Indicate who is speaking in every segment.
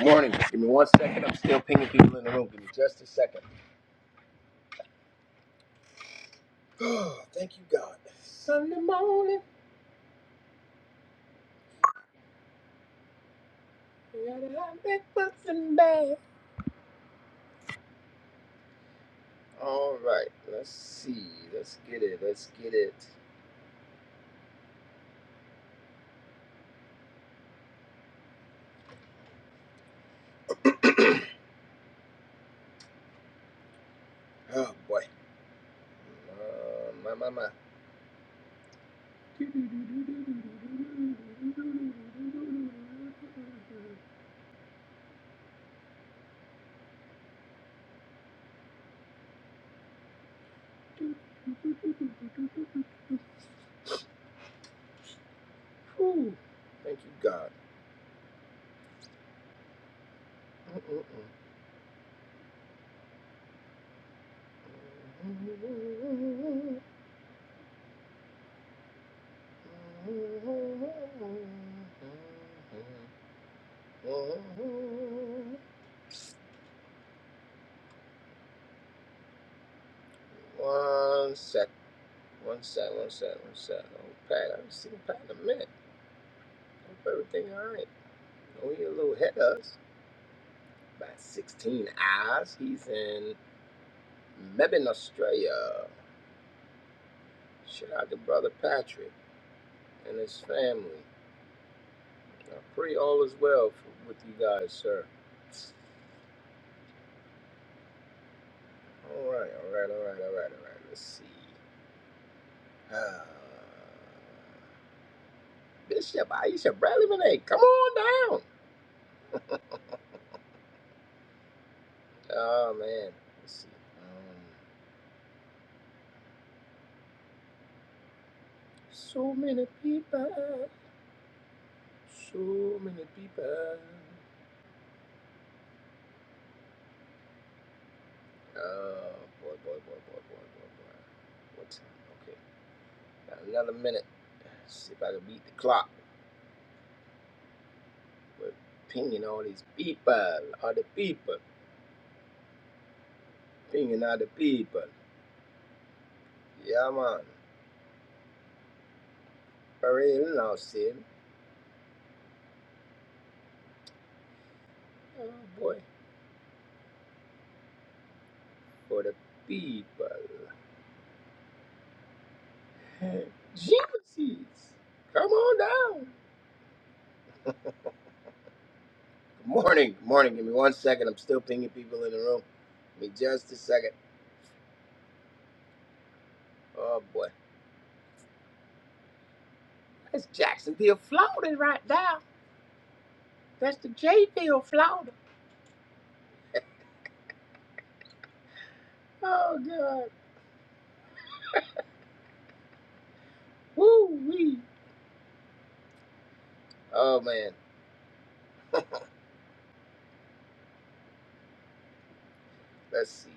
Speaker 1: Morning. Give me one second. I'm still pinging people in the room. Give me just a second. Oh, Thank you, God. Something bad. All right. Let's see. Let's get it. Let's get it. Oh boy. Uh, my my my. Whew. Thank you, God. One sec. One sec. One sec. One sec. Oh, Pat, I haven't seen Pat in a minute. Hope everything all right. Only a little ahead of us by 16 hours. He's in Melbourne, Australia. Shout out to brother Patrick and his family. I pray all is well for, with you guys, sir. All right, all right, all right, all right, all right. Let's see. Uh, Bishop Aisha Bradley Renee, come on down. Oh man, let's see. Um, so many people, so many people. Oh boy, boy, boy, boy, boy, boy, boy. What time? Okay, got another minute. Let's See if I can beat the clock. We're pinging all these people, other people, pinging other people. Yeah, man. For real now, Sid. Oh boy, for the people. Jesus, come on down. Good morning, good morning. Give me one second. I'm still pinging people in the room. Give me just a second. Oh boy, that's Jacksonville, Florida, right there. That's the J Field, Florida. Oh God. Woo wee. Oh man. Let's see.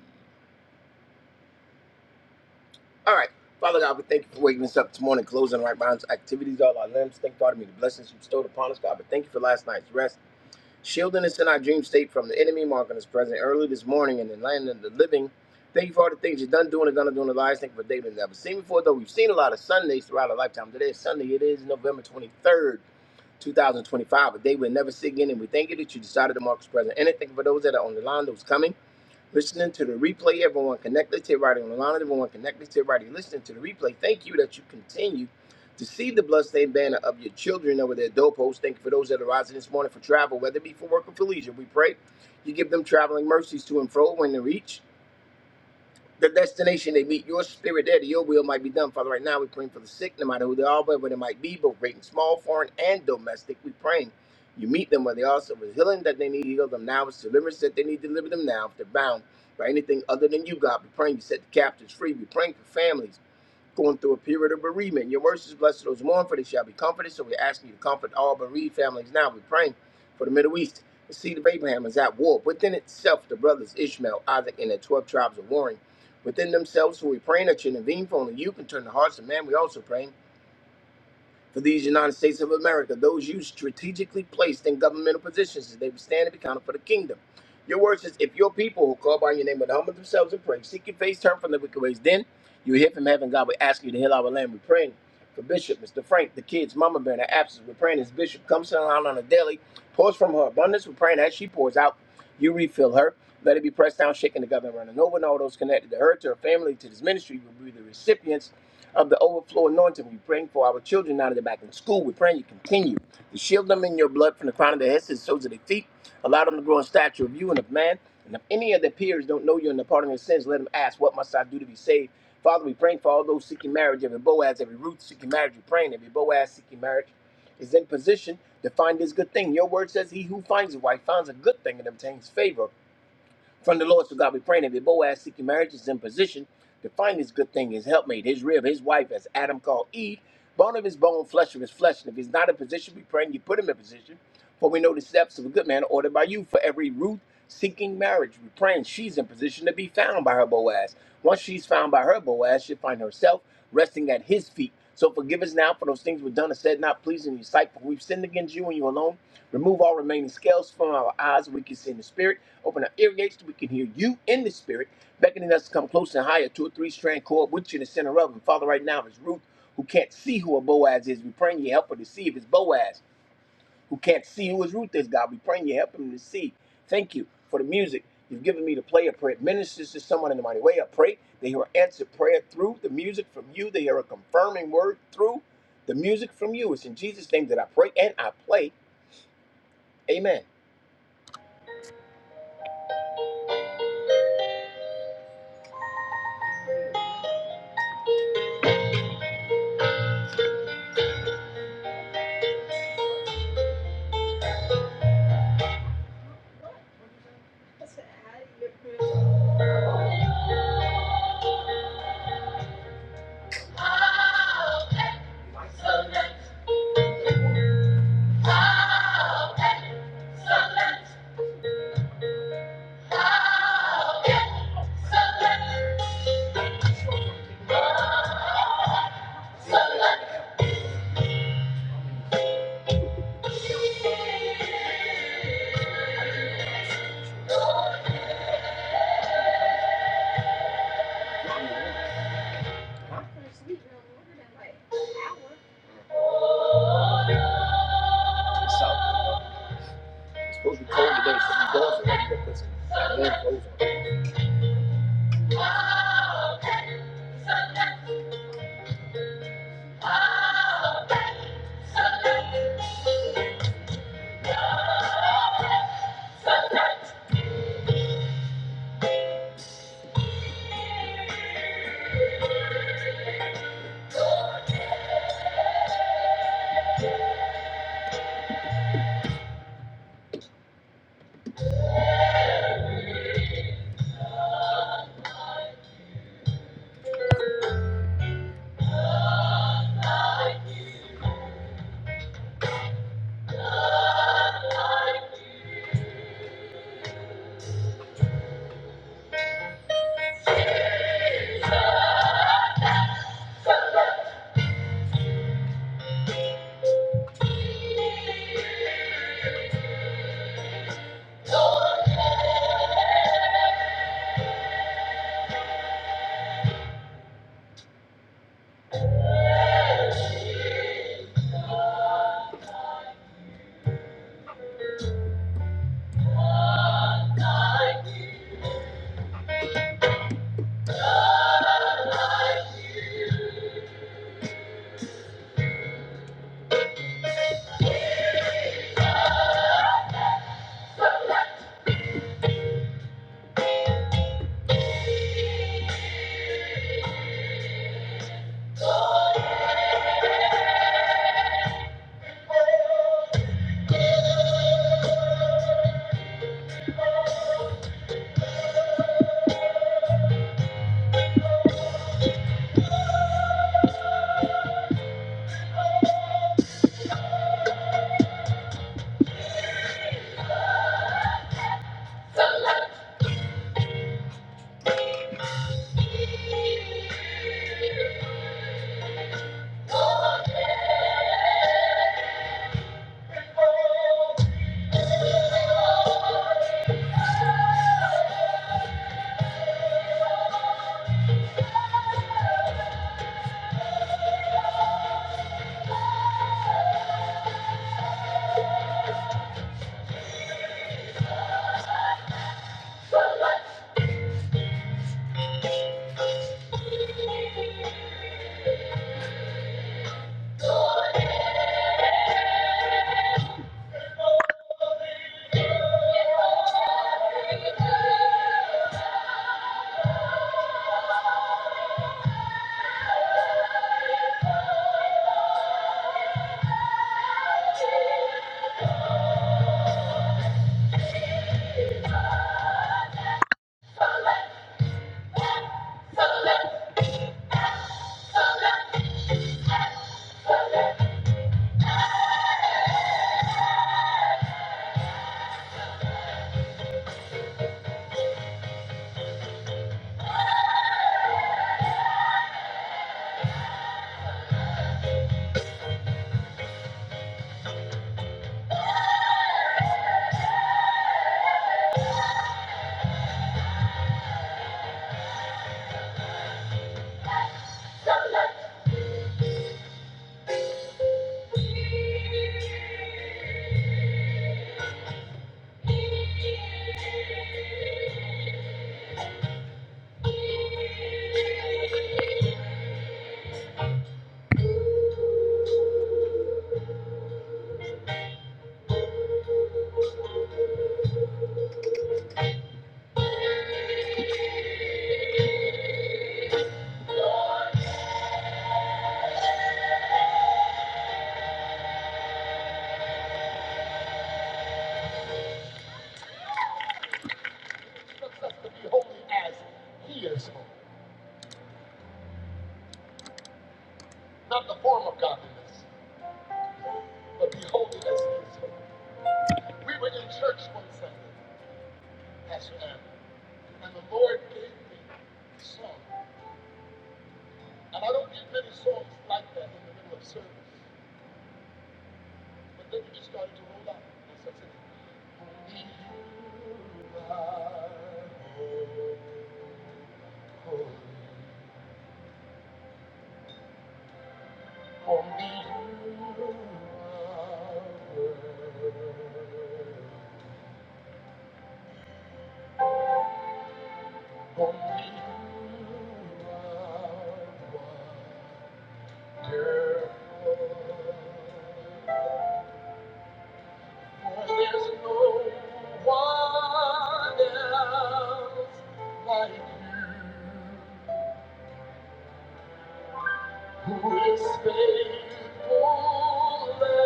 Speaker 1: All right. Father God, we thank you for waking us up this morning, closing right minds, activities, all our limbs. Thank God, me the blessings you bestowed upon us, God. But thank you for last night's rest, shielding us in our dream state from the enemy, marking us present early this morning in the land of the living. Thank you for all the things you've done, doing, and gonna do in the lives. Thank you for a day we've never seen before, though we've seen a lot of Sundays throughout our lifetime. Today is Sunday. It is November 23rd. 2025, but they will never see again. And we thank you that you decided to mark us present. And I thank you for those that are on the line, those coming, listening to the replay, everyone connected to everybody on the line, everyone connected to everybody listening to the replay. Thank you that you continue to see the bloodstained banner of your children over their doorposts. Thank you for those that are rising this morning for travel, whether it be for work or for leisure. We pray you give them traveling mercies to and fro when they reach the destination they meet, your spirit there, that your will might be done. Father, right now we're praying for the sick, no matter who they are, whether they might be, both great and small, foreign and domestic. We're praying you meet them where they are. So if it's healing that they need, heal them now. If it's deliverance that they need, deliver them now. If they're bound by anything other than you, God, we're praying you set the captives free. We're praying for families going through a period of bereavement. Your mercy is blessed to those who mourn, for they shall be comforted. So we're asking you to comfort all bereaved families now. We're praying for the Middle East. The seed of Abraham is at war. Within itself, the brothers Ishmael, Isaac, and the 12 tribes are warring. Within themselves, so we're praying that you intervene, for only you can turn the hearts of man. We also pray for these United States of America, those you strategically placed in governmental positions, that they would stand and be counted for the kingdom. Your word says, If your people who call by your name would humble themselves and pray, seek your face, turn from the wicked ways, then you hear from heaven. God will ask you to heal our land. We're praying for Bishop, Mr. Frank, the kids, Mama Bear, in their absence. We're praying as Bishop comes down on a daily, pours from her abundance. We're praying as she pours out, you refill her. Let it be pressed down, shaken together, and running over, and all those connected to her, to her family, to this ministry will be the recipients of the overflow anointing. We're praying for our children now that they're back in school. We're praying you continue to shield them in your blood from the crown of their heads to the soles of their feet. Allow them to grow in stature of you and of man. And if any of their peers don't know you and the pardon of their sins, let them ask, What must I do to be saved? Father, we praying for all those seeking marriage, every Boaz, every Ruth seeking marriage. We're praying every Boaz seeking marriage is in position to find this good thing. Your word says, He who finds a wife finds a good thing and obtains favor from the Lord, so God, we pray that if Boaz seeking marriage is in position to find his good thing, his helpmate, his rib, his wife, as Adam called Eve, bone of his bone, flesh of his flesh. And if he's not in position, we pray and you put him in position. For we know the steps of a good man are ordered by you. For every Ruth seeking marriage, we pray and she's in position to be found by her Boaz. Once she's found by her Boaz, she'll find herself resting at his feet. So forgive us now for those things we've done and said not pleasing in your sight, for we've sinned against you and you alone. Remove all remaining scales from our eyes so we can see in the spirit. Open our ear gates so we can hear you in the spirit, beckoning us to come close and higher to a three strand cord, which in the center of. And Father, right now is Ruth, who can't see who a Boaz is. We praying you help her to see if it's Boaz who can't see who his root is, God. We praying you help him to see. Thank you for the music you've given me to play. I pray it ministers to someone in the mighty way. I pray they hear answered prayer through the music from you. They hear a confirming word through the music from you. It's in Jesus' name that I pray and I play. Amen. Holy as he is holy, not the form of godliness. But behold, it as it is beautiful. We were in church one Sunday, Pastor Aaron, and the Lord gave me a song. And I don't get many songs like that in the middle of service. But then it just started to roll out. And so I said, Only you are holy. Only you are worthy. Only you are wonderful. There's no one else like you who is faithful ever.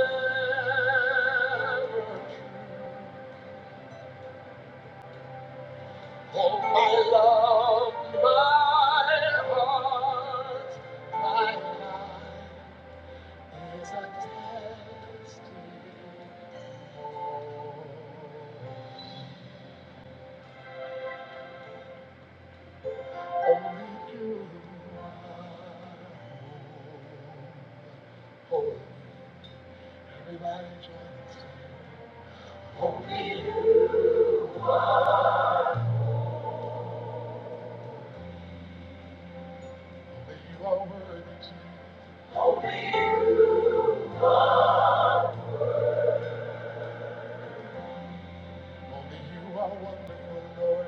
Speaker 1: Oh, my love, my heart, my life is a testimony. Only you are. Oh, everybody joins. Only you are worthy to. Only you are wonderful, Lord.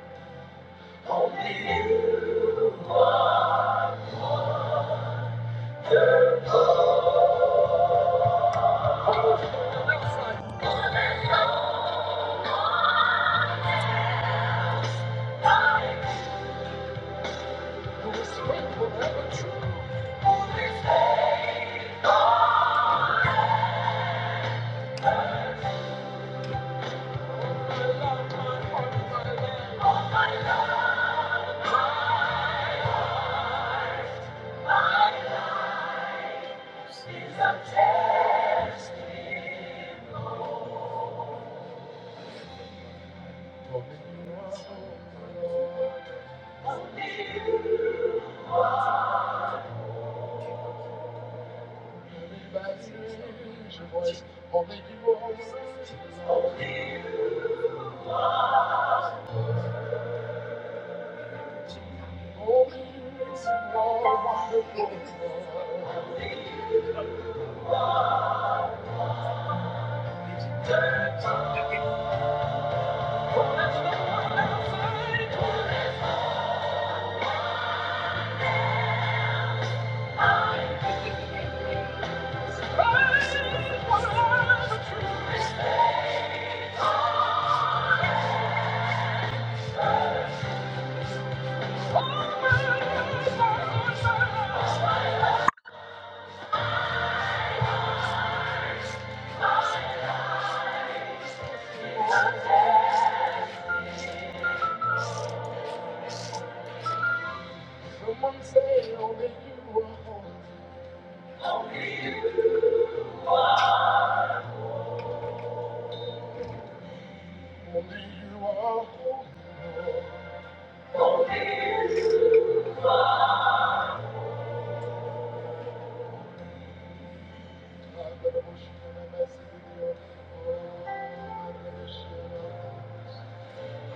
Speaker 1: Only you are holy, Lord. We bless you, raise your voice. Only you are worthy, Lord. Only you are wonderful, Lord. Oh, Someone say only you are holy. Only you are holy. i you in a Oh, I'm going a-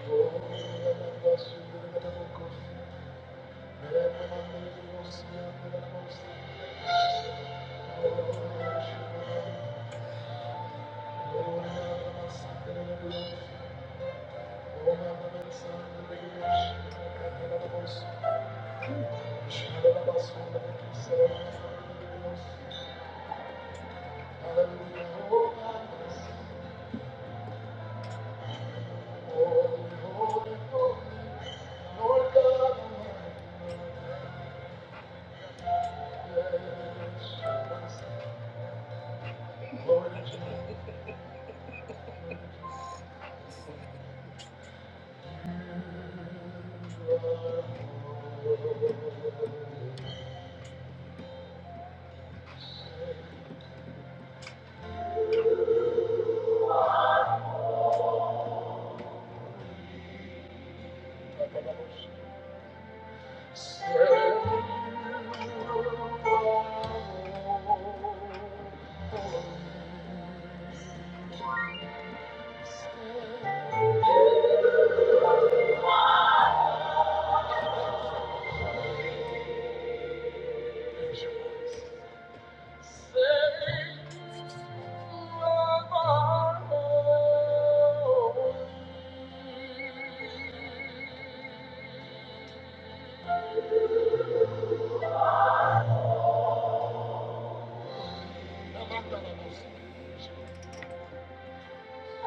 Speaker 1: Oh, i a double in a double Oh, I'm going a- Oh, i a double Oh, I'm going a double course. a double course. I'm going a double Thank you. Lord God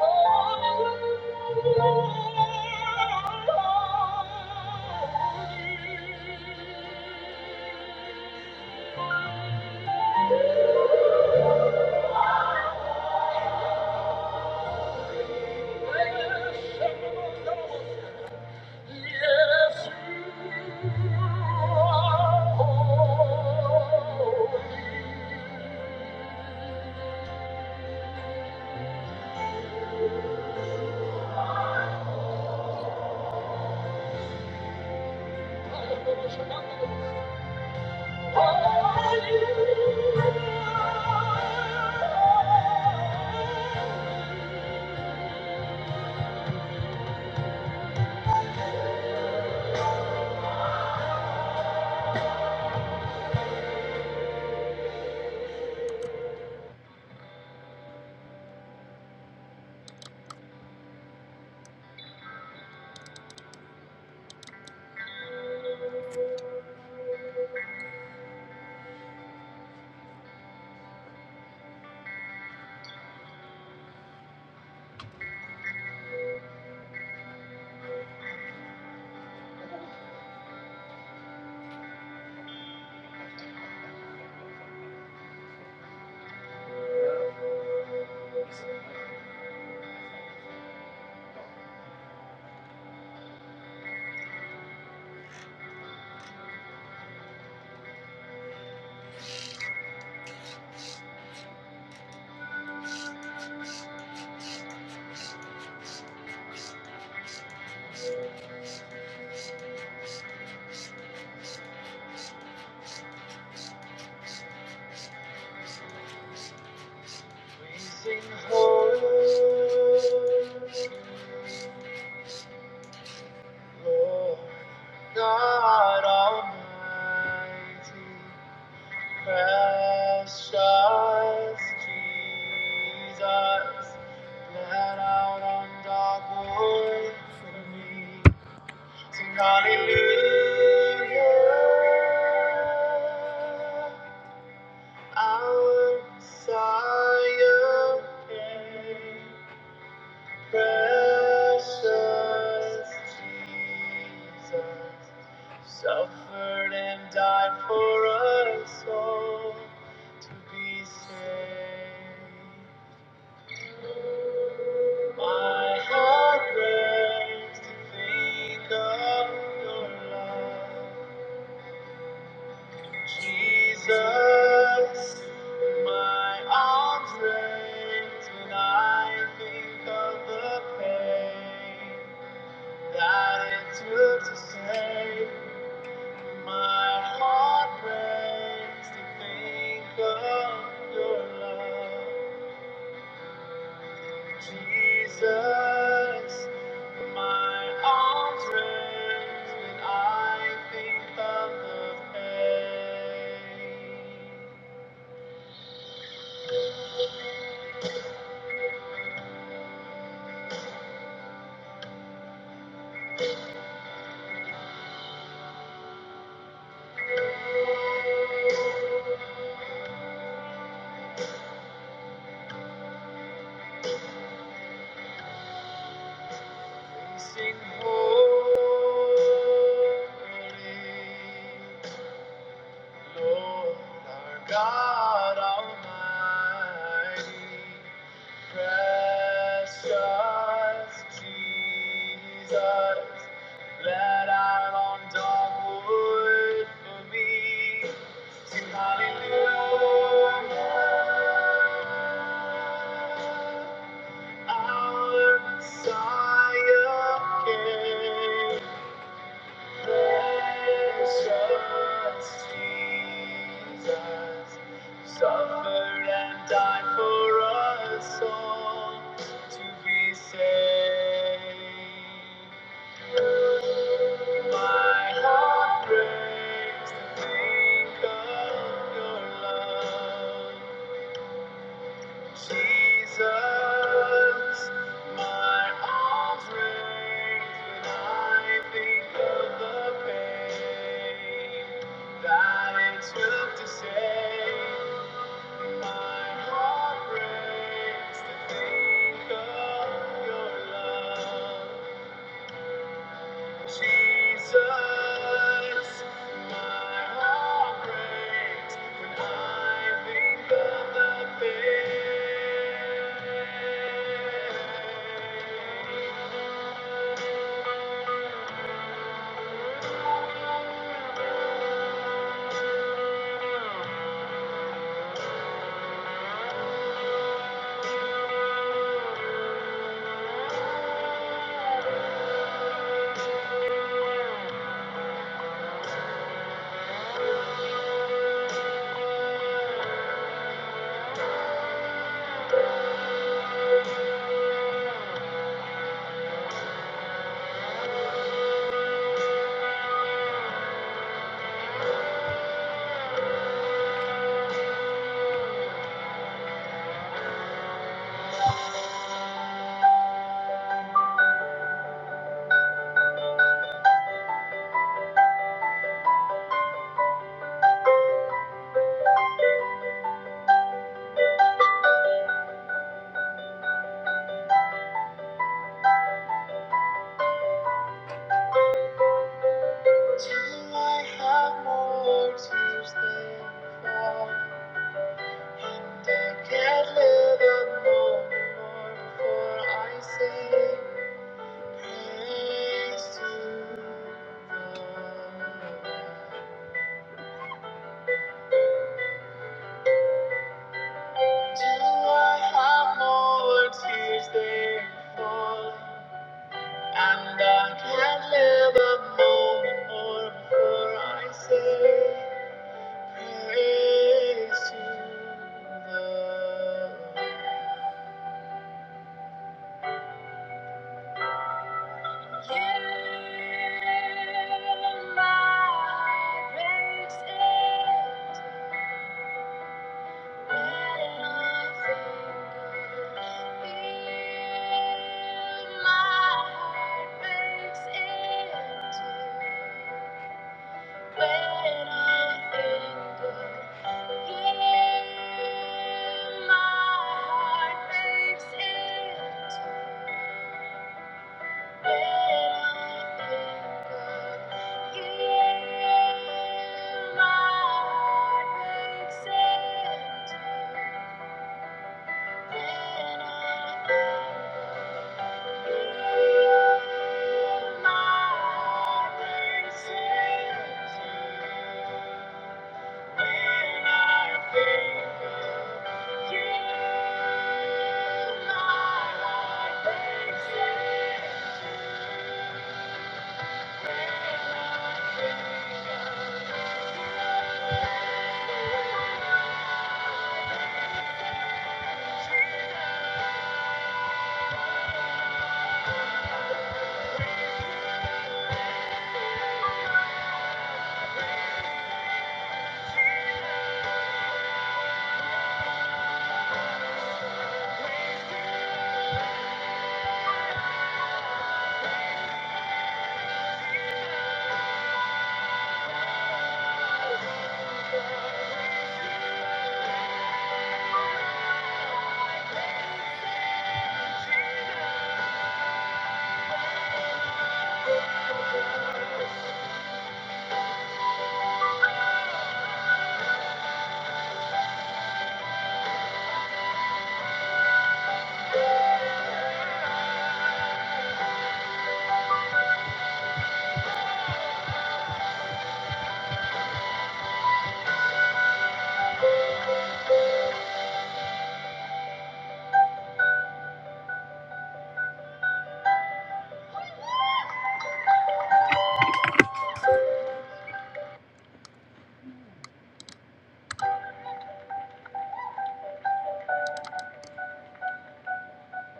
Speaker 1: Almighty. Precious Jesus, bled out on dark wood for me. Sing hallelujah, our Messiah came. Precious Jesus suffered and died for us all to be saved. My heart breaks to think of your love, Jesus. My arms raised when I think of the pain. that it took to save my heart breaks to think of your love, Jesus. My arms raised when I think of the pain, We sing holy. Lord, our God Almighty, precious Jesus, let out on dark wood for me. Sing hallelujah, our Messiah came. Suffered and died for us all to be saved. My heart breaks to think of your love. Jesus, my arms raise when I think of the pain that it took to save. My heart breaks to think of your love. Jesus, my heart breaks when I think of the pain. Till I have more tears than fall. I can't live alone more before I sing praise to the Lord. I have more tears than fall, and I can't live a moment more before I say. my heart Thank you. When I think of Him, my heart breaks in two. When I think of Him, my heart breaks in two. When I think of Him, my heart breaks in two. When I think of you, my life breaks When I think of you.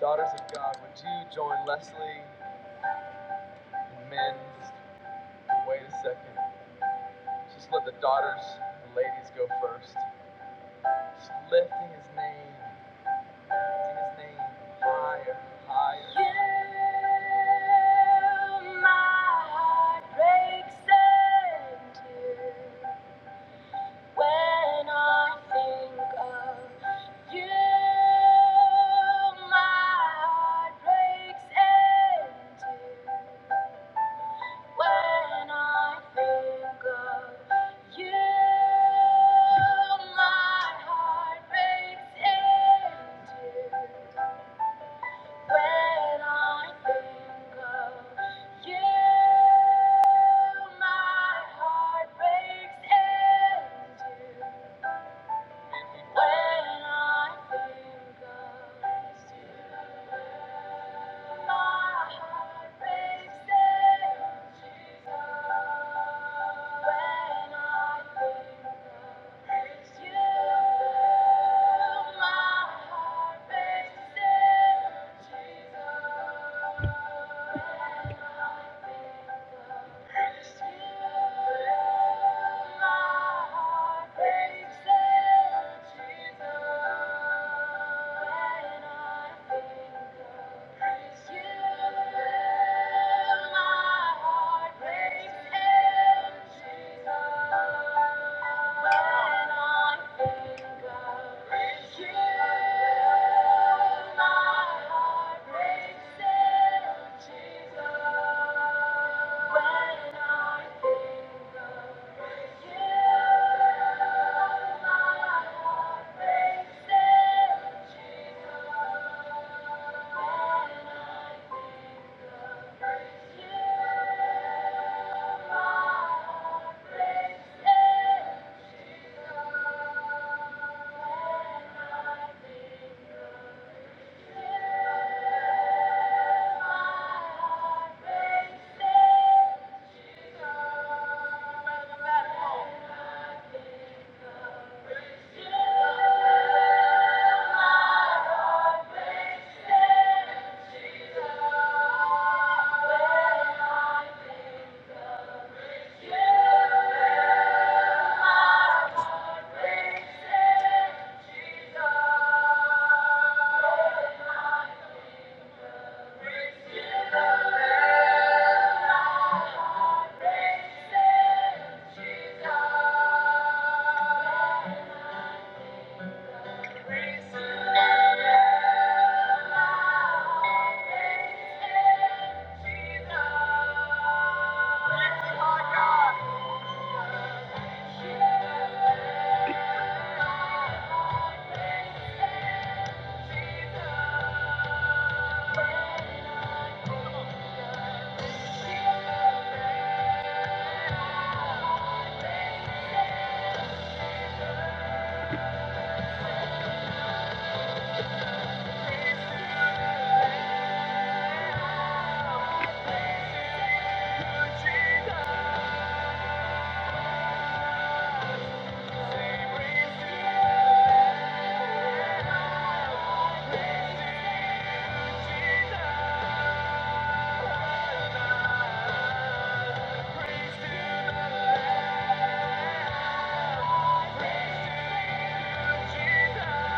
Speaker 1: Daughters of God, would you join Leslie and men? Just wait a second. Just let the daughters, the ladies go first. Just lifting his name, lifting his name higher, higher. You, my heart breaks into. When I think of you, my heart breaks in two. When I think of you, my heart breaks in two. When I think of you, my heart breaks in two. When I think of you, my heart breaks When I think of you, Jesus. Jesus. Thank you. Praise to you, Jesus.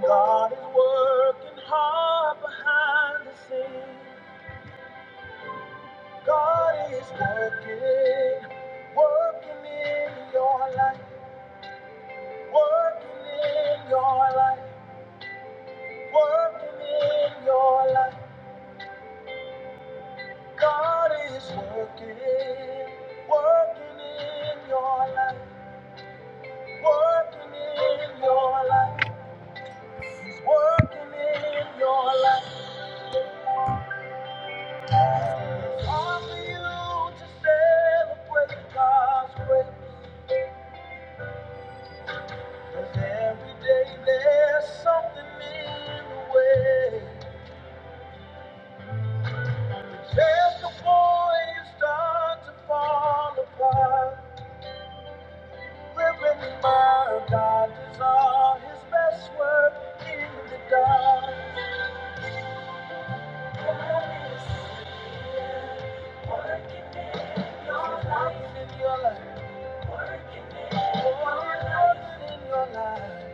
Speaker 1: God is working hard behind the scenes. God is working, working in your life, working in your life. Working in your life, God is working. Working in your life, working in your life, He's working in your life. It's hard for you to celebrate God's grace, 'cause every day there's something in the way. But Just before you start to fall apart. Remember, God does all His best work in the dark. Your life In your life, His in your life,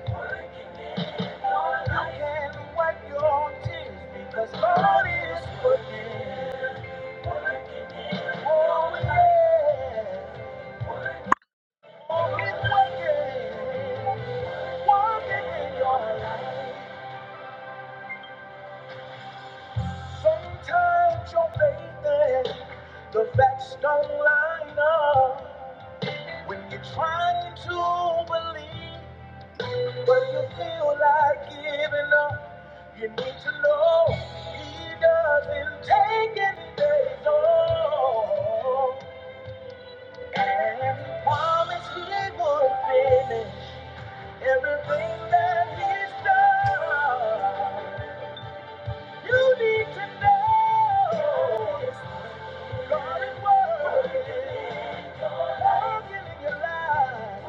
Speaker 1: you can not wipe your tears because God is working. Oh yeah, He's working, working in your life. Sometimes your faith and the facts don't line up. When you're trying to believe, but you feel like giving up, you need to know He doesn't take any days off. And He promised He would finish everything that He's done. You need to know God is working, working in your life.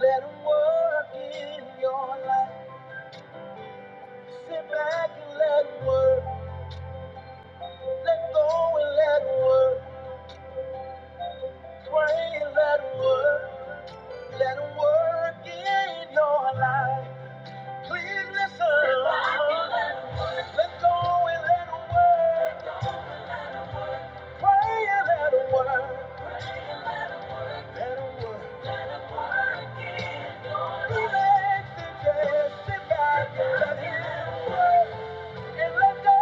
Speaker 1: Let him work in your life. Sit back and let work. Let go and let work. Pray and let work. Let work in your life. Please listen. Sit back and let work. Let go and let work. Pray and let work. Let it work. Relax and just sit back and let it work. And let go.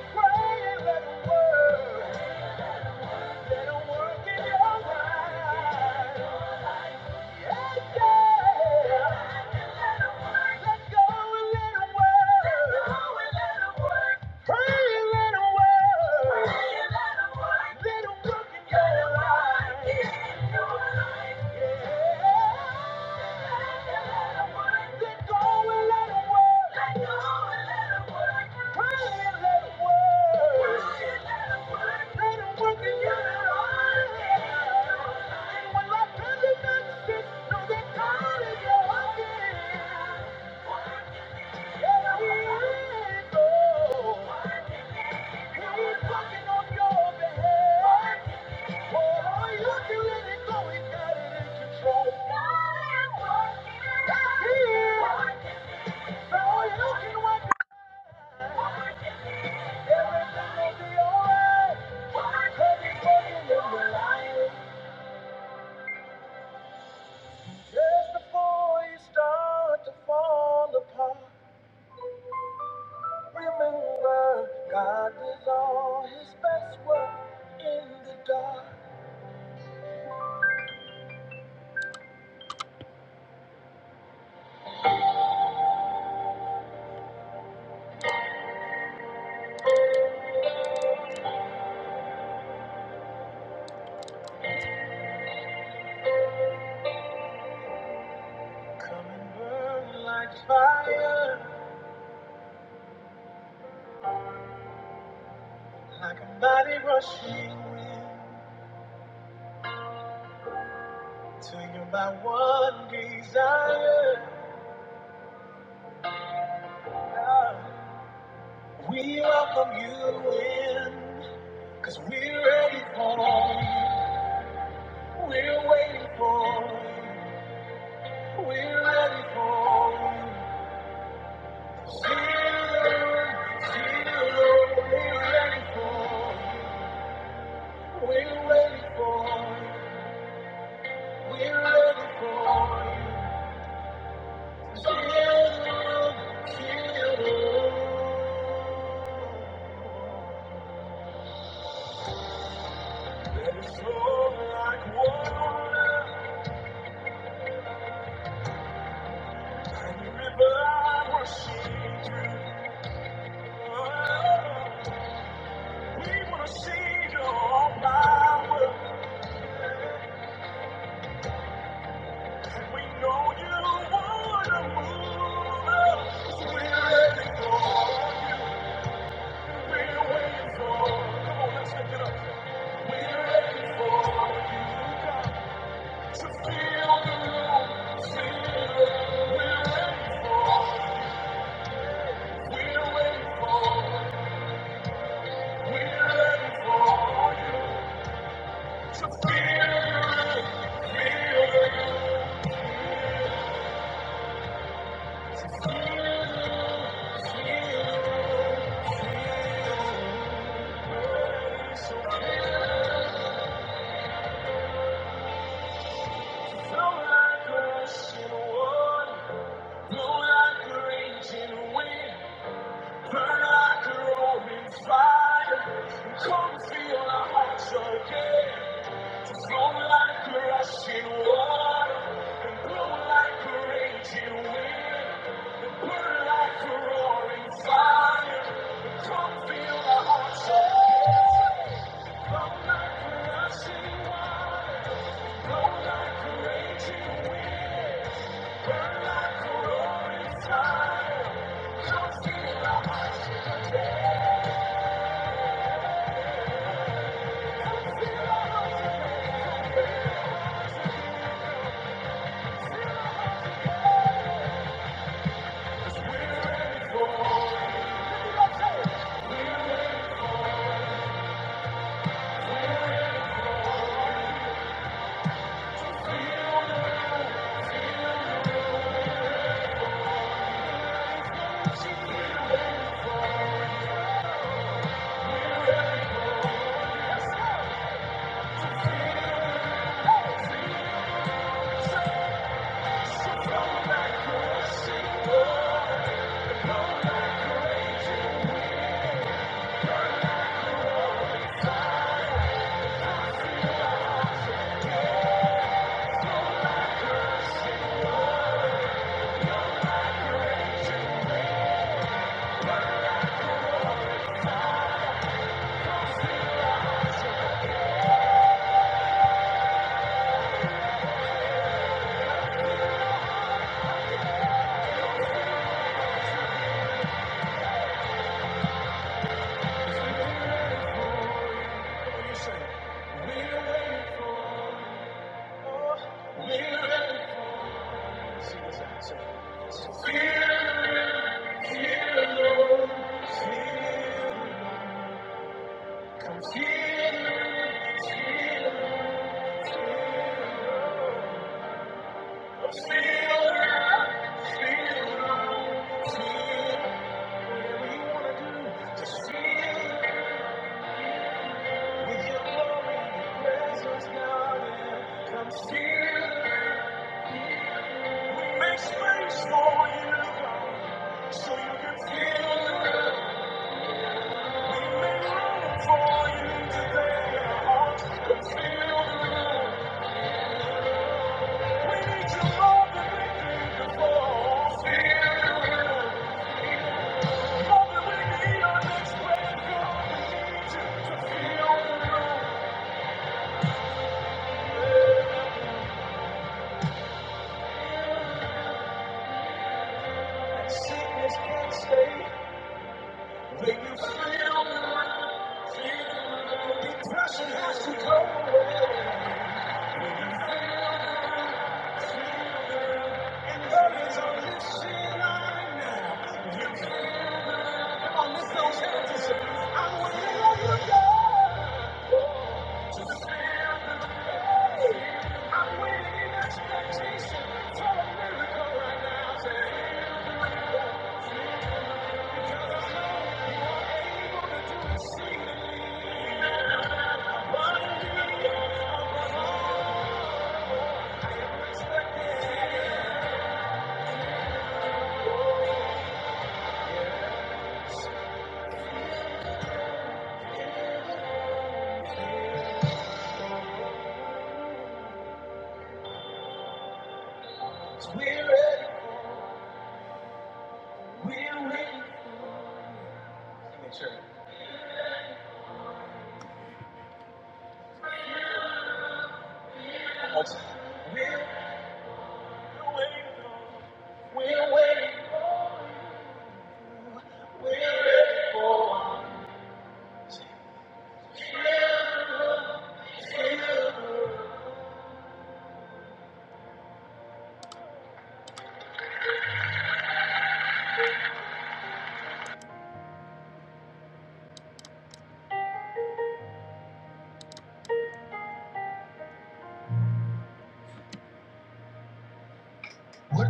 Speaker 1: Pray and let work. Let work in your life. Let's go and let it work. Hey, let it work. Hey, let it work. Let work in your life. In your life. Yeah. Let work. Let go and let it work. Hey, let it work. Hey, let work. in your life. Yeah. And when life really makes it, know that God is your again. Just before you start to fall apart. Remember, God does all his best work in the dark. Come and burn like fire, like a mighty rushing wind, till you're by one desire. Cause we feel, feel, we're waiting for you, we're ready for you. Feel, feel, let it flow like water. We're waiting for you. Burn like a roaring fire. Come feel our hearts again. Flow like a rushing water. And blow like a raging wind. Burn like a roaring fire. Come feel our hearts again. We're waiting for, we're waiting for Jesus. So feel, feel, Lord, feel. Come feel, feel. Just feel whatever you wanna do. Just feel with your glory, presence, God. come feel. We make space for you, so you can feel. We make room for you today. Our hearts can feel. We need your love that we need before. Feel love we need our next breath. Feel the room. Sickness can't stay. What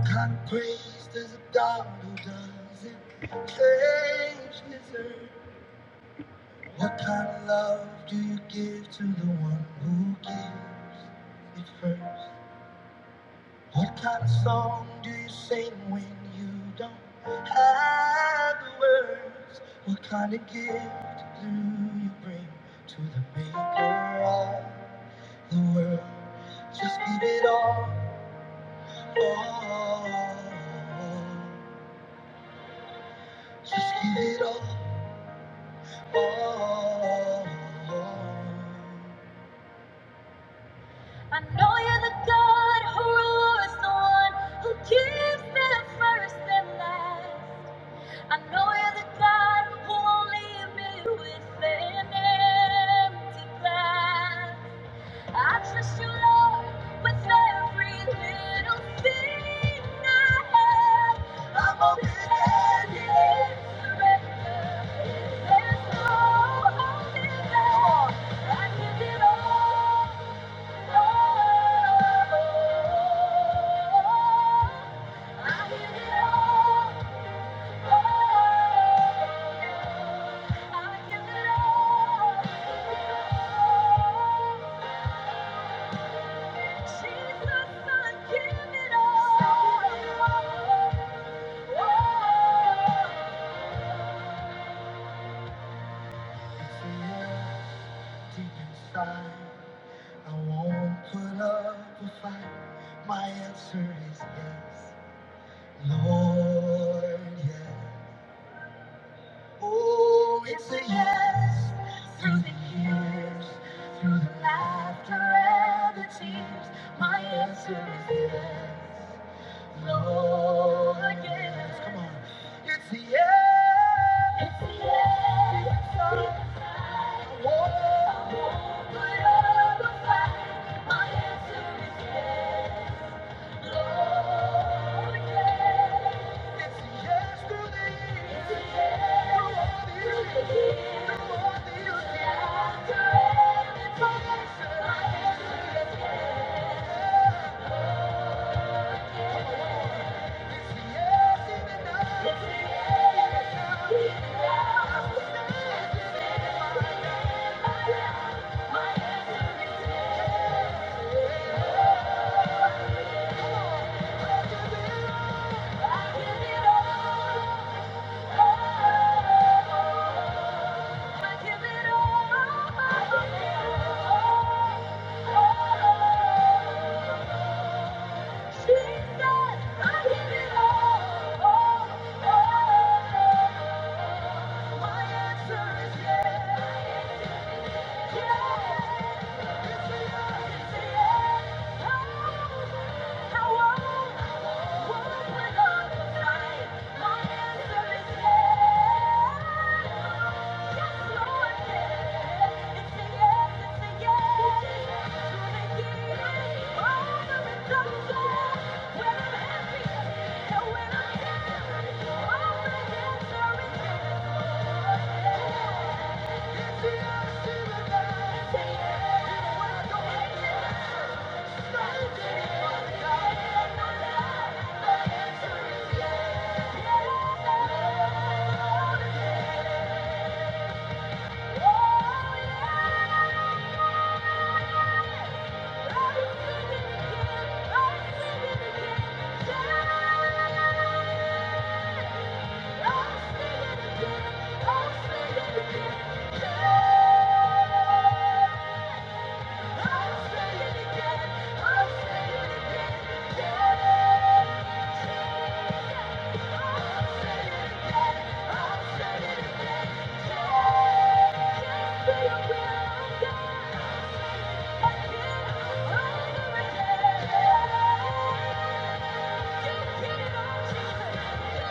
Speaker 1: kind of praise does a God who doesn't change deserve? What kind of love do you give to the one who gives it first? What kind of song do you sing when you don't have the words? What kind of gift do you bring to the maker of the world? Just give it all. all. Just give it all. all. I know you're the God who rewards the one who gives me the first and last. I know you're the God who won't leave me with an empty glass. I trust you, Lord, with every little thing I have. I'm open-handed in surrender. There's no holding back. I give it all, all. I give it all. Deep inside, I won't put up a fight. My answer is yes, Lord, yes. Oh, it's a yes through the years, through the laughter and the tears. My answer is yes, no again. Come on, it's a yes. It's a yes. It's a I won't I won't put up a fight. My answer is yes. Yeah. Thank you. Yes. Thank you. Yeah it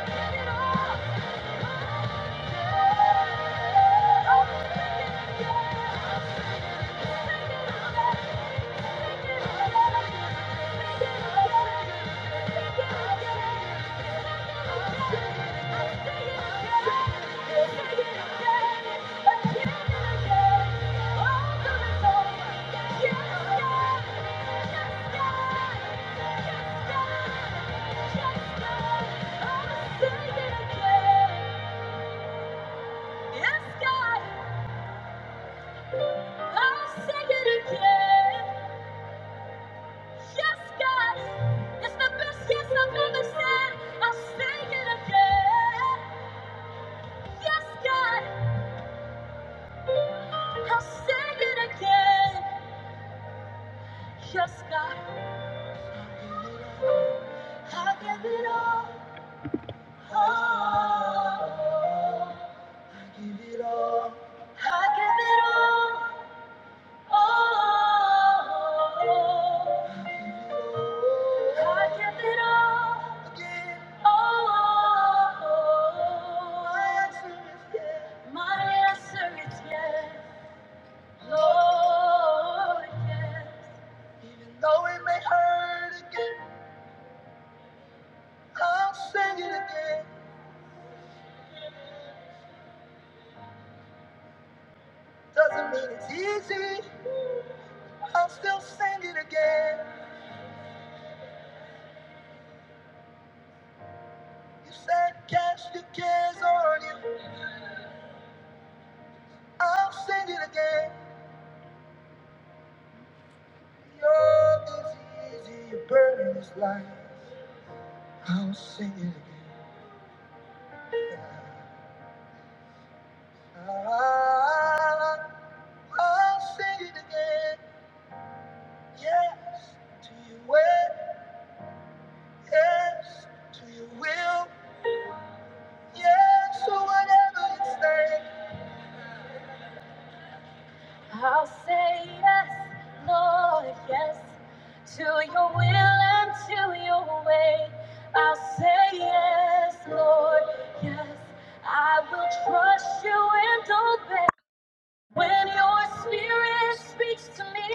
Speaker 1: get it all. Yes, God. I'll say it again. Yes, God. It's the best yes I've ever said. I'll say it again. Yes, God. I'll say it again. Yes, God. I give it all. Oh, I give it all. I give it all. Oh, I give it all again. Oh, my answer is yes. My answer is yes. Lord, yes. Though it may hurt again, I'll sing it again. Doesn't mean it's easy. I'll still sing it again. You said cast your cares on you. I'll sing it again. Yoke is easy, your burden is light. I'll sing it again. Ah, I'll sing it again. Yes, to your way. Yes, to your will. Yes, so whatever you say. I'll say yes, Lord, yes, to your will and to your way. I'll say yes, Lord, yes. I will trust you and obey. When your spirit speaks to me,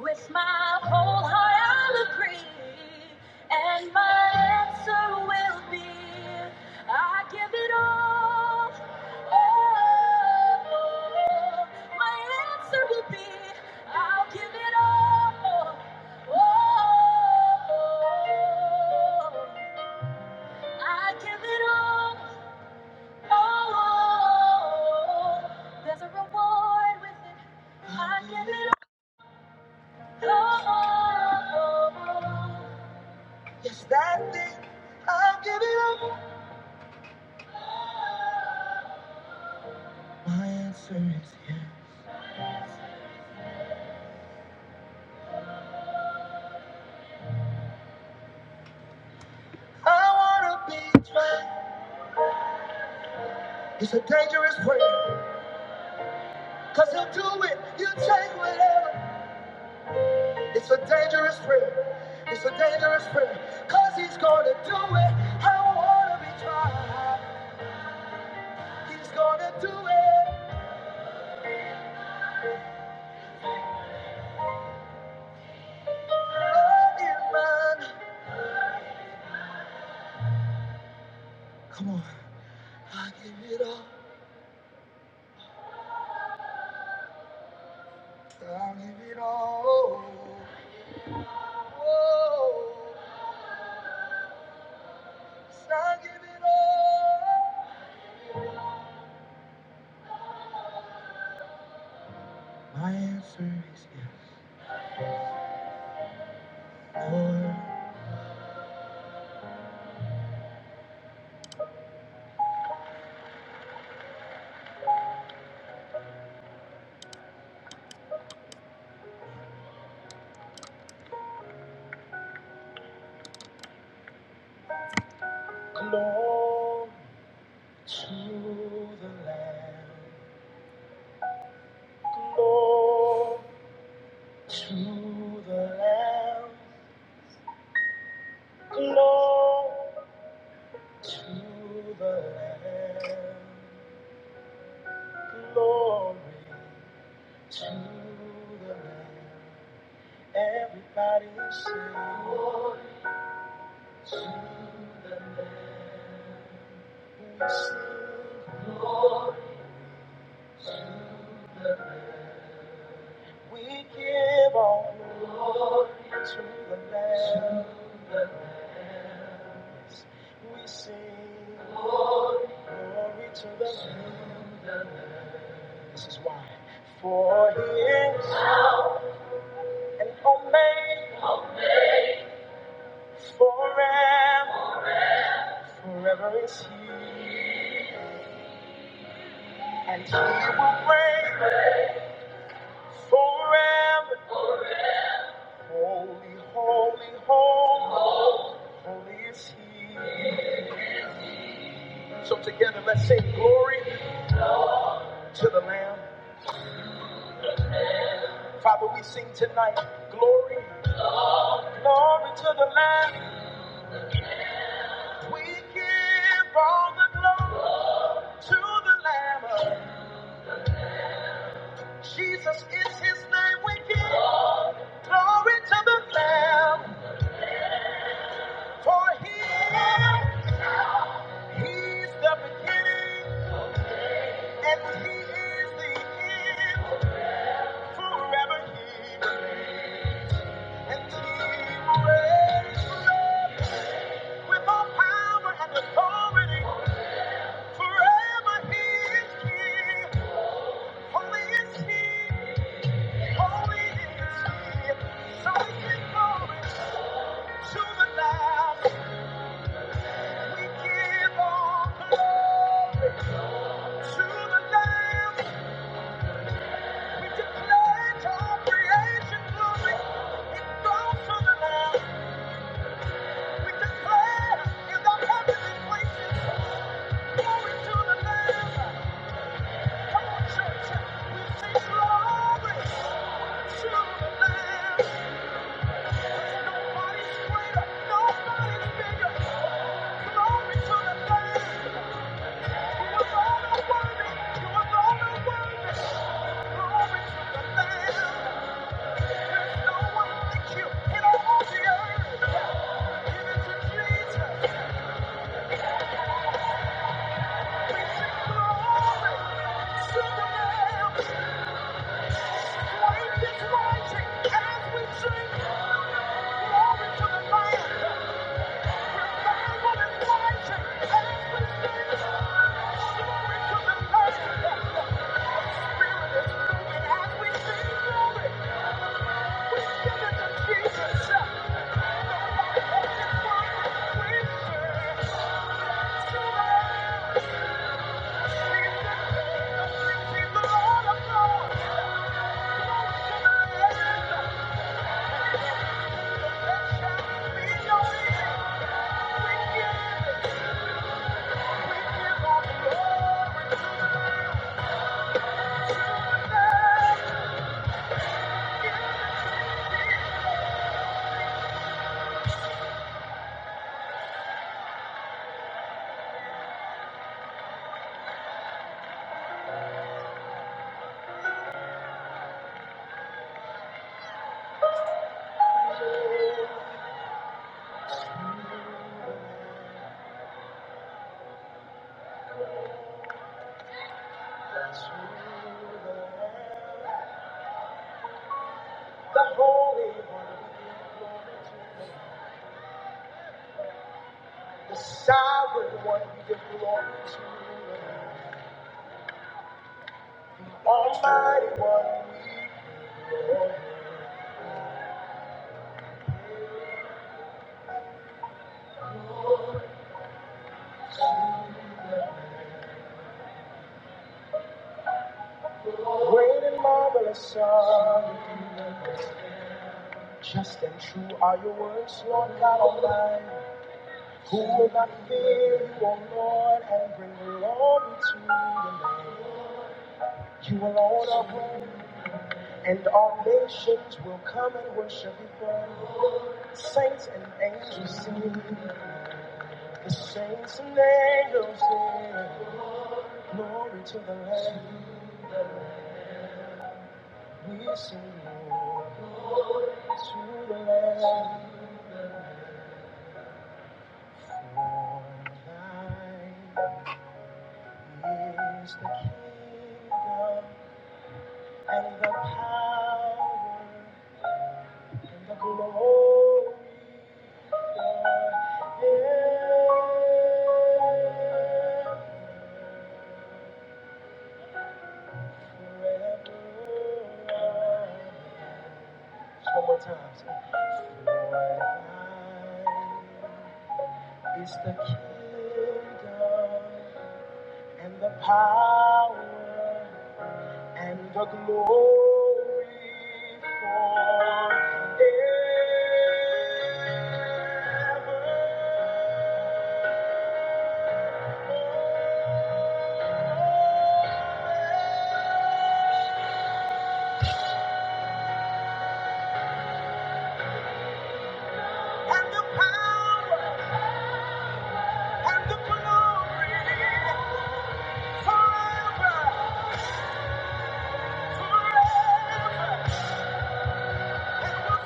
Speaker 1: with my whole heart I'll agree, and my answer will be, I give it all. Oh, my answer will be, I'll give it all. Oh, I give it all. Oh, there's a reward within. I give it all. Yes, that thing, I'll give it up. My answer is yes. I wanna be tried. It's a dangerous prayer. Cause he'll do it. You take whatever. It's a dangerous prayer. It's a dangerous prayer. Cause he's gonna do it. I wanna be tried. He's gonna do it. Oh, Come on. I give it all. I give it all. Oh, yes, I give it all. My answer is yes. Lord, glory to the Lamb. Glory to the Lamb. Glory to the Lamb. Glory to the Lamb. Everybody sing Glory to the Lamb. We sing, we give all glory to the Lamb. We sing glory to the Lamb. This is why. For he is an omega forever. Forever is he. And he will reign forever. Holy, holy, holy, holy is he. So together let's sing glory to the Lamb. Father, we sing tonight, glory, glory to the Lamb. We give all the glory to the Lamb. Jesus is his name. We give glory to the Lamb. For he, he's the beginning and he is the end. Forever he remains. And he reigns with all power and authority. Forever he is king. Holy is he. Holy is he. So we give glory to the Lamb. We give all glory to the Lamb. We declare your creation glory. It goes to the Lamb. We declare in the heavenly places, glory to the Lamb. Come on, church, we sing glory to the Lamb. 'Cause nobody's greater, nobody's bigger. Glory to the Lamb. You alone are worthy, you alone are worthy. Glory to the Lamb. There's no one like you in all the earth. Give it to Jesus. Jesus. The Holy One, the Sovereign One, we give you glory to. Almighty One, great and marvelous Son, just and true are your words, Lord God Almighty. Who will not fear you, O Lord, and bring glory to your name? You alone are worthy. And all nations will come and worship before you. Saints and angels sing. The saints and angels sing. Glory to the Lamb. We sing glory to the Lamb. For thine is the kingdom and the power and the glory forever. one more time. say, "For Is the kingdom and the power and the glory forever. And the power and the glory forever, forever. Hallelujah.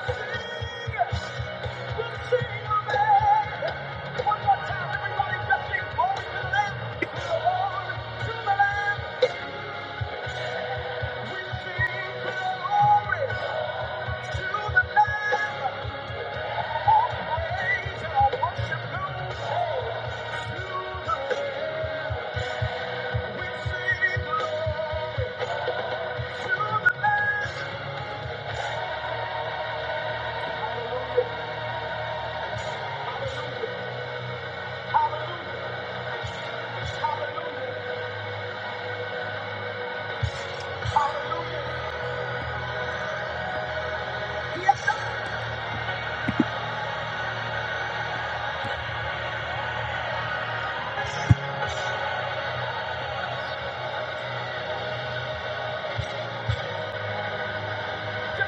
Speaker 1: Hallelujah. Hallelujah. Hallelujah. Yes, May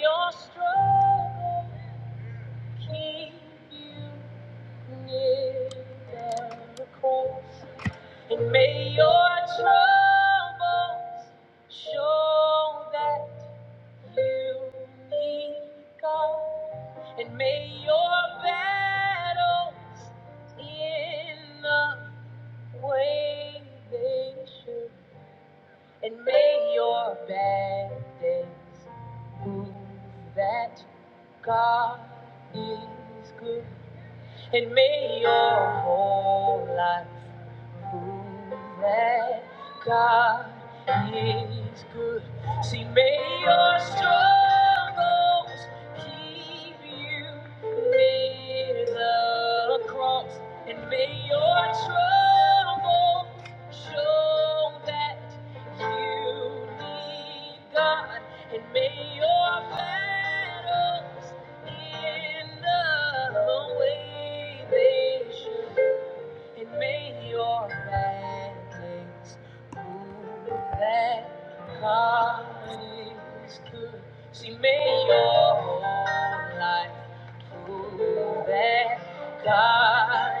Speaker 1: your struggle keep you near the cross. And may your troubles show that you need God. And may your battles in the way they should. And may your bad days prove that God is good. And may your whole life that God is good. See, may your struggles keep you near the cross, and may your trouble show that you need God, and may your battles in the way they should and may your madness prove that God is good. See, may your whole life prove that God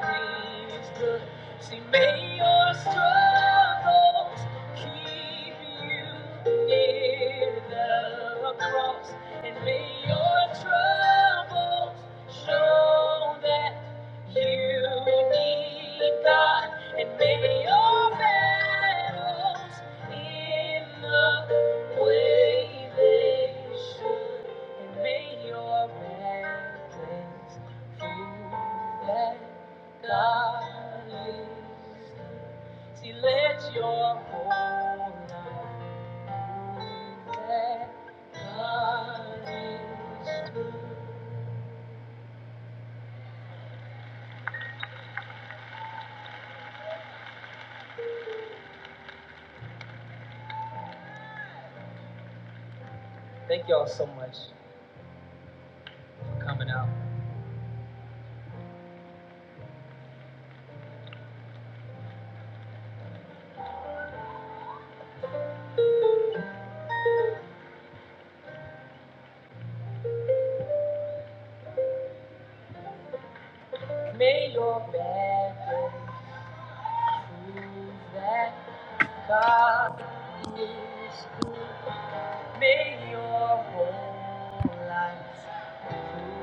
Speaker 1: is good. See, may your struggles keep you near the cross, and may your troubles show that. You need God and maybe your battles in the way they should. And may your battles prove that God is. See, let your whole life prove that God is. Prove that God is good. Make your whole life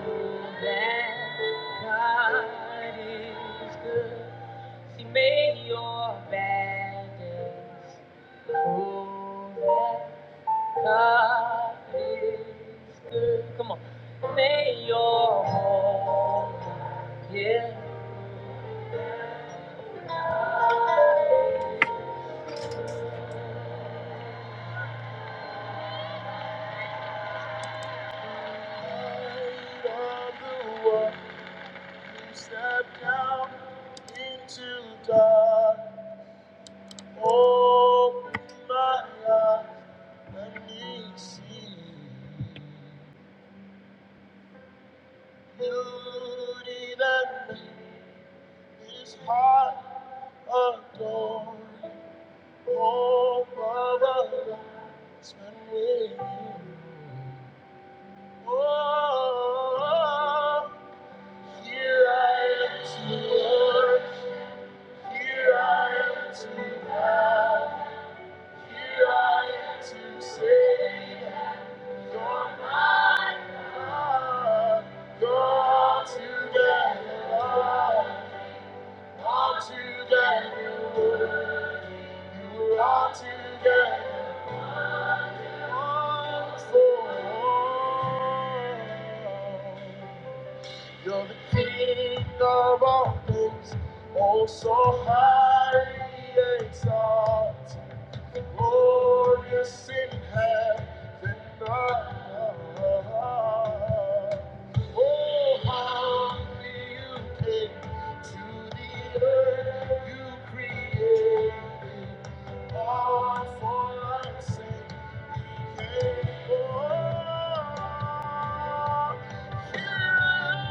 Speaker 1: prove that God is good. See, make your bad days prove that God is good. Come on. May your whole life, yeah. of the world. Step down into dark. Open my eyes. Let me see beauty that made this heart adore. Hope of a life spent with you. Oh, here I am to worship. Here I am to love. Here I to say that you're my love. you together All together You are all together wonderful. You're the King of all things, oh so highly exalted. glorious in heaven above. Oh, how you came to the earth, you created all for our sake. You came for us. Here I am.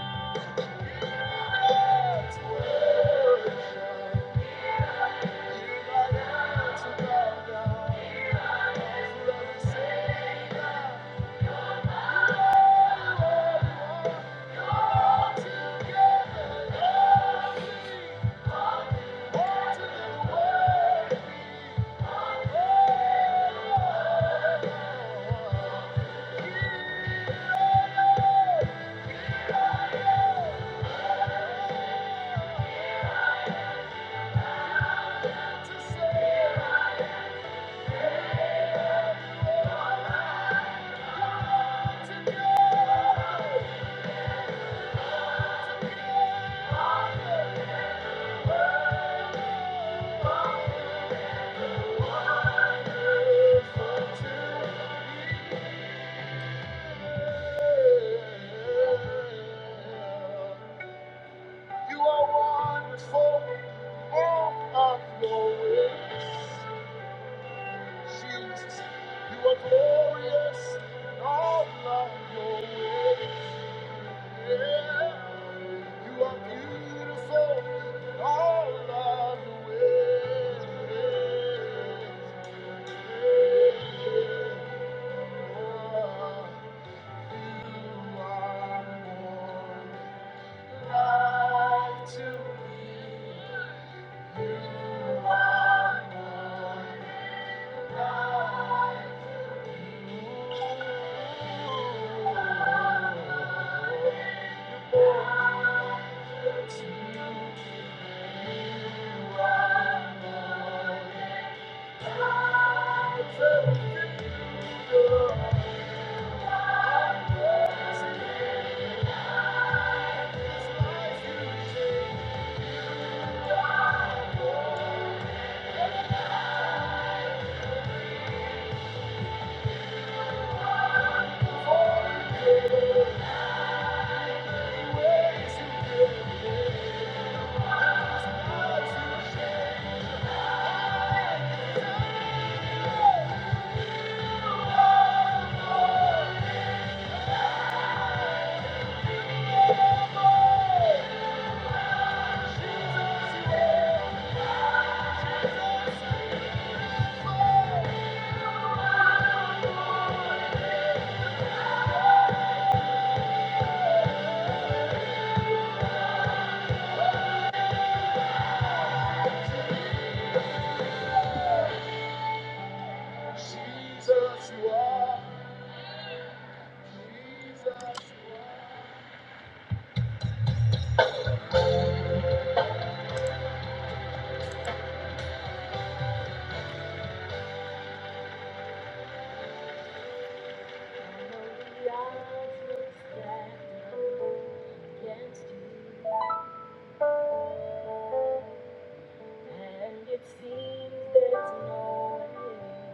Speaker 1: You are before all of your ways, Jesus. You are glorious in all of your ways. You are beautiful in all of your ways. You are more Against you. And it seems there's no way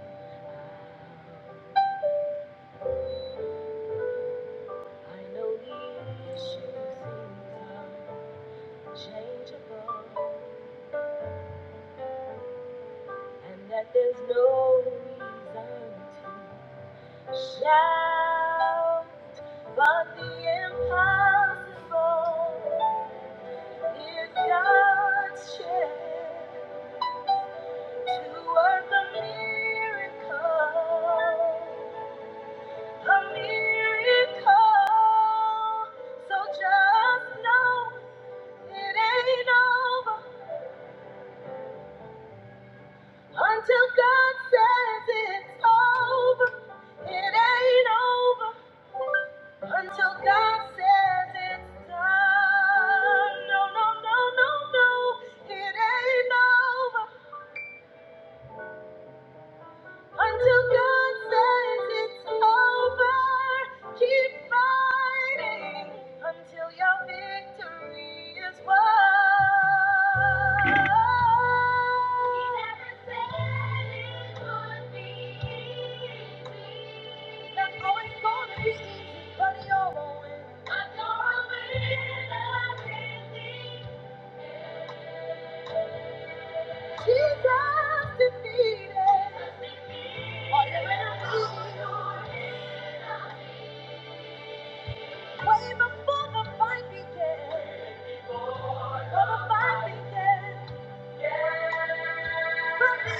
Speaker 1: out. I know these things are changeable, and that there's no reason to shout. But the impossible is God's chance to work a miracle. A miracle. So just know It ain't over until God says it's over. It ain't over until God says it's done. No, no, no, no, no. It ain't over. Until God says it's over, keep fighting until your victory is won. He never said it would be easy. That's always gonna be easy, but you he always- But you're a winner. Jesus defeated. Are you ready? Way before the fight began. Before the fight began. From the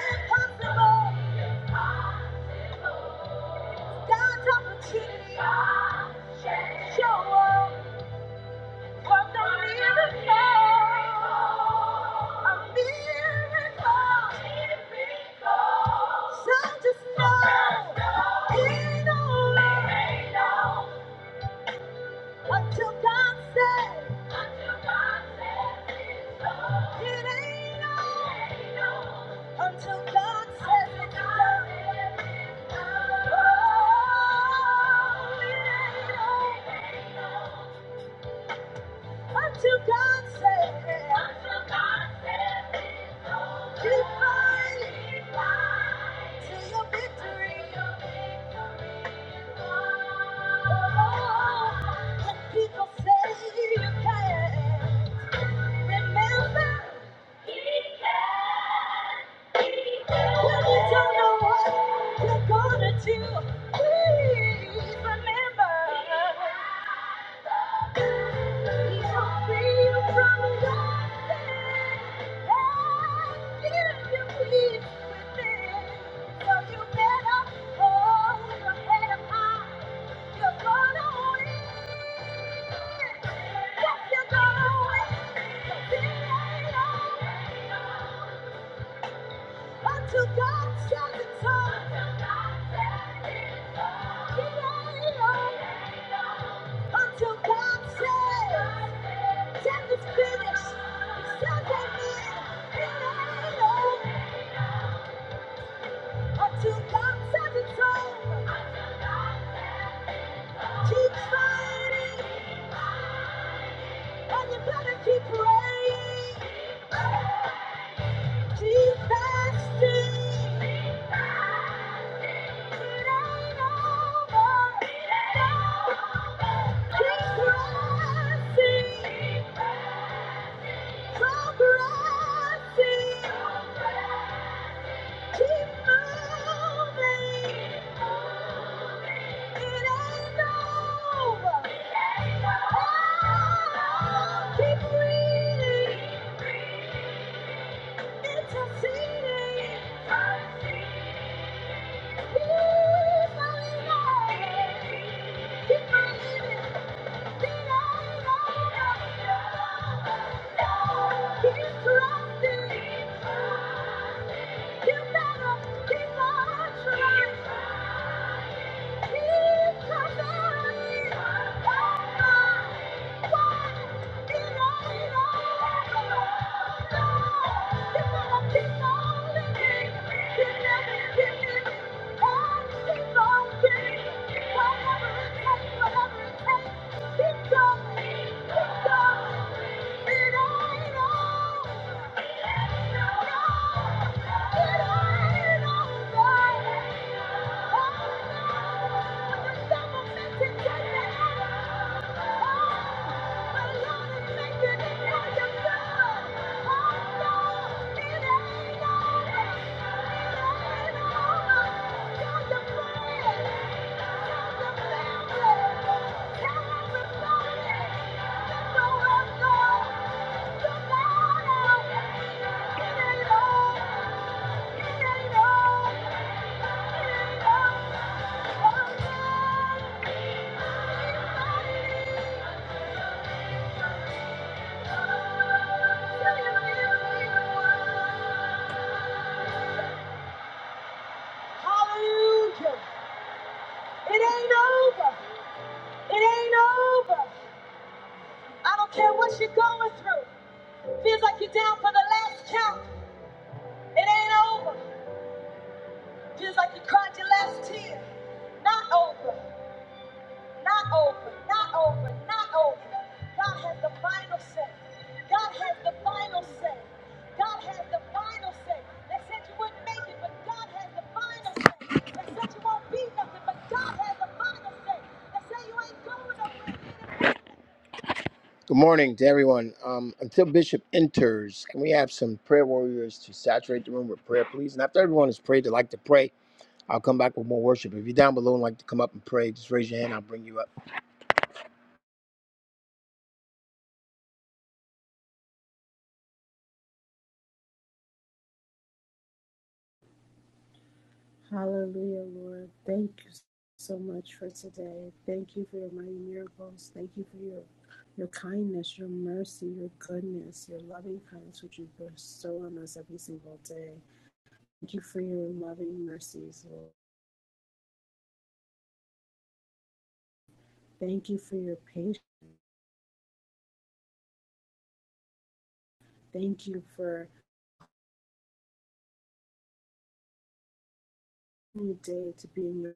Speaker 1: impossible, God's opportunity. Show up. Work a miracle. A miracle. So just know. Ain't over. Until God says. It ain't over. Until God says it's done. Oh, yeah. Until God says. it. Until God says. it. Keep fighting. Keep fighting. Till your victory. People say you can't. Remember, He can. When you don't know what you're gonna do, please remember. He's holding you from your sin and you peace within. So you better hold your head up high. Until God says, death is finished. Keep fighting, and you better keep praying, keep fasting. Keep on living. Keep on trying. Thank you. Thank you. Hallelujah. It ain't over. It ain't over. I don't care what you're going through. Feels like you're down for the last count. It ain't over. Feels like you cried your last tear. Not over. Not over. Not over. Not over. God has the final say. God has the final say. God has the final say. They said you wouldn't make it, but God has the final say. They said you won't be, God has the final say. They said Good morning to everyone. Um, until Bishop enters, can we have some prayer warriors to saturate the room with prayer, please? And after everyone has prayed, they like to pray. I'll come back with more worship. If you're down below and like to come up and pray, just raise your hand. I'll bring you up. Just
Speaker 2: Hallelujah, Lord. Thank you so much for today. Thank you for your mighty miracles. Thank you for your your kindness, your mercy, your goodness, your loving kindness which you bestow on us every single day. Thank you for your loving mercies, Lord. Thank you for your patience. Thank you for a new day to be in your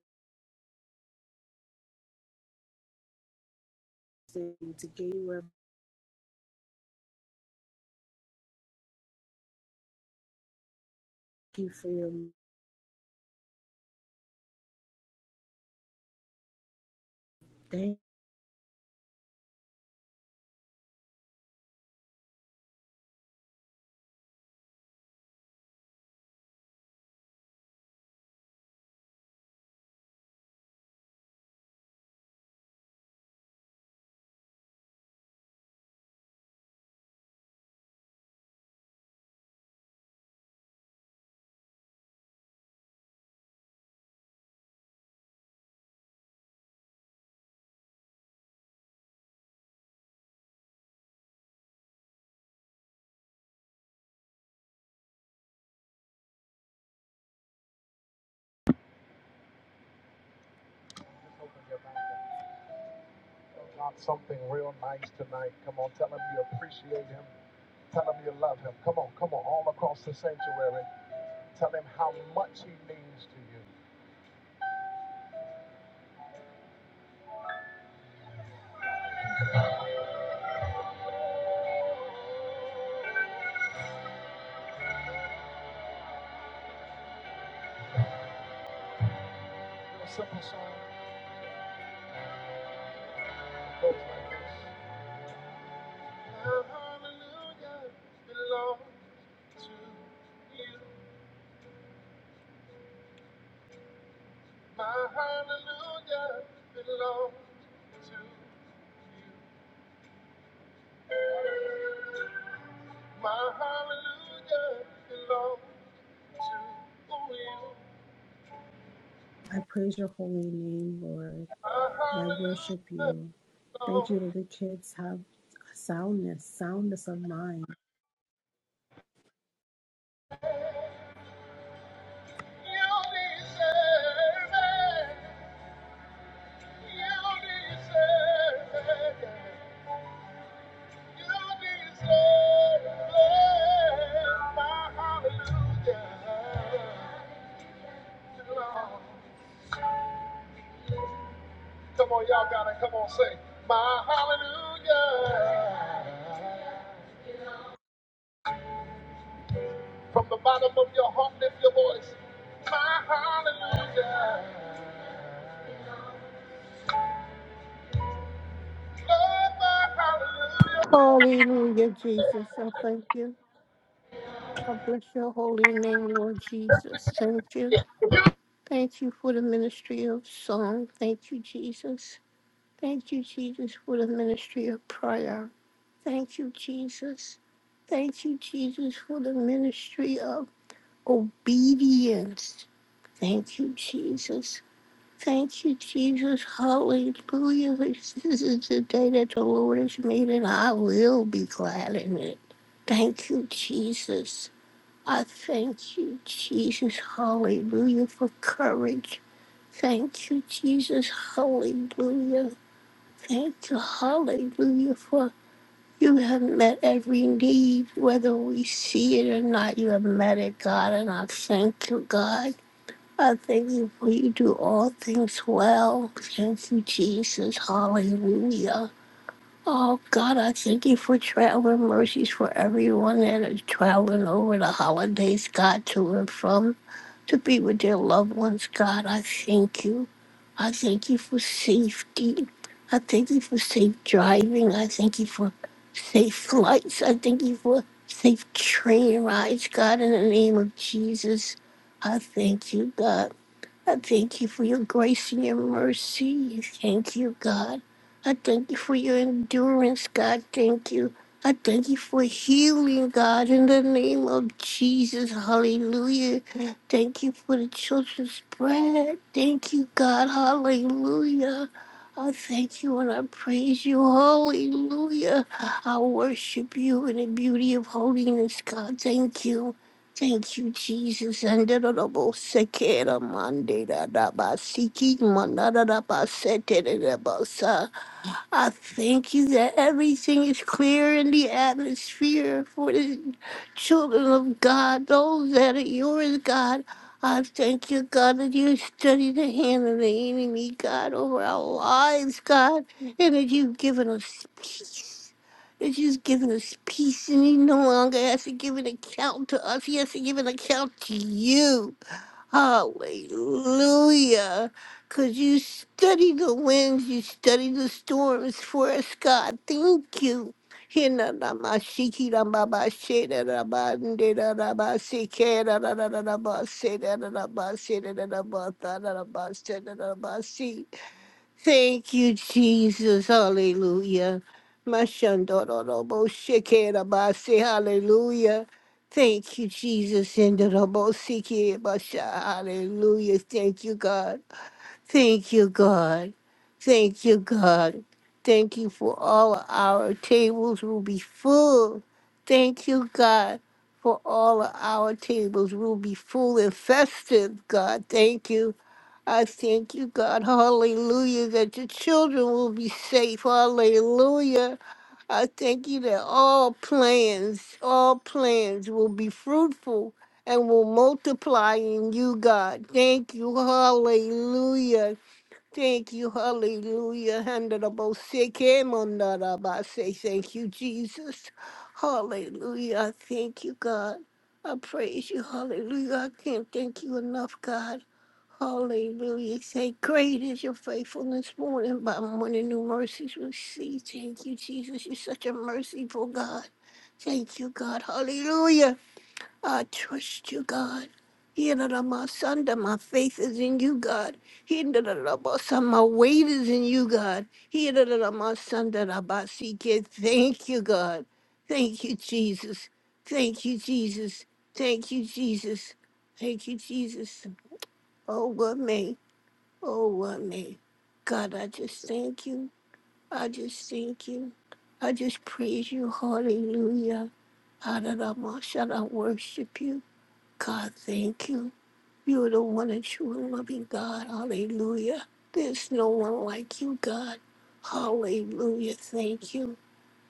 Speaker 2: standing, to gain you where- thank you for your thank
Speaker 1: open your mouth and tell God something real nice tonight. Come on, tell him you appreciate him. Tell him you love him. Come on, come on, all across the sanctuary. Tell him how much he means. A simple song goes like this. Hallelujah belongs to you. My hallelujah belongs to you. My hallelujah belongs to you.
Speaker 2: I praise your holy name, Lord,
Speaker 1: My
Speaker 2: and I
Speaker 1: hallelujah
Speaker 2: worship you. Thank
Speaker 1: belongs to
Speaker 2: you that the kids have soundness, soundness of mind.
Speaker 1: you. You deserve it. You deserve it. You deserve it. My hallelujah belongs. Come on, y'all gotta come on, say, My hallelujah. From the bottom of your heart, lift your voice. My hallelujah. Lord, my hallelujah.
Speaker 3: Hallelujah, Jesus. I thank you. I bless your holy name, Lord Jesus. Thank you. Thank you for the ministry of song. Thank you, Jesus. Thank you, Jesus, for the ministry of prayer. Thank you, Jesus. Thank you, Jesus, for the ministry of obedience. Thank you, Jesus. Thank you, Jesus. Hallelujah. This is the day that the Lord has made, and I will be glad in it. Thank you, Jesus. I thank you, Jesus. Hallelujah for courage. Thank you, Jesus. Hallelujah. Thank you, hallelujah, for you have met every need, whether we see it or not. You have met it, God, and I thank you, God. I thank you for you do all things well. Thank you, Jesus. Hallelujah. Oh, God, I thank you for traveling mercies for everyone that is traveling over the holidays, God, to and from, to be with their loved ones. God, I thank you. I thank you for safety. I thank you for safe driving. I thank you for safe flights. I thank you for safe train rides, God, in the name of Jesus. I thank you, God. I thank you for your grace and your mercy. Thank you, God. I thank you for your endurance, God. Thank you. I thank you for healing, God, in the name of Jesus. Hallelujah. Thank you for the children's bread. Thank you, God. Hallelujah. I thank you and I praise you. Hallelujah. I worship you in the beauty of holiness, God. Thank you. Thank you, Jesus. And the double second mandate, the basiki, mandada basete, I thank you that everything is clear in the atmosphere for the children of God, those that are yours, God. I thank you, God, that you study the hand of the enemy, God, over our lives, God, and that you've given us peace. That you've given us peace, and he no longer has to give an account to us. He has to give an account to you. Hallelujah. Because you study the winds, you study the storms for us, God. Thank you. Hina nama shiki nama ba ba she da da ba nde da da ba se ke da da da da da ba se da da da ba se da da da ba da da da ba se da da da ba si. Thank you, Jesus. Hallelujah. Mashando do do bo she ke da ba se. Hallelujah. Thank you, Jesus. And da da bo si ke ba sha. Hallelujah. Thank you, God. Thank you, God. Thank you, God. Thank you for all our tables will be full. Thank you, God, for all our tables will be full and festive, God. Thank you. I thank you, God. Hallelujah, that your children will be safe. Hallelujah. I thank you that all plans, all plans will be fruitful and will multiply in you, God. Thank you. Hallelujah. Thank you, hallelujah. Handarabosikemondarabase. Thank you, Jesus. Hallelujah. I Thank you, God. I praise you, hallelujah. I can't thank you enough, God. Hallelujah. Say, great is your faithfulness, morning by morning, new mercies we see. Thank you, Jesus. You're such a merciful God. Thank you, God. Hallelujah. I trust you, God. Hinda my faith is in you, God. Hinda my weight is in you, God. Hinda my son that I by seek it. Thank you, God. Thank you, Jesus. Thank you, Jesus. Thank you, Jesus. Thank you, Jesus. Oh, what may? Oh, what may? God, I just thank you. I just thank you. I just praise you. Hallelujah. Hallelujah. I worship you. God, thank you. You're the one and true and loving God. Hallelujah. There's no one like you, God. Hallelujah. Thank you.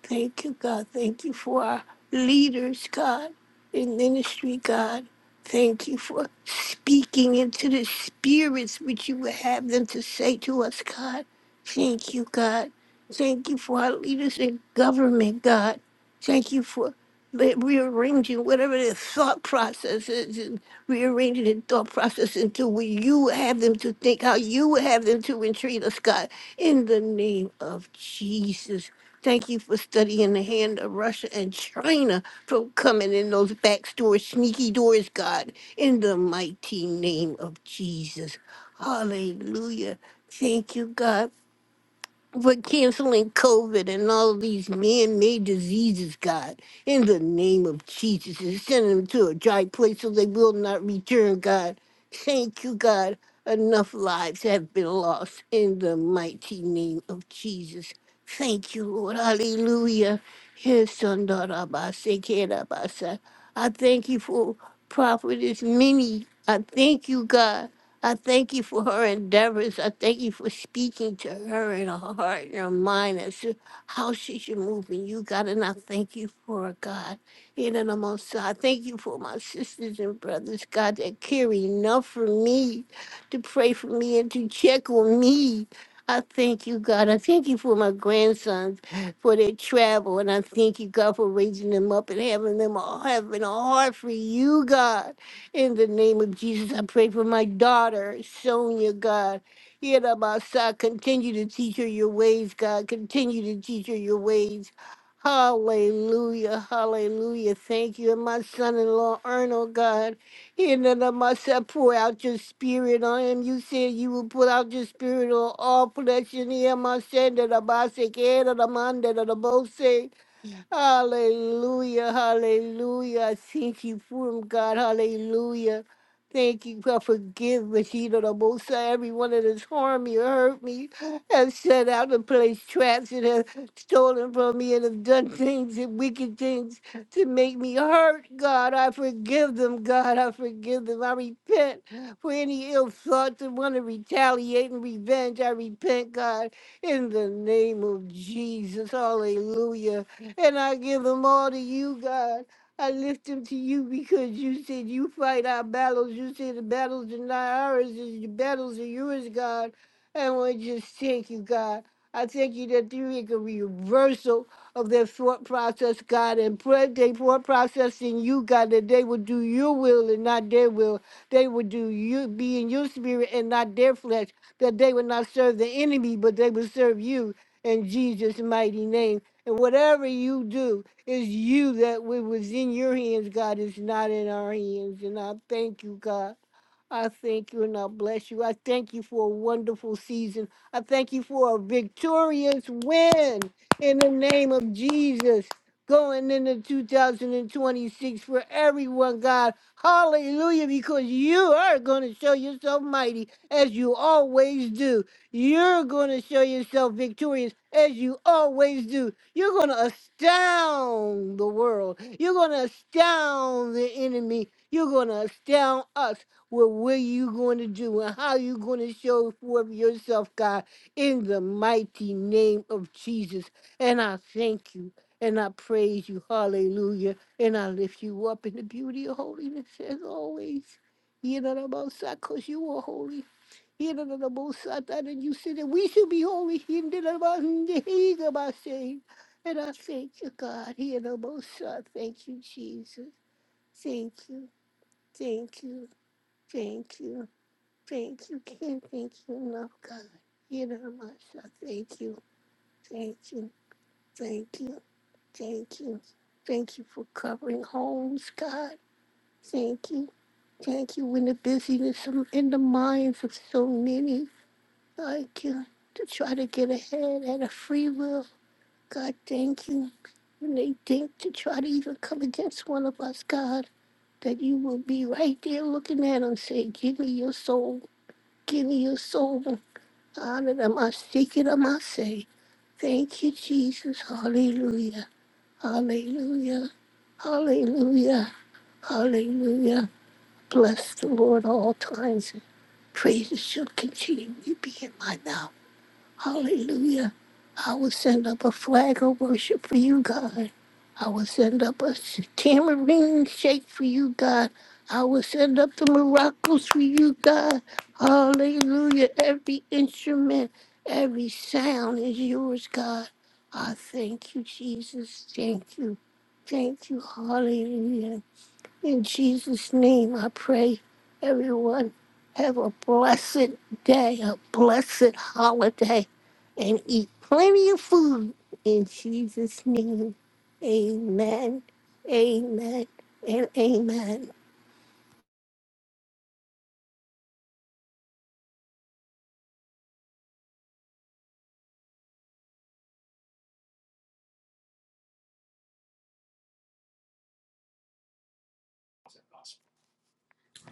Speaker 3: Thank you, God. Thank you for our leaders, God, in ministry, God. Thank you for speaking into the spirits which you would have them to say to us, God. Thank you, God. Thank you for our leaders in government, God. Thank you for re- rearranging whatever their thought process is and rearranging their thought process into what you would have them to think, how you would have them to entreat us, God. In the name of Jesus. Thank you for studying the hand of Russia and China for coming in those back doors, sneaky doors, God, in the mighty name of Jesus. Hallelujah. Thank you, God, for canceling COVID and all these man-made diseases, God. In the name of Jesus, and send them to a dry place so they will not return, God. Thank you, God. Enough lives have been lost in the mighty name of Jesus. Thank you, Lord. Hallelujah. Yes, son, daughter, I say, kid, I say, I thank you for prophetess Minnie. I thank you, God. I thank you for her endeavors. I thank you for speaking to her in her heart and her mind as to how she should move in you, God. And I thank you for her, God. In and amongst her. I thank you for my sisters and brothers, God, that care enough for me to pray for me and to check on me. I thank you, God. I thank you for my grandsons for their travel. And I thank you, God, for raising them up and having them all having a heart for you, God. In the name of Jesus, I pray for my daughter, Sonia, God. Yerabasa, continue to teach her your ways, God. Continue to teach her your ways. Hallelujah, hallelujah. Thank you. And my son in law, Arnold, God. In the name pour out your spirit on him. You said you will pour out your spirit on all flesh. In the name of Jesus, Hallelujah, hallelujah. I Thank you for him, God. Hallelujah. Thank you for forgiveness, you know, the most high, everyone that has harmed me or hurt me, has set out to place traps and has stolen from me and have done things and wicked things to make me hurt, God. I forgive them, God. I forgive them. I repent for any ill thoughts and want to retaliate and revenge. I repent, God, in the name of Jesus. Hallelujah and I give them all to you, God. I lift them to you because you said you fight our battles. You said the battles are not ours, the battles are yours, God. And we just thank you, God. I thank you that there is a reversal of their thought process, God, and put their thought process in you, God, that they will do your will and not their will. They will do you, be in your spirit and not their flesh, that they would not serve the enemy, but they will serve you in Jesus' mighty name. And whatever you do, it's you that what was in your hands, God, is not in our hands. And I thank you, God. I thank you and I bless you. I thank you for a wonderful season. I thank you for a victorious win in the name of Jesus. Going into 2026 for everyone, God. Hallelujah, because you are going to show yourself mighty as you always do. You're going to show yourself victorious as you always do. You're going to astound the world. You're going to astound the enemy. You're going to astound us what what you going to do and how you going to show forth yourself, God, in the mighty name of Jesus. And I thank you and I praise you. Hallelujah. And I lift you up in the beauty of holiness as always. You know the most high, because you are holy. You know the most high, and you said that we should be holy. You know the most you know i say, And I thank you, God. You know the most high, Thank you, Jesus. Thank you. Thank you. Thank you. Thank you, can't Thank you, enough, God. You know, how much. I Thank you. Thank you. Thank you. Thank you. Thank you for covering homes, God. Thank you. Thank you in the busyness of- in the minds of so many. Like you to try to get ahead at a free will. God, thank you. When they think to try to even come against one of us, God, that you will be right there looking at them, saying, Give me your soul. Give me your soul. Hallelujah. Thank you, Jesus. Hallelujah. Hallelujah. Hallelujah. Hallelujah. Bless the Lord all times. Praises shall continue to be in my mouth. Hallelujah. I will send up a flag of worship for you, God. I will send up a s- tamarind shake for you, God. I will send up the miracles for you, God. Hallelujah. Every instrument, every sound is yours, God. I thank you, Jesus. Thank you. Thank you. Hallelujah. In Jesus' name, I pray everyone have a blessed day, a blessed holiday, and eat plenty of food. In Jesus' name, amen, amen, and amen.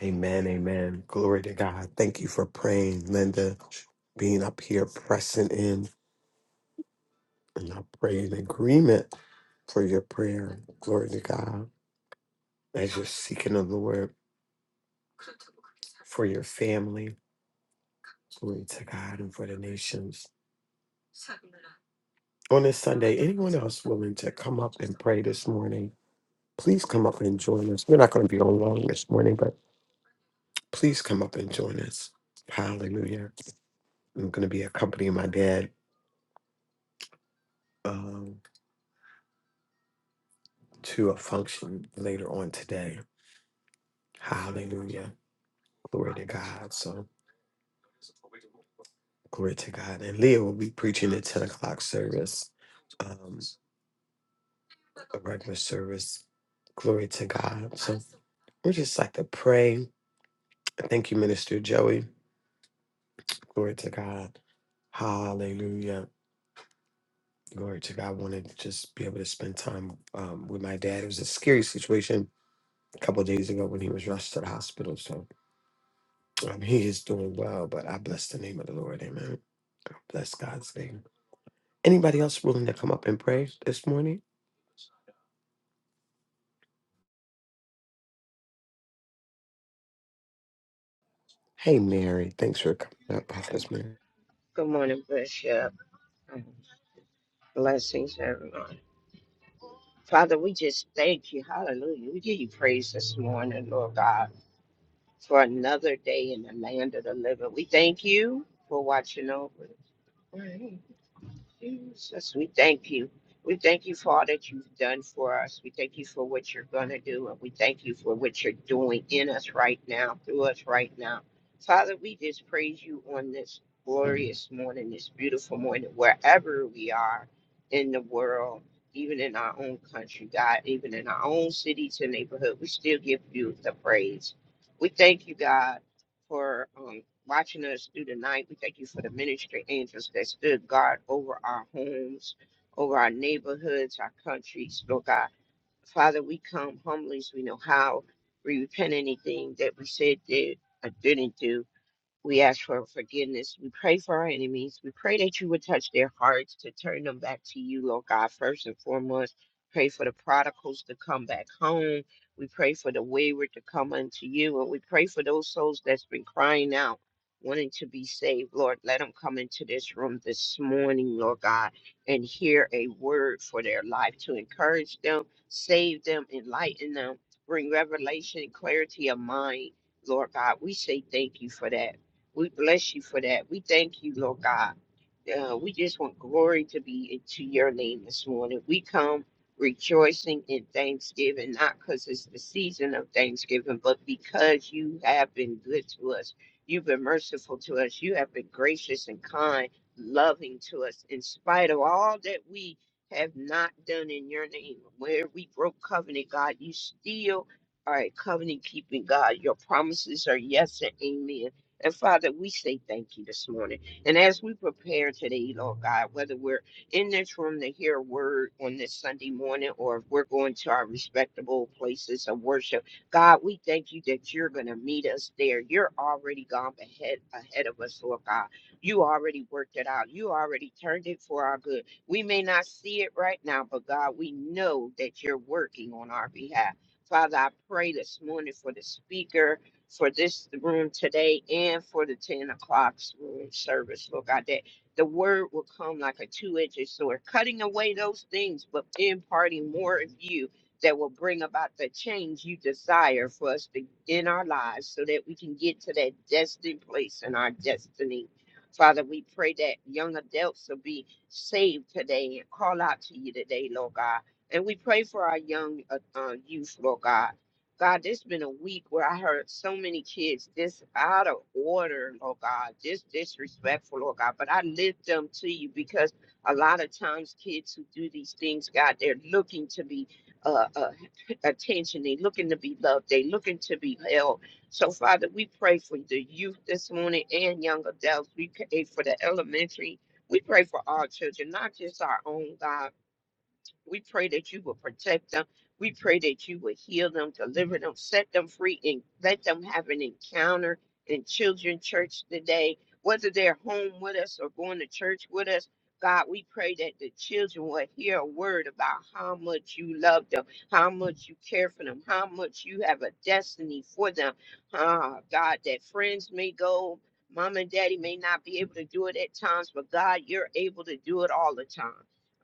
Speaker 4: Amen, amen. Glory to God. Thank you for praying, Linda, being up here, pressing in. And I pray in agreement for your prayer. Glory to God. As you're seeking the Lord for your family, glory to God and for the nations. On this Sunday, anyone else willing to come up and pray this morning, please come up and join us. We're not going to be on long this morning, but please come up and join us. Hallelujah. I'm going to be accompanying my dad. um, to a function later on today. Hallelujah. Glory to God. So glory to God. And Leah will be preaching the 10 o'clock service, um, a regular service. Glory to God. So we just like to pray. Thank you, Minister Joey. Glory to God. Hallelujah. Glory to God. I wanted to just be able to spend time um, with my dad. It was a scary situation a couple of days ago when he was rushed to the hospital. So Um, he is doing well, but I bless the name of the Lord. Amen. I Bless God's name. Anybody else willing to come up and pray this morning? Hey, Mary. Thanks for coming up, Prophetess Mary.
Speaker 5: Good morning, Bishop. Blessings, everyone. Father, we just thank you. Hallelujah. We give you praise this morning, Lord God, for another day in the land of the living. We thank you for watching over us. Jesus, we thank you. We thank you for all that you've done for us. We thank you for what you're going to do. And we thank you for what you're doing in us right now, through us right now. Father, we just praise you on this glorious morning, this beautiful morning, wherever we are in the world, even in our own country, God, even in our own cities and neighborhood. We still give you the praise. We thank you, God for um, watching us through the night. We thank you for the ministry angels that stood guard over our homes, over our neighborhoods, our countries, Lord God. Father, we come humbly as we know how. We repent anything that we said, did, or didn't do. We ask for forgiveness. We pray for our enemies. We pray that you would touch their hearts to turn them back to you, Lord God, first and foremost. Pray for the prodigals to come back home. We pray for the wayward to come unto you. And we pray for those souls that's been crying out, wanting to be saved. Lord, let them come into this room this morning, Lord God, and hear a word for their life to encourage them, save them, enlighten them, bring revelation and clarity of mind. Lord God, we say thank you for that. We bless you for that. We thank you, Lord God. Uh, we just want glory to be to your name this morning. We come rejoicing in thanksgiving, not because it's the season of thanksgiving, but because you have been good to us. You've been merciful to us. You have been gracious and kind, loving to us, in spite of all that we have not done in your name. Where we broke covenant, God, you still are a covenant keeping God. Your promises are yes and amen. And Father, we say thank you this morning. And as we prepare today, Lord God, whether we're in this room to hear a word on this Sunday morning or if we're going to our respectable places of worship, God, we thank you that you're going to meet us there. You're already gone ahead, ahead of us, Lord God. You already worked it out. You already turned it for our good. We may not see it right now, but God, we know that you're working on our behalf. Father, I pray this morning for the speaker for this room today and for the 10 o'clock room service. Lord God, that the word will come like a two edged sword, cutting away those things, but imparting more of you that will bring about the change you desire for us to, in our lives so that we can get to that destined place in our destiny. Father, we pray that young adults will be saved today and call out to you today, Lord God. And we pray for our young uh, uh, youth, Lord God God, this been a week where I heard so many kids just out of order, oh God, just disrespectful, oh God. But I lift them to you because a lot of times kids who do these things, God, they're looking to be uh, uh, attention. They looking to be loved. They looking to be held. So Father, we pray for the youth this morning and young adults. We pray for the elementary. We pray for our children, not just our own God. We pray that you will protect them. We pray that you will heal them, deliver them, set them free, and let them have an encounter in children church today, whether they're home with us or going to church with us. God, we pray that the children will hear a word about how much you love them, how much you care for them, how much you have a destiny for them. Ah, God, that friends may go, mom and daddy may not be able to do it at times, but God, you're able to do it all the time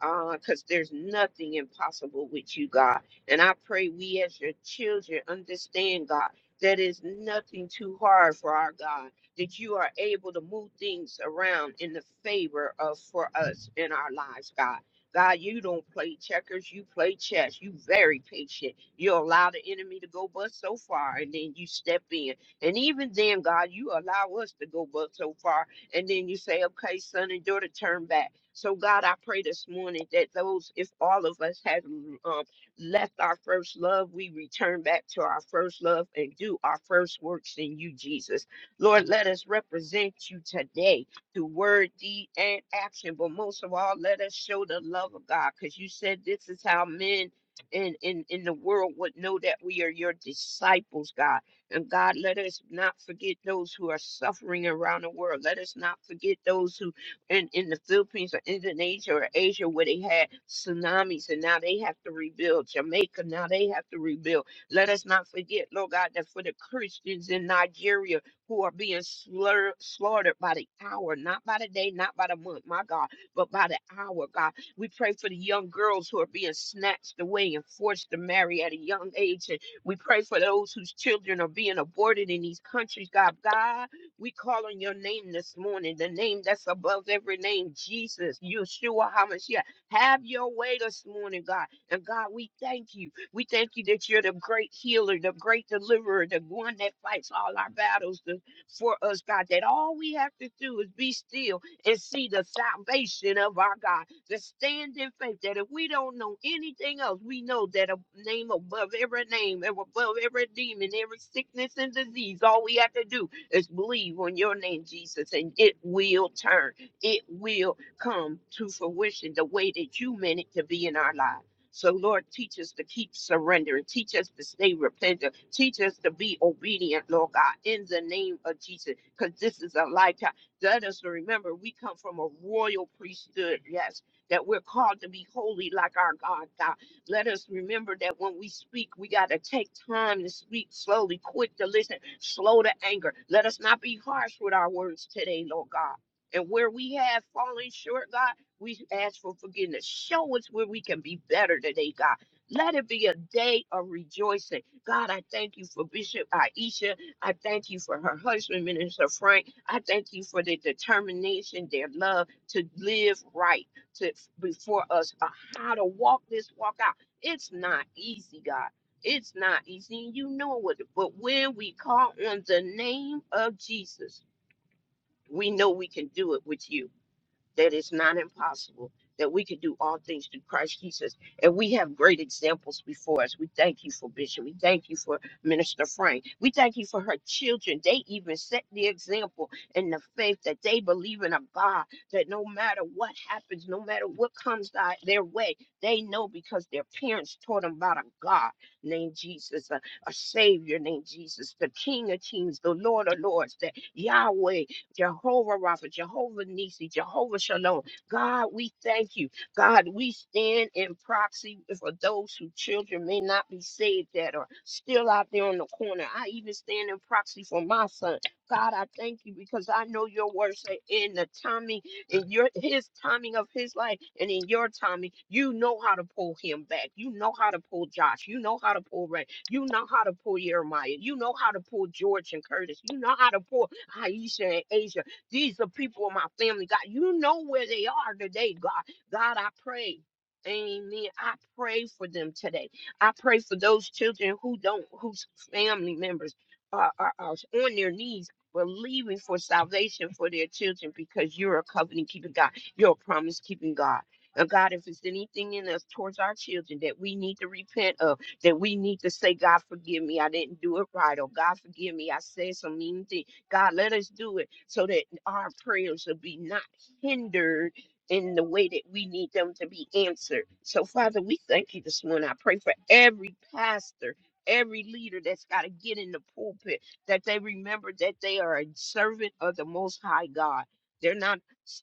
Speaker 5: because there's nothing impossible with you, God. And I pray we as your children understand, God, that is nothing too hard for our God, that you are able to move things around in the favor of for us in our lives, God. God, you don't play checkers, you play chess. You very patient. You allow the enemy to go but so far and then you step in. And even then, God, you allow us to go but so far and then you say, okay, son and daughter, turn back. So, God, I pray this morning that those, if all of us have um, left our first love, we return back to our first love and do our first works in you, Jesus. Lord, let us represent you today through word, deed, and action. But most of all, let us show the love of God because you said this is how men in, in, in the world would know that we are your disciples, God. And God, let us not forget those who are suffering around the world. Let us not forget those who in, in the Philippines or Indonesia or Asia where they had tsunamis and now they have to rebuild. Jamaica, now they have to rebuild. Let us not forget, Lord God, that for the Christians in Nigeria who are being slur- slaughtered by the hour, not by the day, not by the month, my God, but by the hour, God. We pray for the young girls who are being snatched away and forced to marry at a young age we pray for those whose children are being aborted in these countries, God. God, we call on your name this morning, the name that's above every name, Jesus, Yeshua, HaMashiach. Have your way this morning, God. And God, we thank you. We thank you that you're the great healer, the great deliverer, the one that fights all our battles the- for us, God. That all we have to do is be still and see the salvation of our God to stand in faith that if we don't know anything else, we know that a name above every name, above every demon, every sickness and disease, all we have to do is believe on your name, Jesus, and it will turn. It will come to fruition the way that you meant it to be in our lives. So, Lord, teach us to keep surrendering. Teach us to stay repentant. Teach us to be obedient, Lord God, in the name of Jesus, because this is a lifetime. Let us remember we come from a royal priesthood. Yes that we're called to be holy like our God, God. Let us remember that when we speak, we got to take time to speak slowly, quick to listen, slow to anger. Let us not be harsh with our words today, Lord God. And where we have fallen short, God, we ask for forgiveness. Show us where we can be better today, God. Let it be a day of rejoicing. God, I thank you for Bishop Aisha. I thank you for her husband, Minister Frank. I thank you for their determination, their love to live right to, before us on how to walk this walk out. It's not easy, God. It's not easy. and You know it. But when we call on the name of Jesus, we know we can do it with you that it's not impossible, that we can do all things through Christ Jesus. And we have great examples before us. We thank you for Bishop. We thank you for Minister Frank. We thank you for her children. They even set the example in the faith that they believe in a God that no matter what happens, no matter what comes thy- their way, they know because their parents taught them about a God named Jesus, a, a Savior named Jesus, the King of Kings, the Lord of Lords, that Yahweh Jehovah Rapha, Jehovah Nisi, Jehovah Shalom. God, we thank you. God, we stand in proxy for those whose children may not be saved that are still out there on the corner. I even stand in proxy for my son. God, I thank you because I know your word say in the timing, in your his timing of his life, and in your timing, you know how to pull him back. You know how to pull Josh. You know how to pull Ray. You know how to pull Jeremiah. You know how to pull George and Curtis. You know how to pull Aisha and Asia. These are people in my family, God. You know where they are today, God. God, I pray. Amen. I pray for them today. I pray for those children who don't, whose family members are, are, are on their knees believing for salvation for their children because you're a covenant keeping God. You're a promise keeping God. And God, if it's anything in us towards our children that we need to repent of, that we need to say, God, forgive me. I didn't do it right. Or God, forgive me. I said some mean thing. God, let us do it so that our prayers will be not hindered in the way that we need them to be answered. So, Father, we thank you this morning. I pray for every pastor. Every leader that's got to get in the pulpit, that they remember that they are a servant of the Most High God. They're not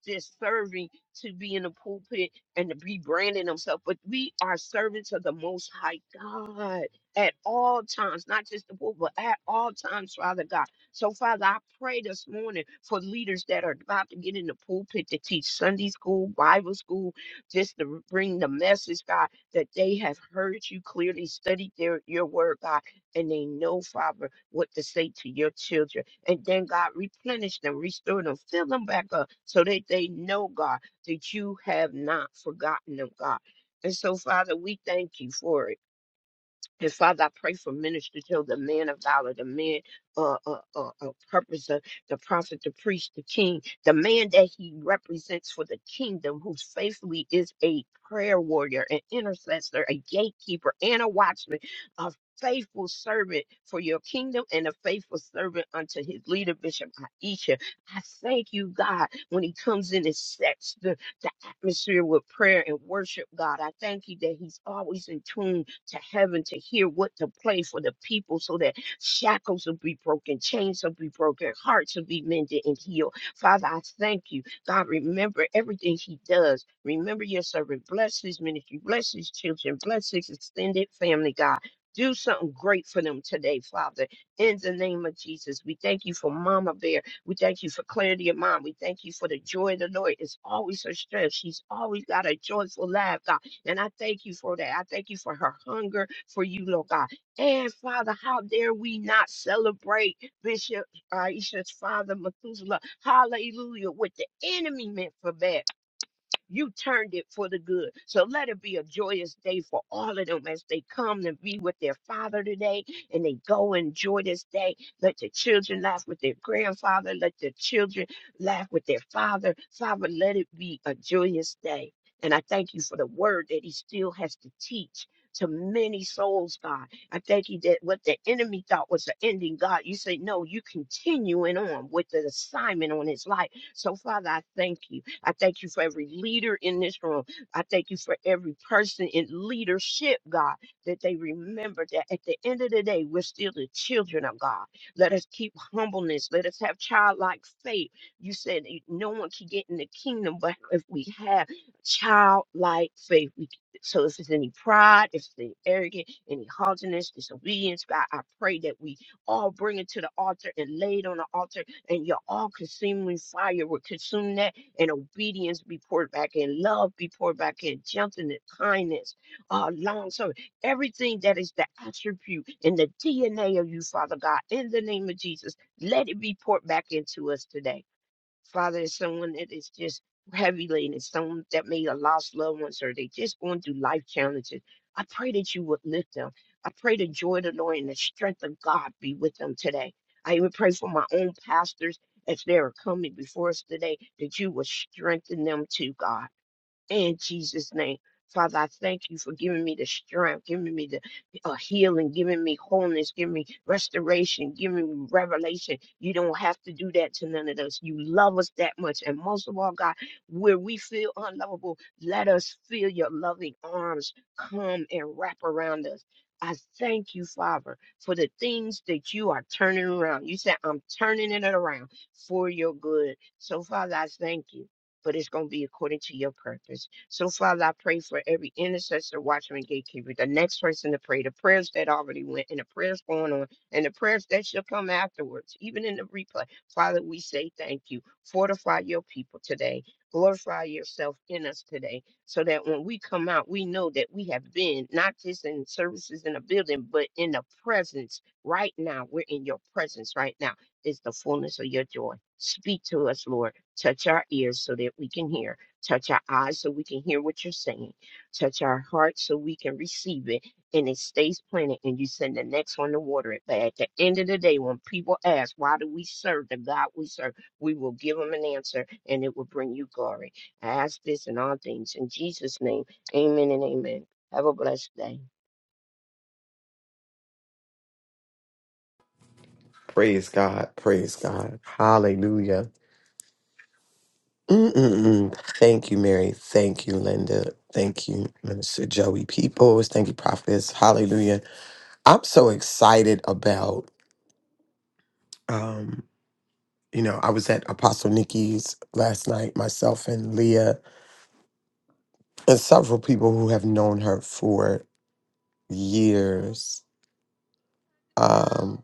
Speaker 5: just serving to be in the pulpit and to rebranding branding themselves, but we are servants of the Most High God at all times, not just the book, but at all times, Father God. So, Father, I pray this morning for leaders that are about to get in the pulpit to teach Sunday school, Bible school, just to bring the message, God, that they have heard you clearly, studied their, your word, God, and they know, Father, what to say to your children. And then, God, replenish them, restore them, fill them back up so that they know, God that you have not forgotten them, God. And so, Father, we thank you for it. And Father, I pray for Minister Joe, the man of valor, the man uh, uh, uh, of purpose, the, the prophet, the priest, the king, the man that he represents for the kingdom, who faithfully is a prayer warrior, an intercessor, a gatekeeper, and a watchman, a faithful servant for your kingdom and a faithful servant unto his leader, Bishop Aisha. I thank you, God, when he comes in and sets the, the atmosphere with prayer and worship, God. I thank you that he's always in tune to heaven to hear what to play for the people so that shackles will be broken, chains will be broken, hearts will be mended and healed. Father, I thank you. God, remember everything he does. Remember your servant. Bless his ministry. Bless his children. Bless his extended family, God. Do something great for them today, Father. In the name of Jesus, we thank you for Mama Bear. We thank you for clarity of mind. We thank you for the joy of the Lord. It's always her strength. She's always got a joyful laugh, God. And I thank you for that. I thank you for her hunger for you, Lord God. And Father, how dare we not celebrate Bishop Aisha's father, Methuselah? Hallelujah. What the enemy meant for bad. You turned it for the good. So let it be a joyous day for all of them as they come to be with their father today and they go enjoy this day. Let the children laugh with their grandfather. Let the children laugh with their father. Father, let it be a joyous day. And I thank you for the word that he still has to teach to many souls, God. I thank you that what the enemy thought was the ending, God, you say, no, you continuing on with the assignment on his life. So, Father, I thank you. I thank you for every leader in this room. I thank you for every person in leadership, God, that they remember that at the end of the day, we're still the children of God. Let us keep humbleness. Let us have childlike faith. You said that no one can get in the kingdom, but if we have childlike faith, we so if there's any pride, if there's any arrogance, any haughtiness, disobedience, God, I pray that we all bring it to the altar and lay it on the altar and your all consuming fire would consume that, and obedience be poured back in, love be poured back in, gentleness, kindness, uh, long suffering, everything that is the attribute and the DNA of you, Father God, in the name of Jesus, let it be poured back into us today. Father, is someone that is just heavy laden, it's someone that may have lost loved ones or they just going through life challenges. I pray that you would lift them. I pray the joy of the Lord and the strength of God be with them today. I even pray for my own pastors as they are coming before us today that you will strengthen them too, God in Jesus' name. Father, I thank you for giving me the strength, giving me the uh, healing, giving me wholeness, giving me restoration, giving me revelation. You don't have to do that to none of us. You love us that much. And most of all, God, where we feel unlovable, let us feel your loving arms come and wrap around us. I thank you, Father, for the things that you are turning around. You said, I'm turning it around for your good. So, Father, I thank you but it's going to be according to your purpose. So, Father, I pray for every intercessor, watchman, gatekeeper, the next person to pray, the prayers that already went, and the prayers going on, and the prayers that shall come afterwards, even in the replay. Father, we say thank you. Fortify your people today. Glorify yourself in us today, so that when we come out, we know that we have been not just in services in a building, but in the presence right now. We're in your presence right now is the fullness of your joy. Speak to us, Lord. Touch our ears so that we can hear. Touch our eyes so we can hear what you're saying. Touch our hearts so we can receive it. And it stays planted, and you send the next one to water it. But at the end of the day, when people ask, Why do we serve the God we serve? we will give them an answer, and it will bring you glory. I ask this in all things. In Jesus' name, amen and amen. Have a blessed day.
Speaker 4: Praise God. Praise God. Hallelujah. Mm-mm-mm. Thank you, Mary. Thank you, Linda. Thank you, Minister Joey Peoples. Thank you, Prophets. Hallelujah. I'm so excited about, um, you know, I was at Apostle Nikki's last night, myself and Leah and several people who have known her for years, um,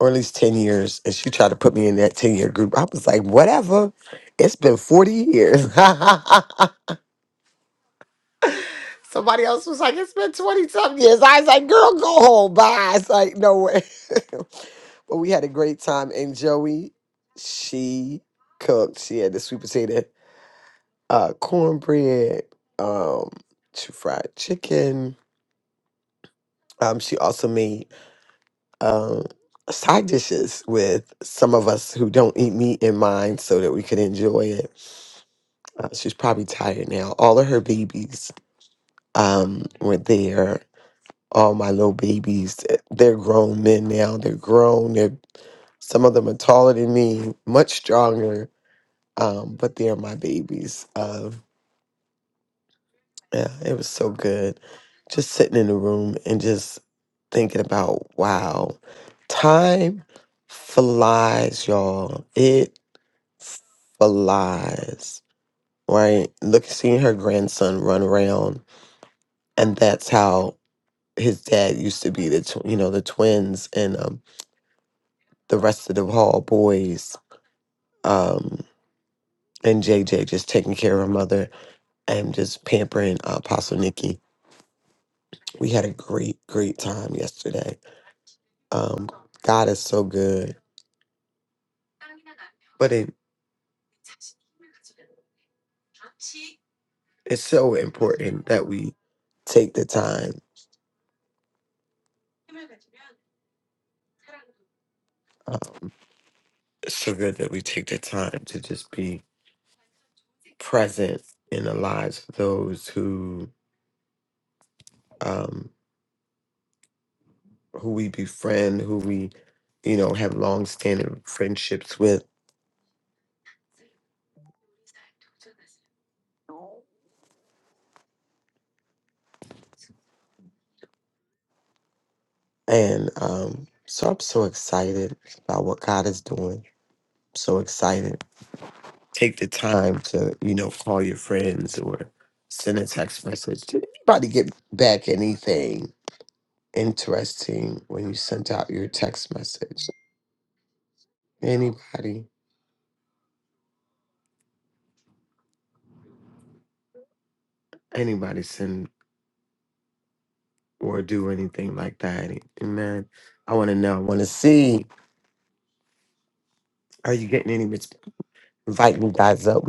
Speaker 4: or at least 10 years. And she tried to put me in that 10 year group. I was like, whatever. It's been 40 years. Somebody else was like, it's been 20 something years. I was like, girl, go home. Bye. It's like, no way. but we had a great time. And Joey, she cooked. She had the sweet potato, uh, cornbread, um, she fried chicken. Um, she also made um, side dishes with some of us who don't eat meat in mind so that we could enjoy it. Uh, she's probably tired now. All of her babies um, were there. All my little babies, eh, they're grown men now. They're grown. They're some of them are taller than me, much stronger, um, but they're my babies. Uh, yeah, it was so good. Just sitting in the room and just thinking about wow, time flies, y'all. It flies, right? Look, seeing her grandson run around, and that's how his dad used to be the tw- you know the twins and um, the rest of the Hall boys, um, and JJ just taking care of her mother and just pampering uh, Apostle Nikki. We had a great great time yesterday. Um, God is so good, but it it's so important that we take the time. Um, it's so good that we take the time to just be present in the lives of those who um, who we befriend, who we you know have long-standing friendships with, and um, so I'm so excited about what God is doing. so excited. Take the time to you know call your friends or send a text message. Did anybody get back anything interesting when you sent out your text message? Anybody? Anybody send? or do anything like that. and man, I want to know. I want to see. Are you getting any response? Invite you guys up.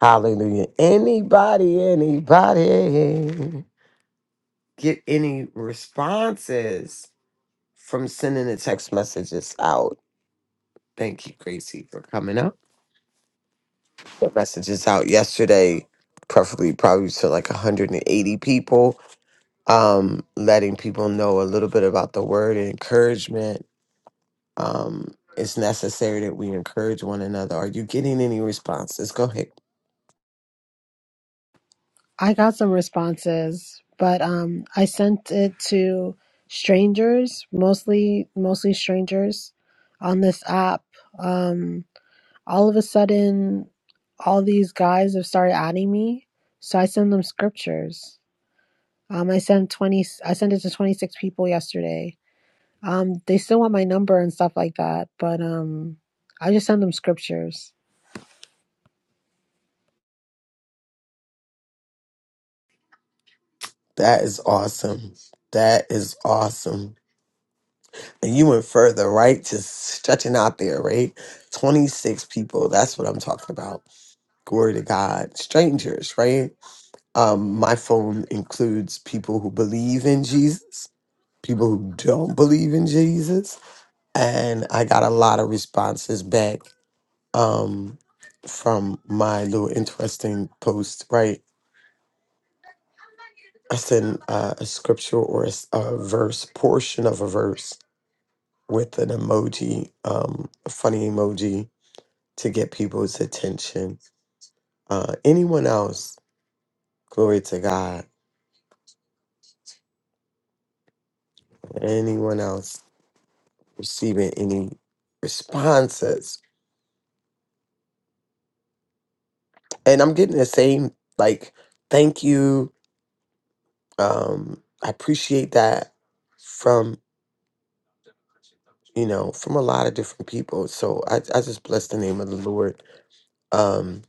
Speaker 4: Hallelujah. Anybody, anybody get any responses from sending the text messages out? Thank you, Gracie, for coming up. The messages out yesterday, preferably probably to like 180 people, um, letting people know a little bit about the word and encouragement um, it's necessary that we encourage one another. Are you getting any responses? Go ahead.
Speaker 6: I got some responses, but um, I sent it to strangers, mostly mostly strangers, on this app. Um, all of a sudden, all these guys have started adding me, so I send them scriptures. Um, I sent twenty. I sent it to twenty six people yesterday. Um, they still want my number and stuff like that, but um, I just send them scriptures.
Speaker 4: That is awesome. That is awesome. And you went further, right? Just stretching out there, right? 26 people. That's what I'm talking about. Glory to God. Strangers, right? Um, my phone includes people who believe in Jesus, people who don't believe in Jesus. And I got a lot of responses back um, from my little interesting post, right? I send uh, a scripture or a, s- a verse, portion of a verse with an emoji, um, a funny emoji to get people's attention. Uh, anyone else, glory to God, anyone else receiving any responses? And I'm getting the same, like, thank you. Um, I appreciate that you know, from a lot of different people. So I, I just bless the name of the Lord. Um,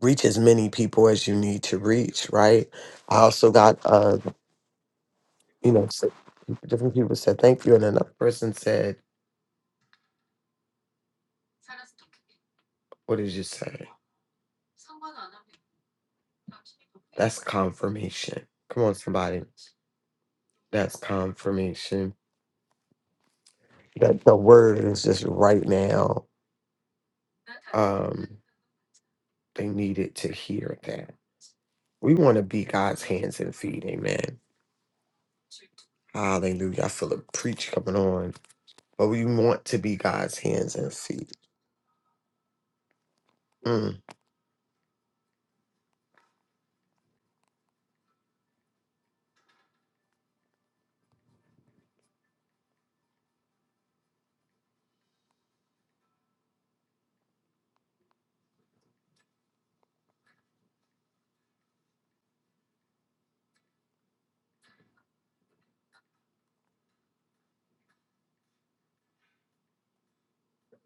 Speaker 4: reach as many people as you need to reach, right? I also got, uh, you know, so different people said thank you, and another person said, "What did you say?" That's confirmation. Come on, somebody. That's confirmation that the word is just right now. Um, they needed to hear that. We want to be God's hands and feet. Amen. Hallelujah. I feel a preach coming on. but we want to be God's hands and feet. Mm,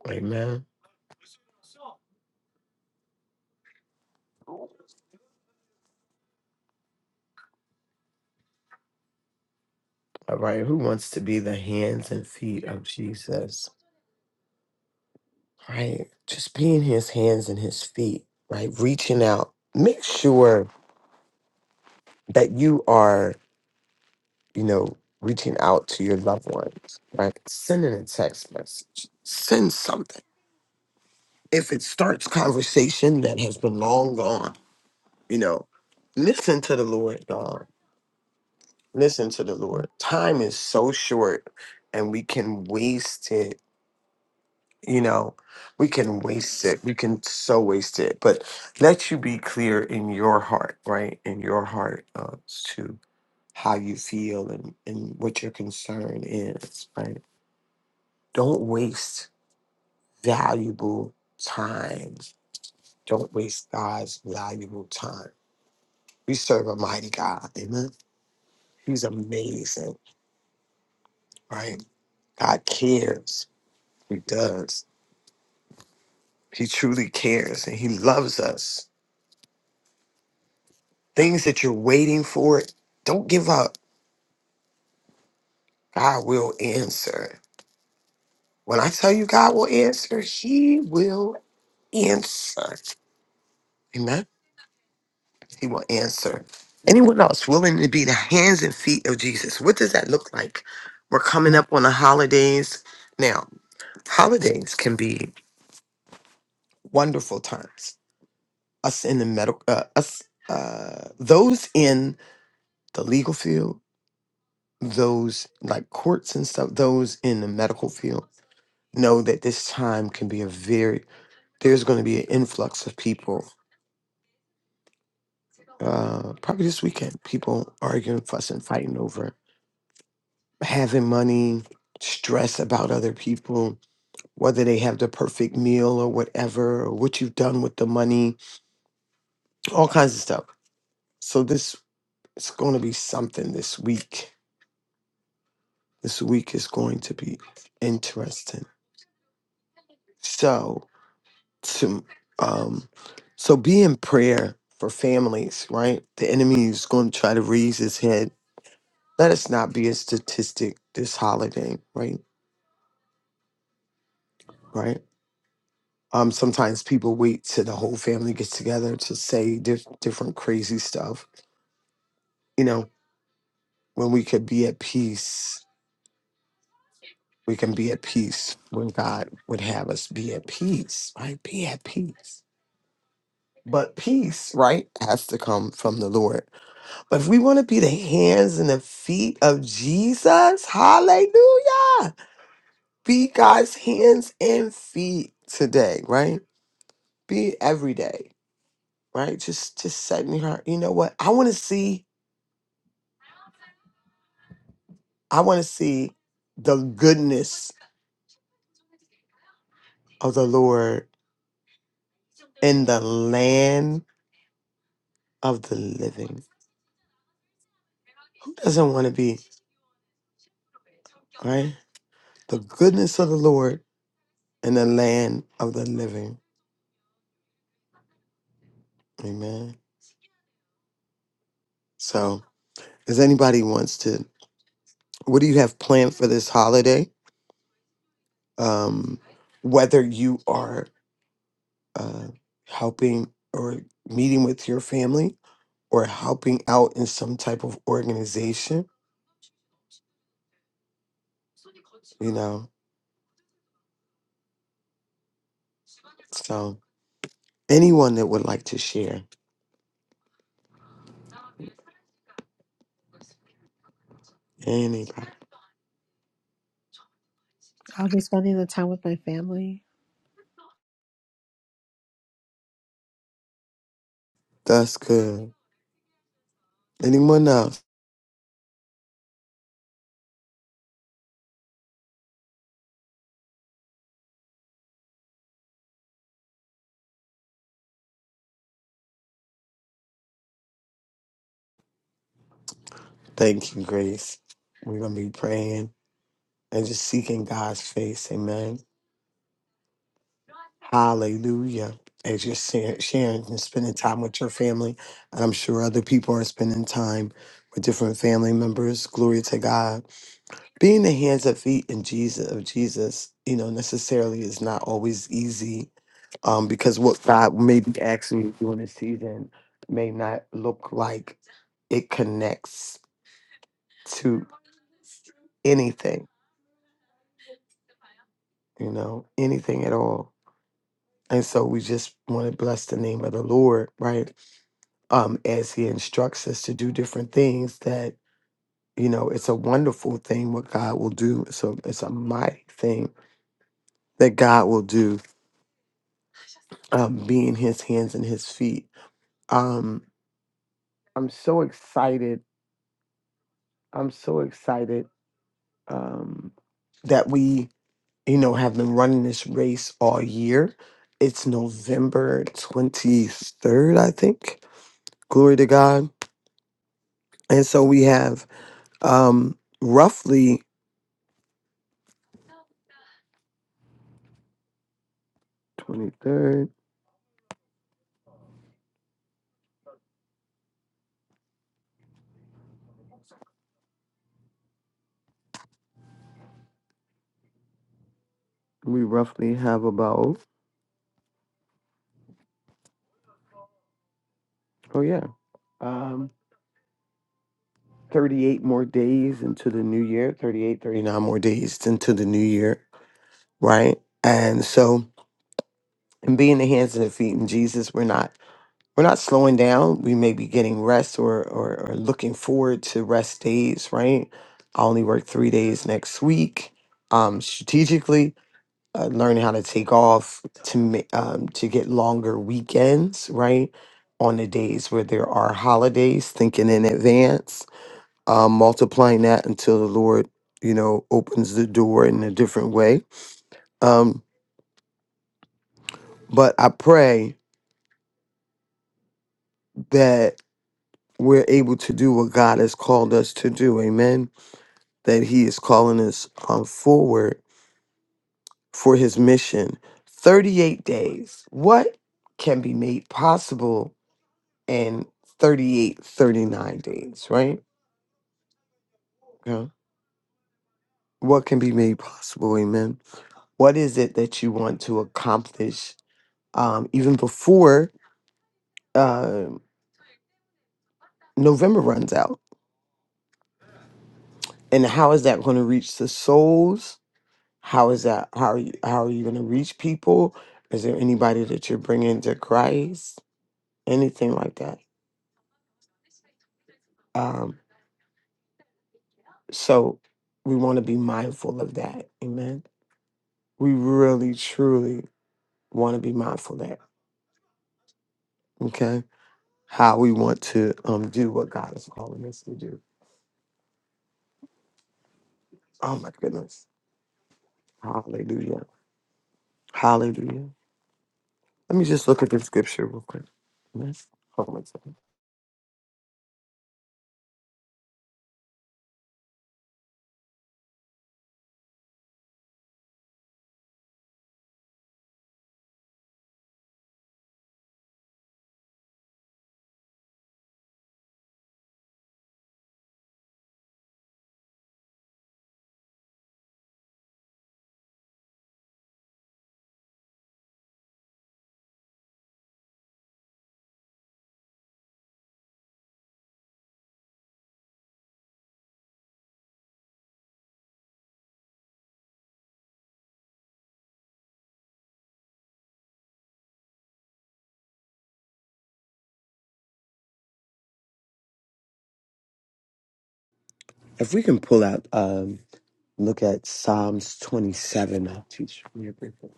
Speaker 4: amen. All right. Who wants to be the hands and feet of Jesus? Right. Just being his hands and his feet, right? Reaching out. Make sure that you are, you know, reaching out to your loved ones, right? Sending a text message, send something. If it starts conversation that has been long gone, you know, listen to the Lord, God. listen to the Lord. Time is so short and we can waste it. You know, we can waste it. We can so waste it. But let you be clear in your heart, right? In your heart uh, as to how you feel and, and what your concern is, right? Don't waste valuable time. Don't waste God's valuable time. We serve a mighty God. Amen. He's amazing, right? God cares. He does He truly cares and he loves us. Things that you're waiting for, don't give up. God will answer. When I tell you God will answer, he will answer. Amen. He will answer. Anyone else willing to be the hands and feet of Jesus? What does that look like? We're coming up on the holidays. Now, holidays can be wonderful times. Us in the medical, uh, us, uh, those in the legal field, those like courts and stuff, those in the medical field know that this time can be a very there's going to be an influx of people uh probably this weekend people arguing fussing fighting over having money stress about other people whether they have the perfect meal or whatever or what you've done with the money all kinds of stuff so this it's going to be something this week this week is going to be interesting so Um, so be in prayer for families, right? The enemy is going to try to raise his head. Let us not be a statistic this holiday, right? Right. Um, sometimes people wait till the whole family gets together to say diff- different crazy stuff. You know, when we could be at peace, we can be at peace when God would have us be at peace, right? Be at peace. But peace, right, has to come from the Lord But if we want to be the hands and the feet of Jesus, hallelujah. Be God's hands and feet today, right? Be it every day, right? Just just setting her, you know what? I want to see, I want to see the goodness of the Lord in the land of the living. Who doesn't want to be, right? The goodness of the Lord in the land of the living. Amen. So, does anybody wants to? What do you have planned for this holiday? Um, whether you are uh, helping or meeting with your family, or helping out in some type of organization, you know. So, anyone that would like to share, anybody.
Speaker 6: I'll be spending the time with my family.
Speaker 4: That's good. Anyone else? Thank you, Grace. We're gonna be praying and just seeking God's face. Amen. Hallelujah. As you're sa- sharing and spending time with your family, and I'm sure other people are spending time with different family members. Glory to God. Being the hands and feet in Jesus of Jesus, you know, necessarily is not always easy um, because what God may be asking you to do in a season may not look like it connects to anything, you know, anything at all. And so we just want to bless the name of the Lord, right? Um, as he instructs us to do different things that, you know, it's a wonderful thing what God will do. So it's a mighty thing that God will do, um, being his hands and his feet. Um, I'm so excited. I'm so excited um that we, you know, have been running this race all year. It's November 23rd, I think. Glory to God. And so we have Um, roughly 23rd, we roughly have about, oh yeah, um, 38 more days into the new year, 38, 39 more days into the new year, right? And so, and being the hands and the feet in Jesus, we're not, we're not slowing down. We may be getting rest or, or, or looking forward to rest days, right? I only work three days next week, um, strategically uh, learning how to take off to ma- um, to get longer weekends, right? On the days where there are holidays, thinking in advance, um, multiplying that until the Lord, you know, opens the door in a different way. Um, but I pray that we're able to do what God has called us to do. Amen. That He is calling us um, forward for His mission. 38 days. What can be made possible? and 38, 39 days, right? Okay. What can be made possible? Amen. What is it that you want to accomplish um, even before uh, November runs out? And how is that going to reach the souls? How is that? How are you? How are you going to reach people? Is there anybody that you're bringing to Christ? Anything like that? Um, so we want to be mindful of that. Amen. We really, truly want to be mindful of that. Okay how we want to um do what God is calling us to do. Oh my goodness. Hallelujah. Hallelujah. Let me just look at the scripture real quick. Yes. Hold on a If we can pull out um look at Psalms 27, I'll teach me everything.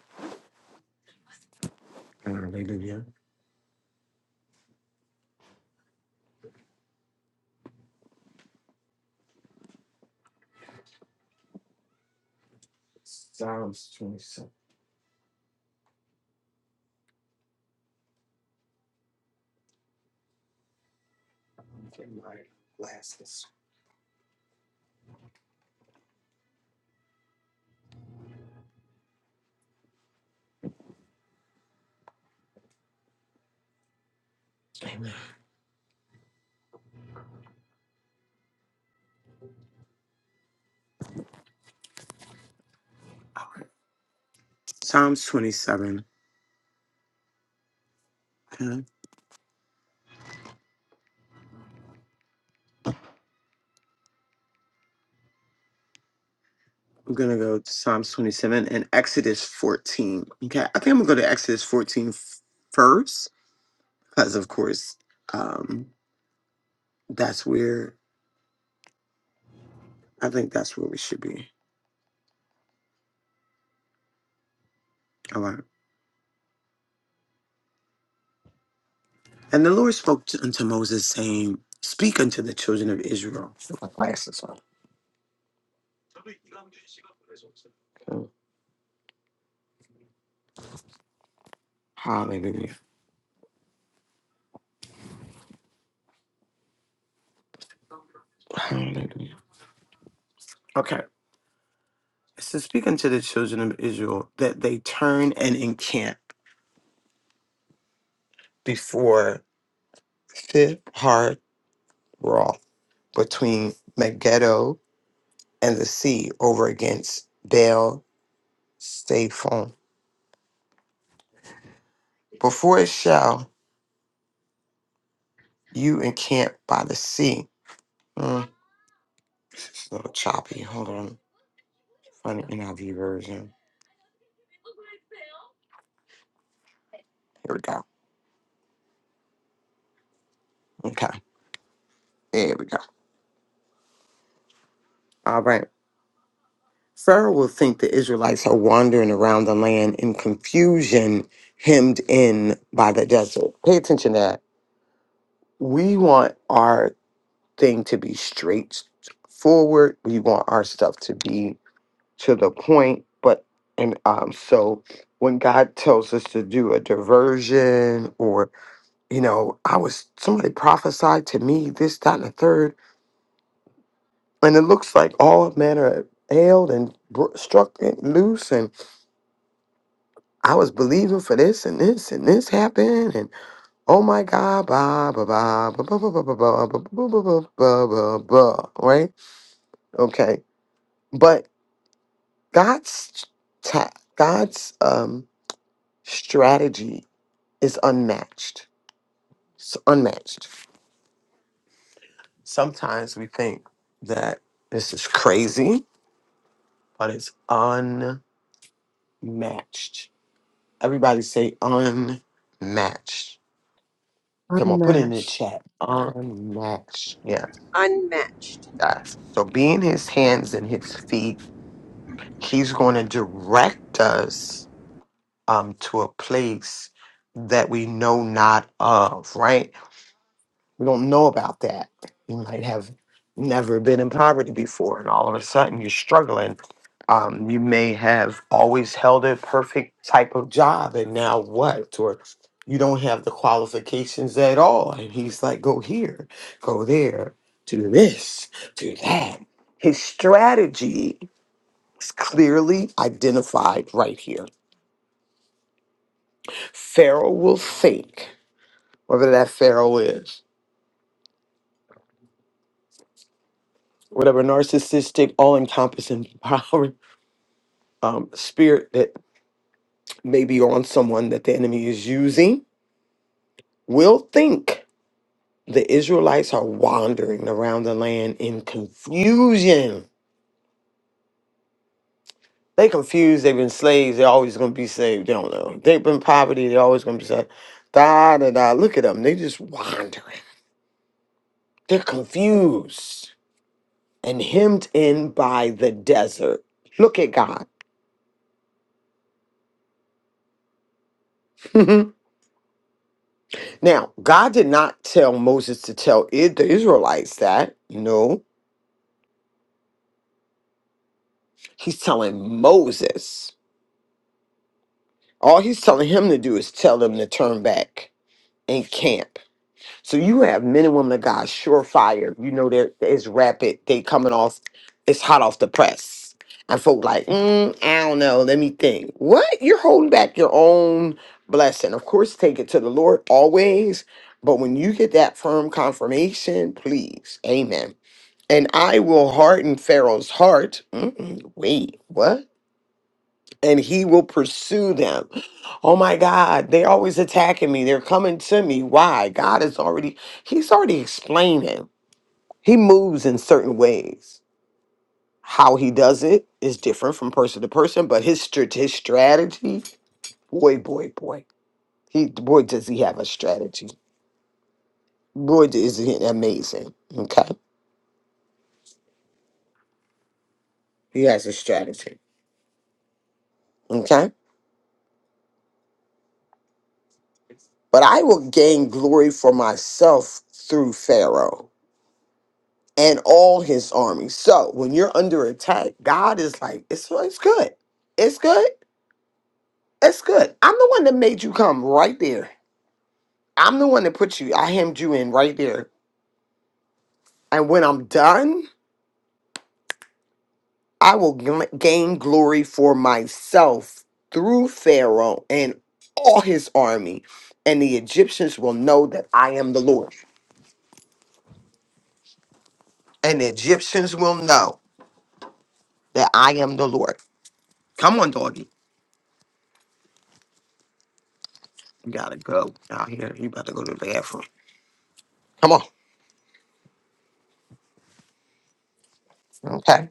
Speaker 4: Hallelujah. Psalms 27. Okay, my glasses. Amen. All right. Psalms 27. Okay. We're gonna go to Psalms 27 and Exodus 14. Okay, I think I'm gonna go to Exodus 14 f- first because of course um that's where i think that's where we should be all right and the lord spoke to, unto moses saying speak unto the children of israel Put my glasses on Okay. hallelujah hallelujah okay so speak unto the children of israel that they turn and encamp before fifth hard roth between megiddo and the sea over against baal Staphon. before it shall You encamp by the sea. Mm, this is a little choppy. Hold on. Find the NIV version. Here we go. Okay. There we go. All right. Pharaoh will think the Israelites are wandering around the land in confusion, hemmed in by the desert. Pay attention to that. We want our thing to be straightforward. We want our stuff to be to the point. But, and um, so when God tells us to do a diversion you know, I was somebody prophesied to me this, that, and the third, and it looks like all manner of ailed and bro- struck it loose, and I was believing for this and this and this happened, and oh my God, blah blah blah blah blah blah blah blah blah blah blah blah blah blah. ba, right? Okay, but God's ta- God's um strategy is unmatched. It's unmatched. Sometimes we think that this is crazy but it's unmatched. Everybody say unmatched. Come
Speaker 6: I'm
Speaker 4: on, put it in
Speaker 6: not.
Speaker 4: the chat. Unmatched. Yeah.
Speaker 7: unmatched.
Speaker 4: guys. So being his hands and his feet, he's going to direct us um, to a place that we know not of, right? We don't know about that. You might have never been in poverty before, and all of a sudden you're struggling. Um, you may have always held a perfect type of job, and now what? Or you don't have the qualifications at all. And he's like, go here, go there, do this, do that. His strategy is clearly identified right here. Pharaoh will think, whatever that Pharaoh is, whatever narcissistic, all encompassing um, spirit that may be on someone that the enemy is using will think the Israelites are wandering around the land in confusion. They confused, they've been slaves, they're always gonna be saved. They don't know. They've been poverty, they're always gonna be saved. Da da da. Look at them, they just wandering. They're confused and hemmed in by the desert. Look at God. now, God did not tell Moses to tell I- the Israelites that. No, He's telling Moses. All he's telling him to do is tell them to turn back and camp. So you have men and women of God, surefire. You know they're it's rapid. They coming off. It's hot off the press. And folk like, mm, I don't know. Let me think. What you're holding back your own blessing? Of course, take it to the Lord always. But when you get that firm confirmation, please, Amen. And I will harden Pharaoh's heart. Mm-mm, wait, what? and he will pursue them. Oh my God, they're always attacking me. They're coming to me. Why? God is already, he's already explaining. He moves in certain ways. How he does it is different from person to person, but his, strat- his strategy, boy, boy, boy. He, boy, does he have a strategy. Boy, is he amazing. Okay. He has a strategy. Okay. But I will gain glory for myself through Pharaoh. and all his army. So when you're under attack, God is like, it's, well, it's good. It's good. It's good. I'm the one that made you come right there. I'm the one that put you, I hemmed you in right there. And when I'm done, I will gl- gain glory for myself through Pharaoh and all his army. And the Egyptians will know that I am the Lord. And the Egyptians will know that I am the Lord. Come on, doggy. You gotta go out here. You about to go to the bathroom. Come on. Okay.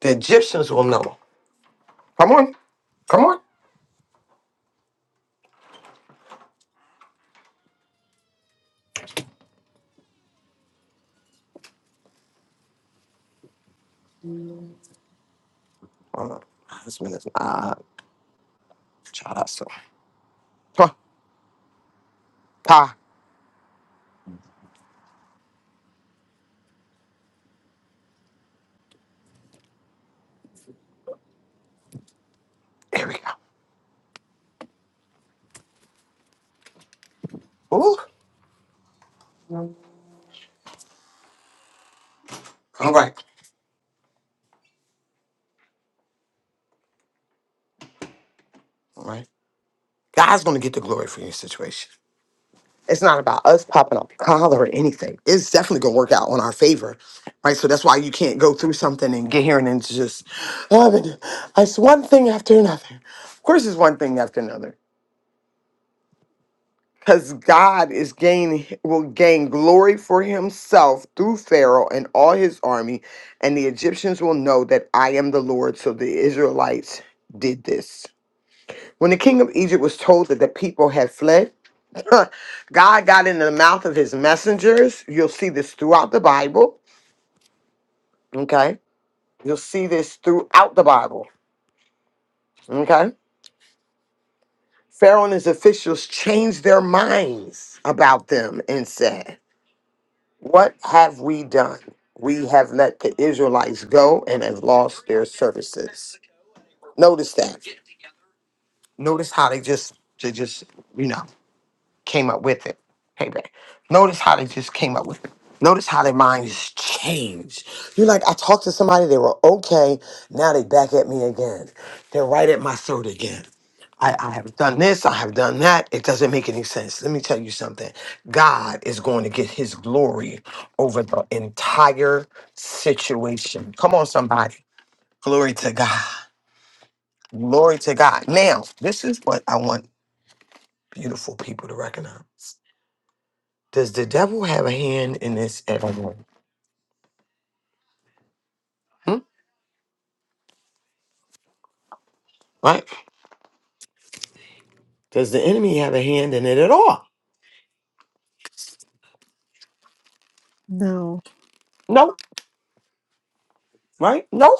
Speaker 4: The Egyptians will know. Come on. Come on. Hold on. My husband is not child. So Come on. Pa. there we go. Ooh. All right. All right. God's going to get the glory for your situation. It's not about us popping up collar or anything. It's definitely going to work out on our favor, right? So that's why you can't go through something and get here and then it's just, oh, but it's one thing after another. Of course, it's one thing after another. because God is gaining will gain glory for himself through Pharaoh and all his army, and the Egyptians will know that I am the Lord. So the Israelites did this. When the king of Egypt was told that the people had fled, God got into the mouth of his messengers. You'll see this throughout the Bible. Okay. You'll see this throughout the Bible. Okay. Pharaoh and his officials changed their minds about them and said, What have we done? We have let the Israelites go and have lost their services. Notice that. Notice how they just, they just, you know came up with it. Payback. Notice how they just came up with it. Notice how their minds change. You're like, I talked to somebody, they were okay. Now they back at me again. They're right at my throat again. I, I have done this, I have done that. It doesn't make any sense. Let me tell you something. God is going to get his glory over the entire situation. Come on, somebody. Glory to God. Glory to God. Now, this is what I want beautiful people to recognize. Does the devil have a hand in this at all? Hmm? Right? Does the enemy have a hand in it at all?
Speaker 6: No.
Speaker 4: No. Right? No.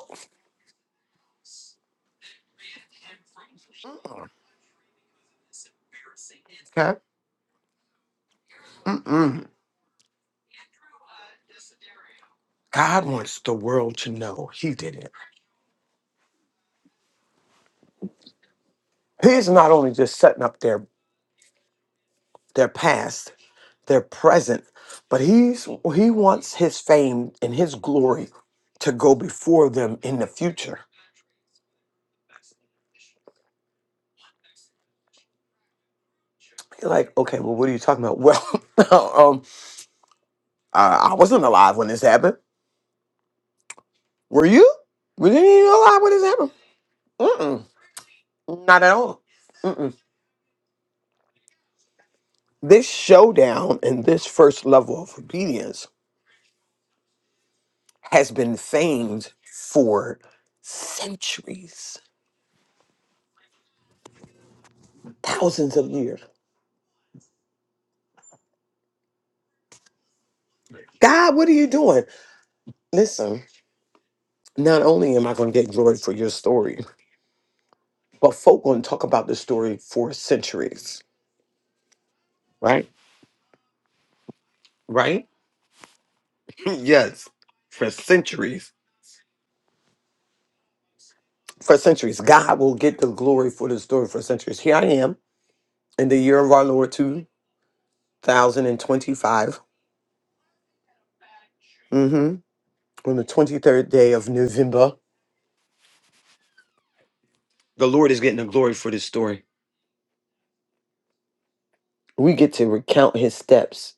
Speaker 4: mm Okay. Mm-mm. God wants the world to know He did it. He's not only just setting up their their past, their present, but He's He wants His fame and His glory to go before them in the future. You're like, okay, well, what are you talking about? Well, um, I I wasn't alive when this happened. Were you? We didn't even allow what has happened. Mm-mm. Not at all. Mm-mm. This showdown and this first level of obedience has been famed for centuries, thousands of years. God, what are you doing? Listen, not only am I going to get glory for your story, but folk going to talk about the story for centuries, right? Right? yes, for centuries. For centuries, God will get the glory for the story for centuries. Here I am. in the year of our Lord 2025, mhm, on the 23rd day of November. The Lord is getting the glory for this story. We get to recount his steps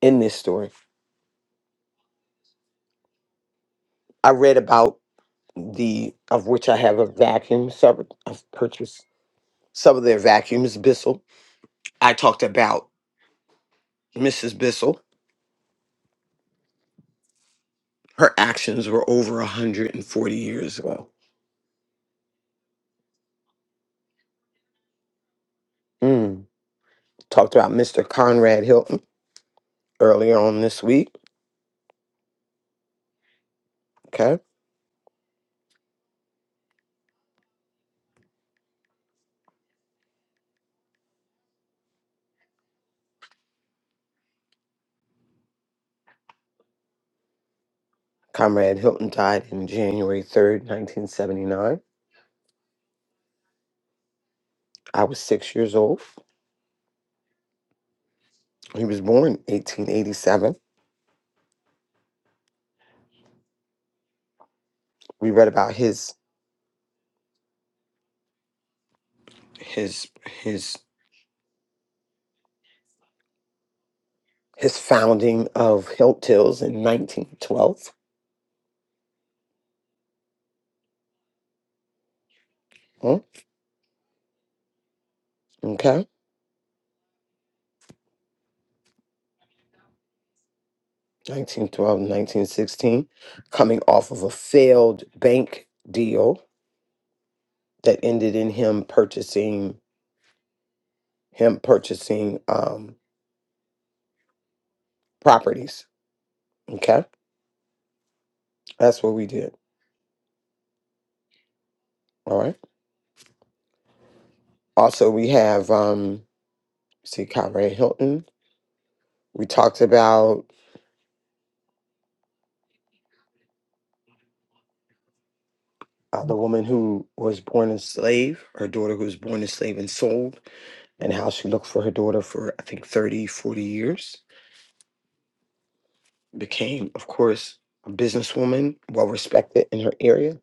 Speaker 4: in this story. I read about the, of which I have a vacuum, several, I've purchased some of their vacuums, Bissell. I talked about Mrs. Bissell. Her actions were over 140 years ago. Mm. Talked about Mr. Conrad Hilton earlier on this week. Okay. Comrade Hilton died in January 3rd, 1979. I was six years old. He was born 1887. We read about his his his his founding of Hiltils in 1912. Hmm, Okay. 1912, 1916, coming off of a failed bank deal that ended in him purchasing him purchasing um, properties. Okay, that's what we did. All right. Also, we have. um see Conrad Hilton. We talked about uh, the woman who was born a slave, her daughter who was born a slave and sold, and how she looked for her daughter for, I think, 30, 40 years. Became, of course, a businesswoman, well respected in her area.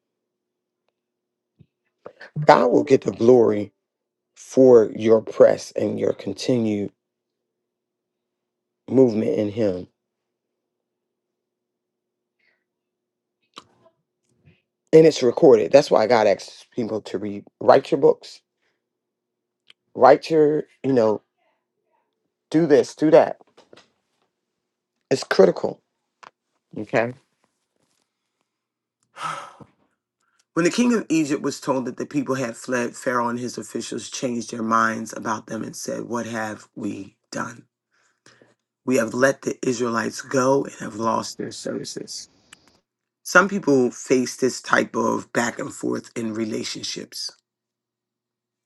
Speaker 4: God will get the glory for your press and your continued movement in Him. And it's recorded. That's why God asks people to read, write your books, write your, you know, do this, do that. It's critical. Okay. When the king of Egypt was told that the people had fled, Pharaoh and his officials changed their minds about them and said, What have we done? We have let the Israelites go and have lost their services. Some people face this type of back and forth in relationships,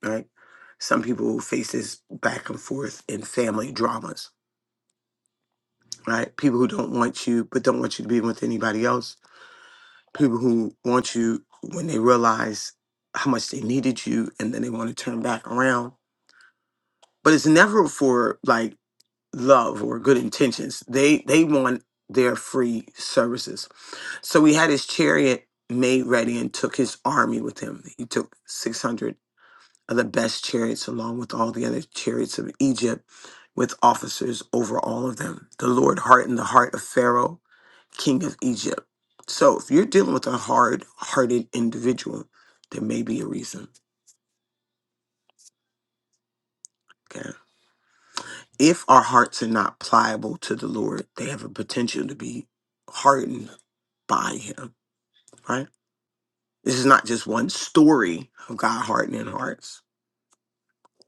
Speaker 4: right? Some people face this back and forth in family dramas, right? People who don't want you, but don't want you to be with anybody else. People who want you when they realize how much they needed you and then they want to turn back around but it's never for like love or good intentions. They they want their free services. So he had his chariot made ready and took his army with him. He took 600 of the best chariots along with all the other chariots of Egypt with officers over all of them. The Lord hardened the heart of Pharaoh, king of Egypt. So if you're dealing with a hard-hearted individual, there may be a reason. Okay. if our hearts are not pliable to the Lord, they have a potential to be hardened by Him, right? This is not just one story of God hardening hearts.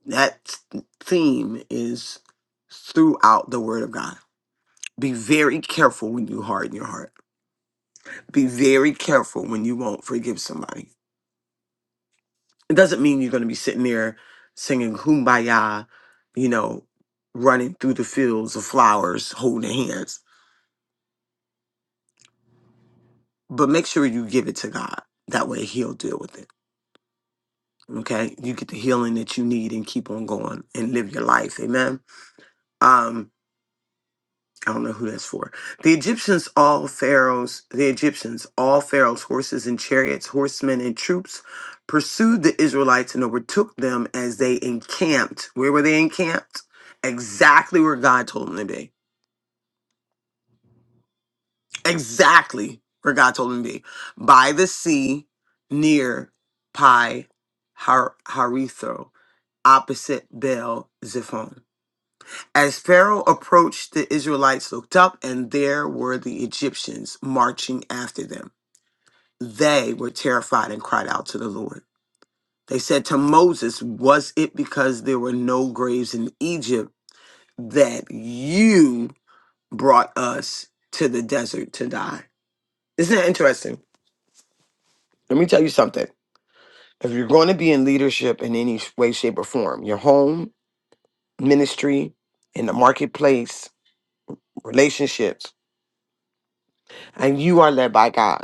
Speaker 4: That theme is throughout the Word of God. Be very careful when you harden your heart. Be very careful when you won't forgive somebody. It doesn't mean you're going to be sitting there singing kumbaya, you know, running through the fields of flowers holding hands but make sure you give it to God. That way he'll deal with it. Okay? You get the healing that you need and keep on going and live your life. Amen. Um I don't know who that's for. The Egyptians, all pharaohs, the Egyptians, all pharaohs, horses and chariots, horsemen and troops, pursued the Israelites and overtook them as they encamped. Where were they encamped? Exactly where God told them to be exactly where God told him to be by the sea near Pi Har- Haritho, opposite Baal Zephon. As Pharaoh approached, the Israelites looked up, and there were the Egyptians marching after them. They were terrified and cried out to the Lord. They said to Moses, Was it because there were no graves in Egypt that you brought us to the desert to die? Isn't that interesting? Let me tell you something If you're going to be in leadership in any sh- way, shape, or form, your home, ministry, in the marketplace, relationships, and you are led by God.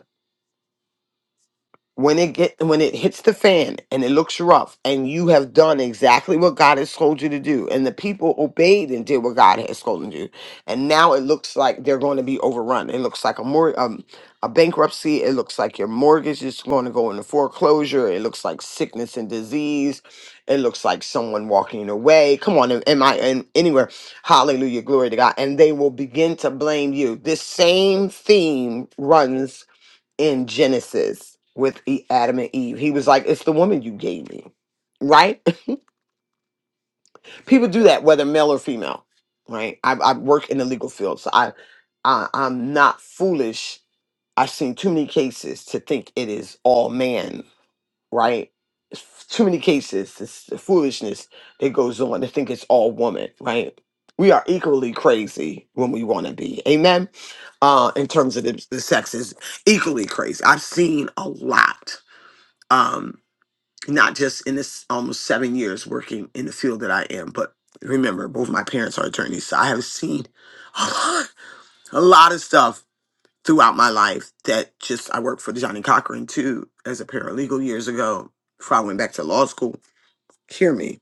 Speaker 4: when it get when it hits the fan and it looks rough and you have done exactly what God has told you to do and the people obeyed and did what God has told them to do and now it looks like they're going to be overrun it looks like a more um, a bankruptcy it looks like your mortgage is going to go into foreclosure it looks like sickness and disease it looks like someone walking away come on am am I in anywhere hallelujah glory to God and they will begin to blame you this same theme runs in Genesis with E- Adam and Eve. He was like, "It's the woman you gave me." Right? People do that, whether male or female. Right? I, I work in the legal field, so I, I I'm not foolish. I've seen too many cases to think it is all man. Right? It's f- too many cases, this foolishness that goes on to think it's all woman. Right? We are equally crazy when we want to be. Amen. Uh, in terms of the, the sexes, equally crazy. I've seen a lot um, not just in this almost seven years working in the field that I am, but remember, both my parents are attorneys, so I have seen a lot, a lot of stuff throughout my life that just I worked for Johnny Cochran too as a paralegal years ago before I went back to law school. Hear me.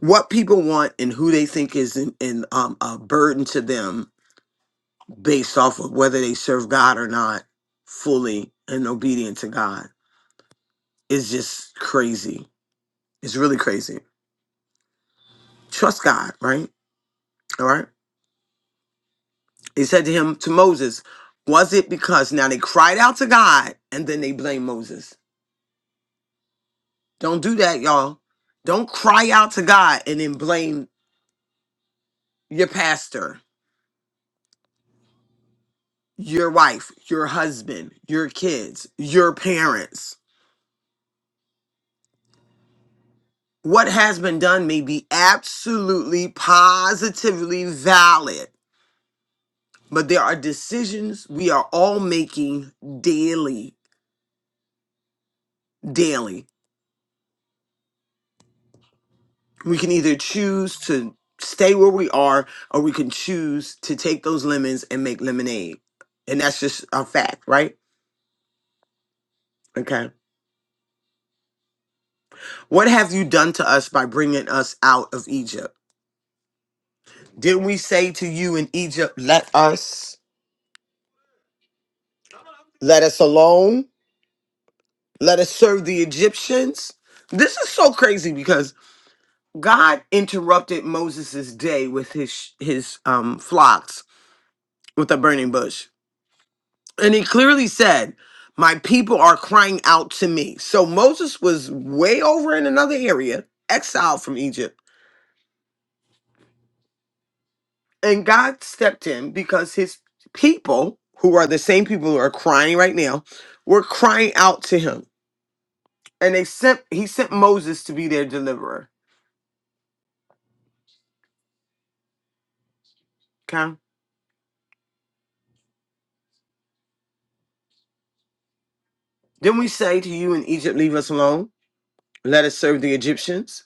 Speaker 4: What people want and who they think is in, in, um, a burden to them based off of whether they serve God or not fully and obedient to God is just crazy. It's really crazy Trust God, right? All right. He said to him, to Moses, was it because now they cried out to God and then they blame Moses? Don't do that, y'all. Don't cry out to God and then blame your pastor, your wife, your husband, your kids, your parents. What has been done may be absolutely positively valid, but there are decisions we are all making daily, daily. we can either choose to stay where we are or we can choose to take those lemons and make lemonade and that's just a fact right okay what have you done to us by bringing us out of egypt didn't we say to you in egypt let us let us alone let us serve the egyptians this is so crazy because god interrupted moses' day with his his um flocks with a burning bush And he clearly said, My people are crying out to me. So Moses was way over in another area, exiled from Egypt. And God stepped in because his people, who are the same people who are crying right now, were crying out to him. And they sent he sent Moses to be their deliverer. Okay. Then we say to you in Egypt, leave us alone. Let us serve the Egyptians.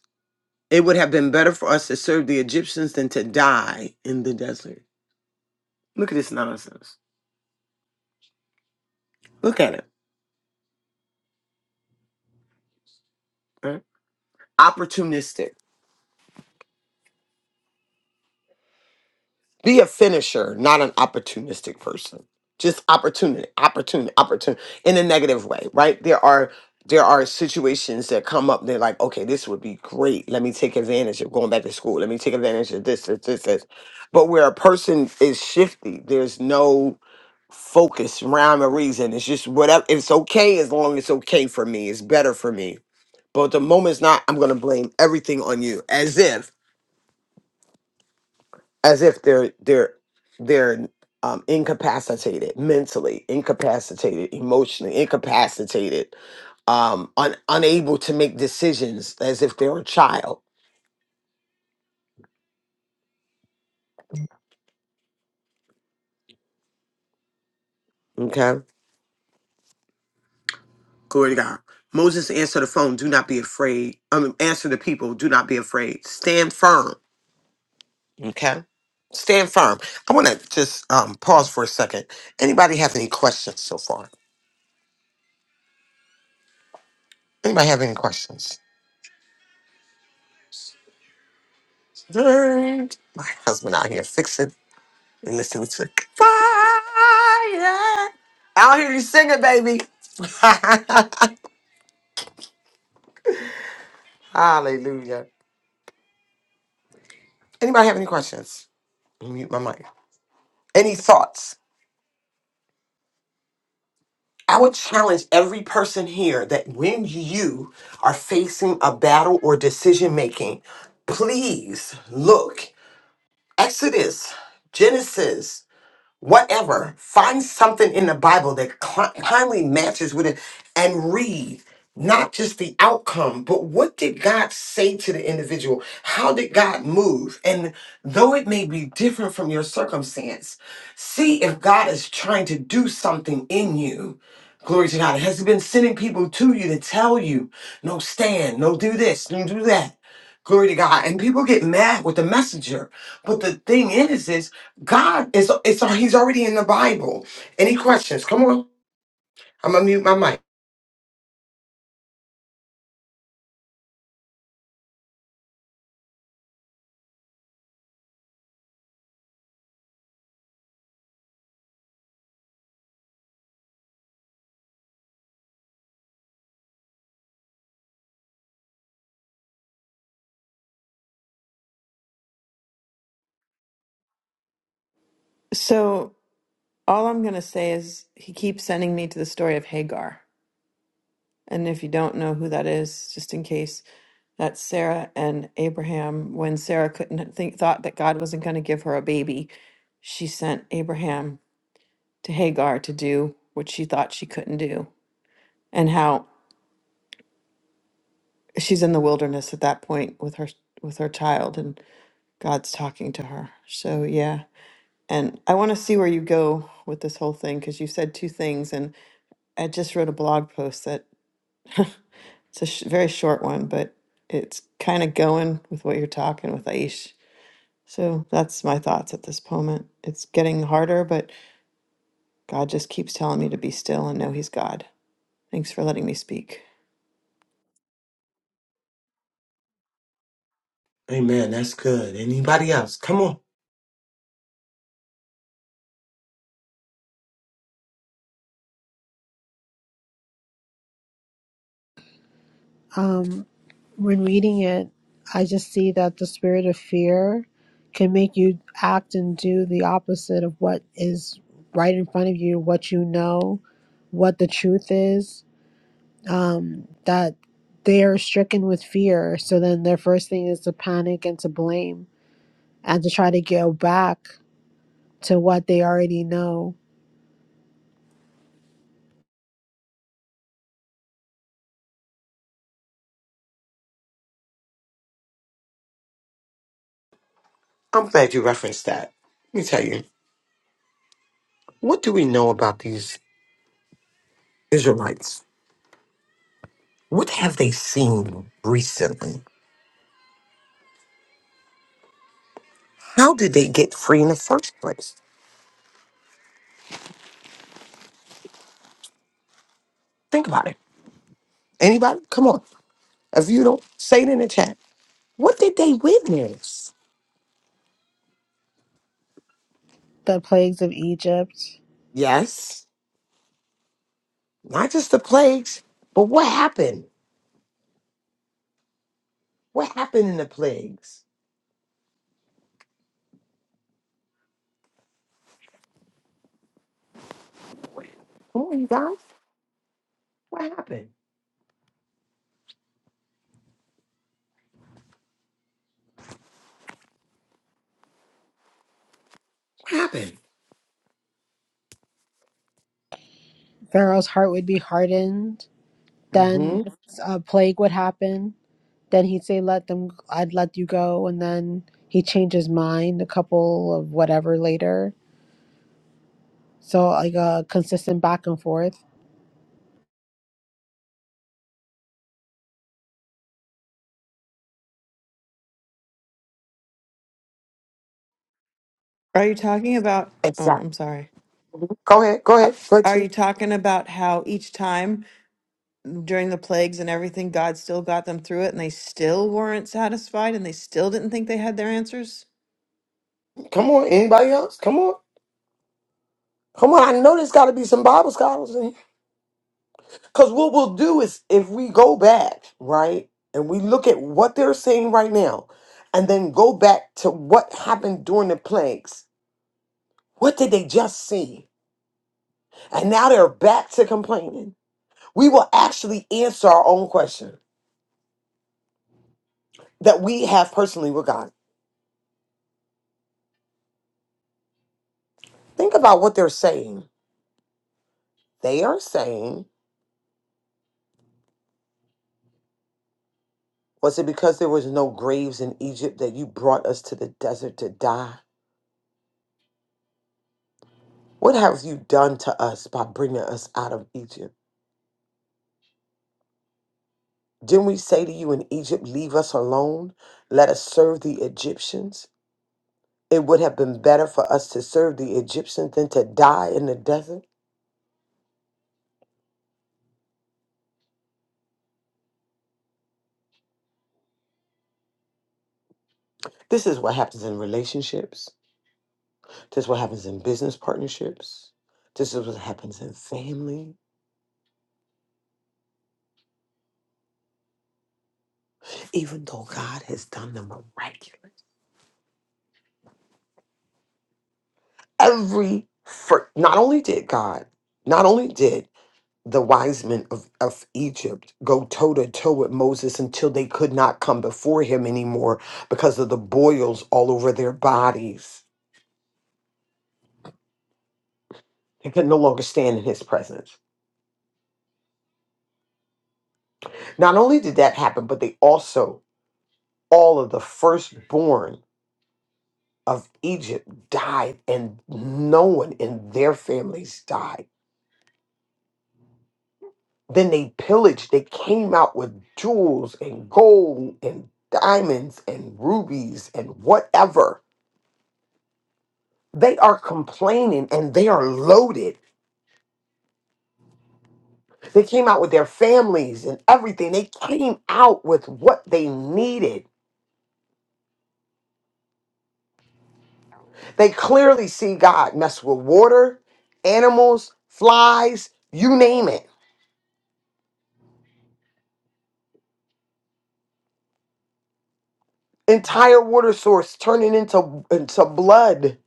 Speaker 4: It would have been better for us to serve the Egyptians than to die in the desert. Look at this nonsense. Look at it. right? opportunistic. Be a finisher, not an opportunistic person. Just opportunity, opportunity, opportunity in a negative way, right? There are there are situations that come up. They're like, okay, this would be great. Let me take advantage of going back to school. Let me take advantage of this, this, this, this. But where a person is shifty, there's no focus, rhyme, or reason. It's just whatever. It's okay as long as it's okay for me. It's better for me. But the moment's not, I'm gonna blame everything on you, as if as if they're they're they're um, incapacitated mentally, incapacitated emotionally, incapacitated, um, un- unable to make decisions as if they're a child. Okay, glory to God. Moses answered the phone. Do not be afraid. I mean, answer the people. Do not be afraid. Stand firm. Okay, stand firm. I want to just um, pause for a second. Anybody have any questions so far? Anybody have any questions? Dang, My husband out here fixing. And listen to it. Fire. I don't hear you singing, baby. Hallelujah. Anybody have any questions? Let me Mute my mic. Any thoughts? I would challenge every person here that when you are facing a battle or decision making, please look. Exodus, Genesis. whatever. Find something in the Bible that cli- kindly matches with it and read not just the outcome, but what did God say to the individual? How did God move? And though it may be different from your circumstance, see if God is trying to do something in you. Glory to God. Has He been sending people to you to tell you, no, stand, no, do this, no, do that? Glory to God. And people get mad with the messenger. But the thing is, is God is it's he's already in the Bible. Any questions? Come on. I'm gonna mute my mic.
Speaker 8: So all I'm going to say is he keeps sending me to the story of Hagar. And if you don't know who that is, just in case, that's Sarah and Abraham. When Sarah couldn't think, thought that God wasn't going to give her a baby, she sent Abraham to Hagar to do what she thought she couldn't do. And how she's in the wilderness at that point with her with her child and God's talking to her. So yeah. And I want to see where you go with this whole thing because you said two things and I just wrote a blog post that It's a sh- very short one, but it's kind of going with what you're talking with Aish. So that's my thoughts at this moment. It's getting harder, but God just keeps telling me to be still and know He's God. Thanks for letting me speak.
Speaker 4: Amen. That's good. Anybody else? Come on.
Speaker 6: Um, when reading it, I just see that the spirit of fear can make you act and do the opposite of what is right in front of you, what you know, what the truth is. Um, that they are stricken with fear. So then their first thing is to panic and to blame and to try to go back to what they already know.
Speaker 4: I'm glad you referenced that. Let me tell you. What do we know about these Israelites? What have they seen recently? How did they get free in the first place? Think about it. Anybody? Come on. If you don't say it in the chat, what did they witness?
Speaker 6: The plagues of Egypt,
Speaker 4: Yes. Not just the plagues, but what happened? What happened in the plagues? Come on, you guys. What happened? What happened?
Speaker 6: Pharaoh's heart would be hardened.
Speaker 4: Mm-hmm.
Speaker 6: Then a plague would happen Then he'd say, "Let them. I'd let you go." And then he changed his mind a couple of whatever later. So like a consistent back and forth.
Speaker 8: Are you talking about? Oh,
Speaker 4: Exactly.
Speaker 8: I'm sorry.
Speaker 4: Go ahead. Go
Speaker 8: A-
Speaker 4: ahead. Go ahead,
Speaker 8: Are
Speaker 4: Chief.
Speaker 8: you talking about how each time during the plagues and everything, God still got them through it and they still weren't satisfied and they still didn't think they had their answers?
Speaker 4: Come on. Anybody else? Come on. Come on. I know there's got to be some Bible scholars in here. Because what we'll do is if we go back, right, and we look at what they're saying right now, and then go back to what happened during the plagues, what did they just see? And now they're back to complaining. We will actually answer our own question that we have personally with God. Think about what they're saying. They are saying Was it because there was no graves in Egypt that you brought us to the desert to die? What have you done to us by bringing us out of Egypt? Didn't we say to you in Egypt, Leave us alone, let us serve the Egyptians? It would have been better for us to serve the Egyptians than to die in the desert. This is what happens in relationships. This is what happens in business partnerships. This is what happens in family. Even though God has done the miraculous. every fir- not only did God, not only did the wise men of, of Egypt go toe to toe with Moses until they could not come before him anymore because of the boils all over their bodies. They could no longer stand in his presence. Not only did that happen, but they also, all of the firstborn of Egypt died, and no one in their families died Then they pillaged. They came out with jewels and gold and diamonds and rubies and whatever. They are complaining and they are loaded. They came out with their families and everything. They came out with what they needed. They clearly see God mess with water, animals, flies, you name it. Entire water source turning into, into blood.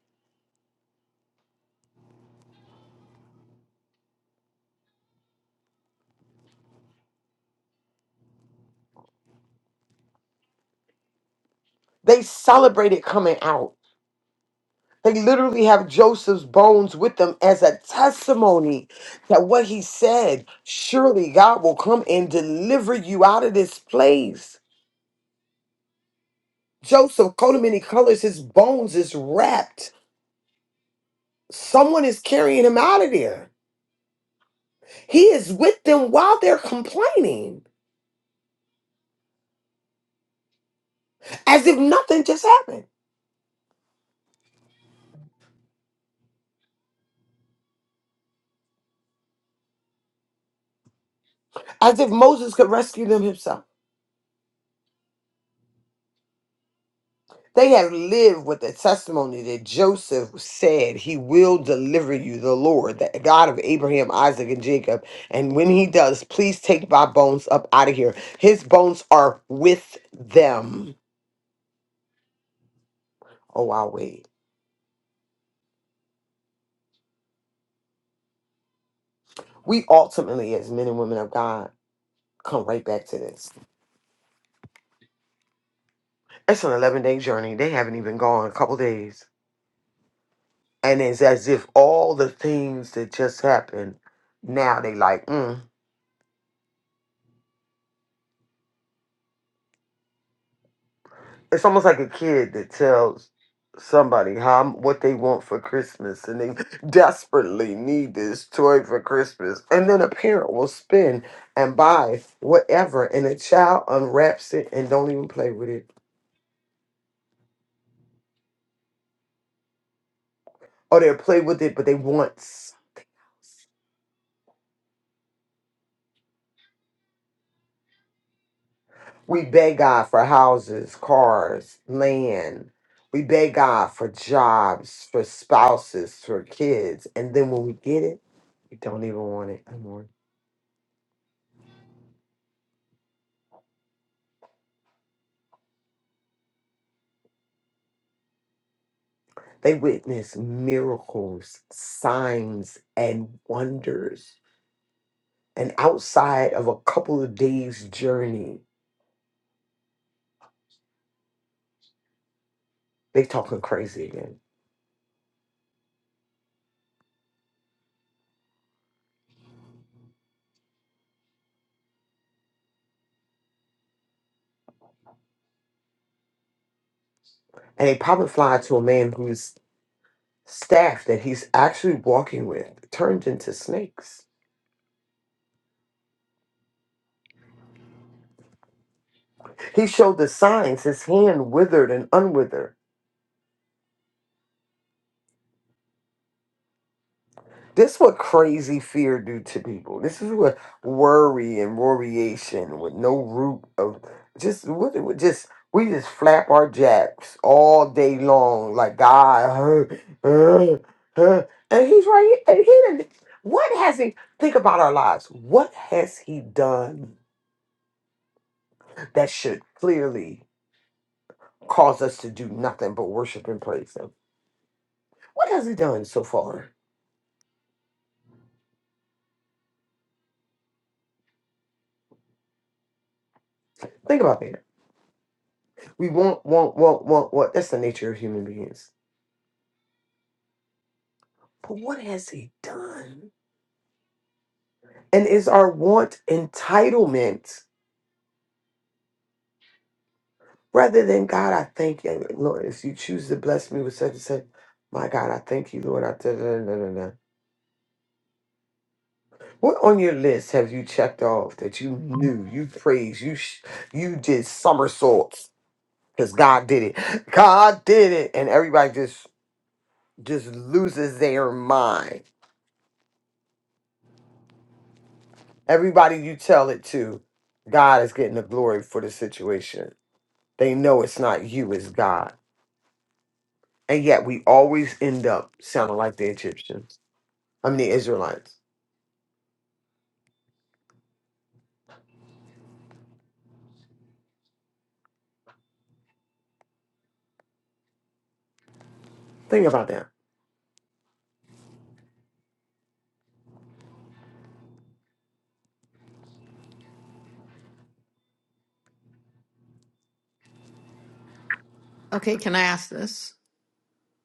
Speaker 4: They celebrated coming out. They literally have Joseph's bones with them as a testimony that what he said, surely God will come and deliver you out of this place. Joseph, coat of many colors, his bones is wrapped. Someone is carrying him out of there. He is with them while they're complaining, as if nothing just happened, as if Moses could rescue them himself. They have lived with the testimony that Joseph said, He will deliver you, the Lord, the God of Abraham, Isaac, and Jacob. And when He does, please take my bones up out of here. His bones are with them. Oh, wow, wait. We ultimately, as men and women of God, come right back to this. It's an 11 day journey. They haven't even gone a couple days. And it's as if all the things that just happened, now they like, mm. it's almost like a kid that tells somebody how what they want for Christmas and they desperately need this toy for Christmas. And then a parent will spend and buy whatever and a child unwraps it and don't even play with it. Or they'll play with it but they want s- we beg God for houses, cars, land. We beg God for jobs, for spouses, for kids. And then when we get it, we don't even want it anymore. They witnessed miracles, signs, and wonders. And outside of a couple of days' journey, they talking crazy again. And they probably fly to a man whose staff that he's actually walking with turned into snakes. He showed the signs, his hand withered and unwithered This is what crazy fear do to people. This is what worry and worriation with no root of just what what- just we just flap our jacks all day long like God, uh, uh, uh," and He's right here. And he done, what has He? Think about our lives. What has He done that should clearly cause us to do nothing but worship and praise Him? What has He done so far? Think about that. We want, want, want, want, want. That's the nature of human beings But what has he done? And is our want entitlement rather than God, I thank you, Lord, if you choose to bless me with such and such, my God, I thank you, Lord. I da, da, da, da, da. What on your list have you checked off that you knew, you praised, you sh- you did somersaults because God did it. God did it, and everybody just just loses their mind. Everybody you tell it to, God is getting the glory for the situation. They know it's not you, it's God. And yet we always end up sounding like the Egyptians. I mean, the Israelites. Think about that.
Speaker 8: Okay, can I ask this?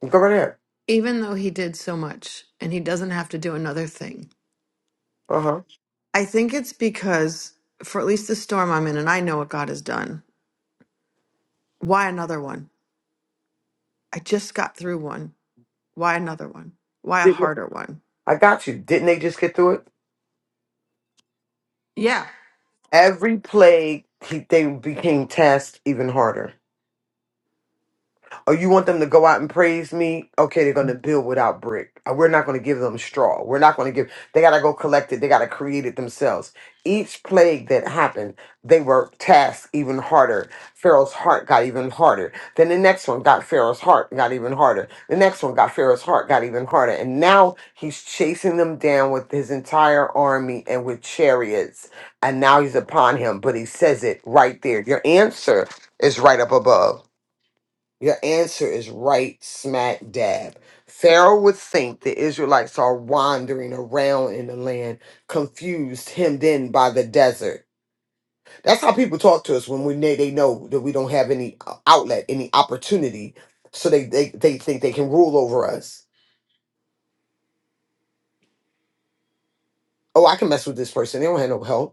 Speaker 4: Go right there.
Speaker 8: Even though He did so much and He doesn't have to do another thing,
Speaker 4: Uh huh.
Speaker 8: I think it's because for at least the storm I'm in, and I know what God has done. Why another one? I just got through one. Why another one? Why a
Speaker 4: Didn't
Speaker 8: harder one?
Speaker 4: I got you? Didn't they just get through it?
Speaker 8: Yeah.
Speaker 4: Every plague, he, they became tasked even harder. Oh, you want them to go out and praise me? Okay, they're going to build without brick. Uh, We're not going to give them straw. We're not going to give, they got to go collect it. They got to create it themselves. Each plague that happened, they were tasked even harder. Pharaoh's heart got even harder. Then the next one got Pharaoh's heart, got even harder. The next one got Pharaoh's heart, got even harder. And now he's chasing them down with his entire army and with chariots. And now he's upon him, but he says it right there. Your answer is right up above. Your answer is right smack dab. Pharaoh would think the Israelites are wandering around in the land, confused, hemmed in by the desert. That's how people talk to us when we they, they know that we don't have any uh, outlet, any opportunity, so they, they they think they can rule over us. Oh, I can mess with this person. They don't have no help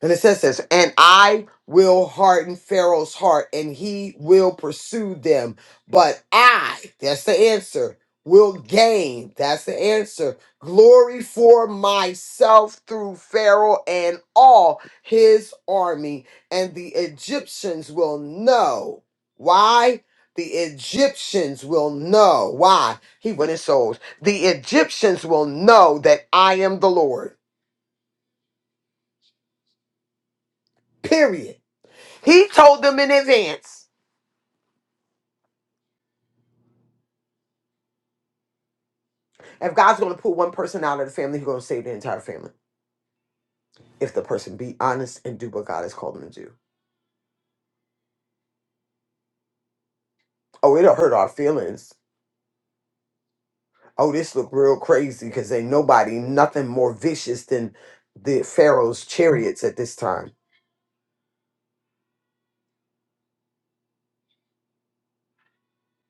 Speaker 4: And it says this, and I will harden Pharaoh's heart, and he will pursue them. But I, that's the answer, will gain, that's the answer, glory for myself through Pharaoh and all his army. And the Egyptians will know. Why? The Egyptians will know. Why? He went and sold. The Egyptians will know that I am the Lord. Period. He told them in advance. If God's going to pull one person out of the family, He's going to save the entire family. If the person be honest and do what God has called them to do. Oh, it'll hurt our feelings. Oh, this look real crazy because ain't nobody, nothing more vicious than the Pharaoh's chariots at this time.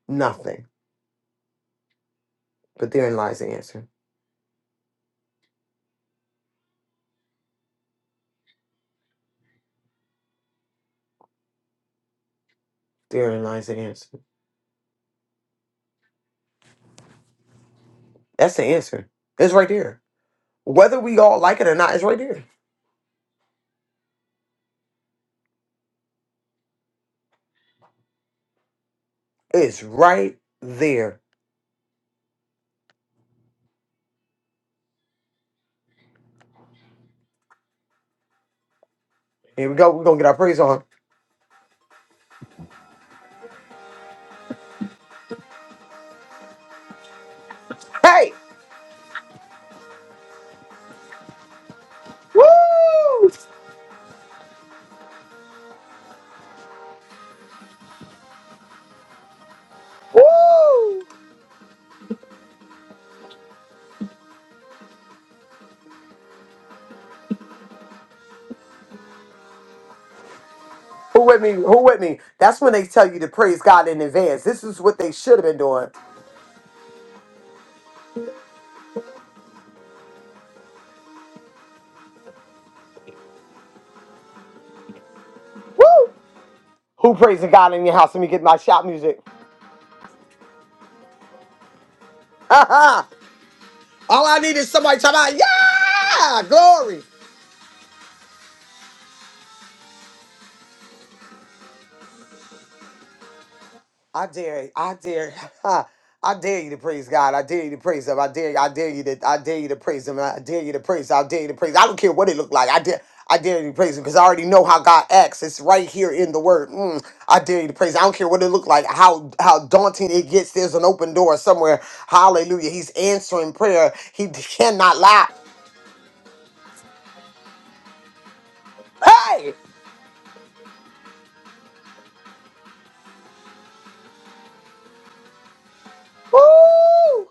Speaker 4: Nothing. But therein lies the answer. Therein lies the answer. That's the answer. It's right there. Whether we all like it or not, it's right there. It's right there. Here we go. We're going to get our praise on. Hey! Woo! Woo! Who with me? Who with me? That's when they tell you to praise God in advance. This is what they should have been doing. Woo! Who praising God in your house? Let me get my shop music. All I need is somebody talking about, yeah, glory. I dare, I dare, I dare you to praise God. I dare you to praise Him. I dare, I dare you to, I dare you to praise Him. I dare you to praise. I dare you to praise. I don't care what it looked like. I dare, I dare you to praise Him because I already know how God acts. It's right here in the Word. Mm, I dare you to praise. I don't care what it looked like. How how daunting it gets. There's an open door somewhere. Hallelujah. He's answering prayer. He cannot lie. Hey. Woo!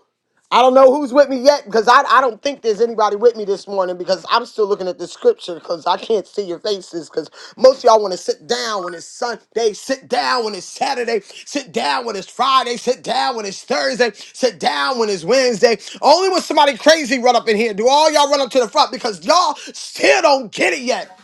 Speaker 4: I don't know who's with me yet because I, I don't think there's anybody with me this morning because I'm still looking at the scripture because I can't see your faces because most of y'all want to sit down when it's Sunday, sit down when it's Saturday, sit down when it's Friday, sit down when it's Thursday, sit down when it's Wednesday. Only when somebody crazy run up in here do all y'all run up to the front because y'all still don't get it yet.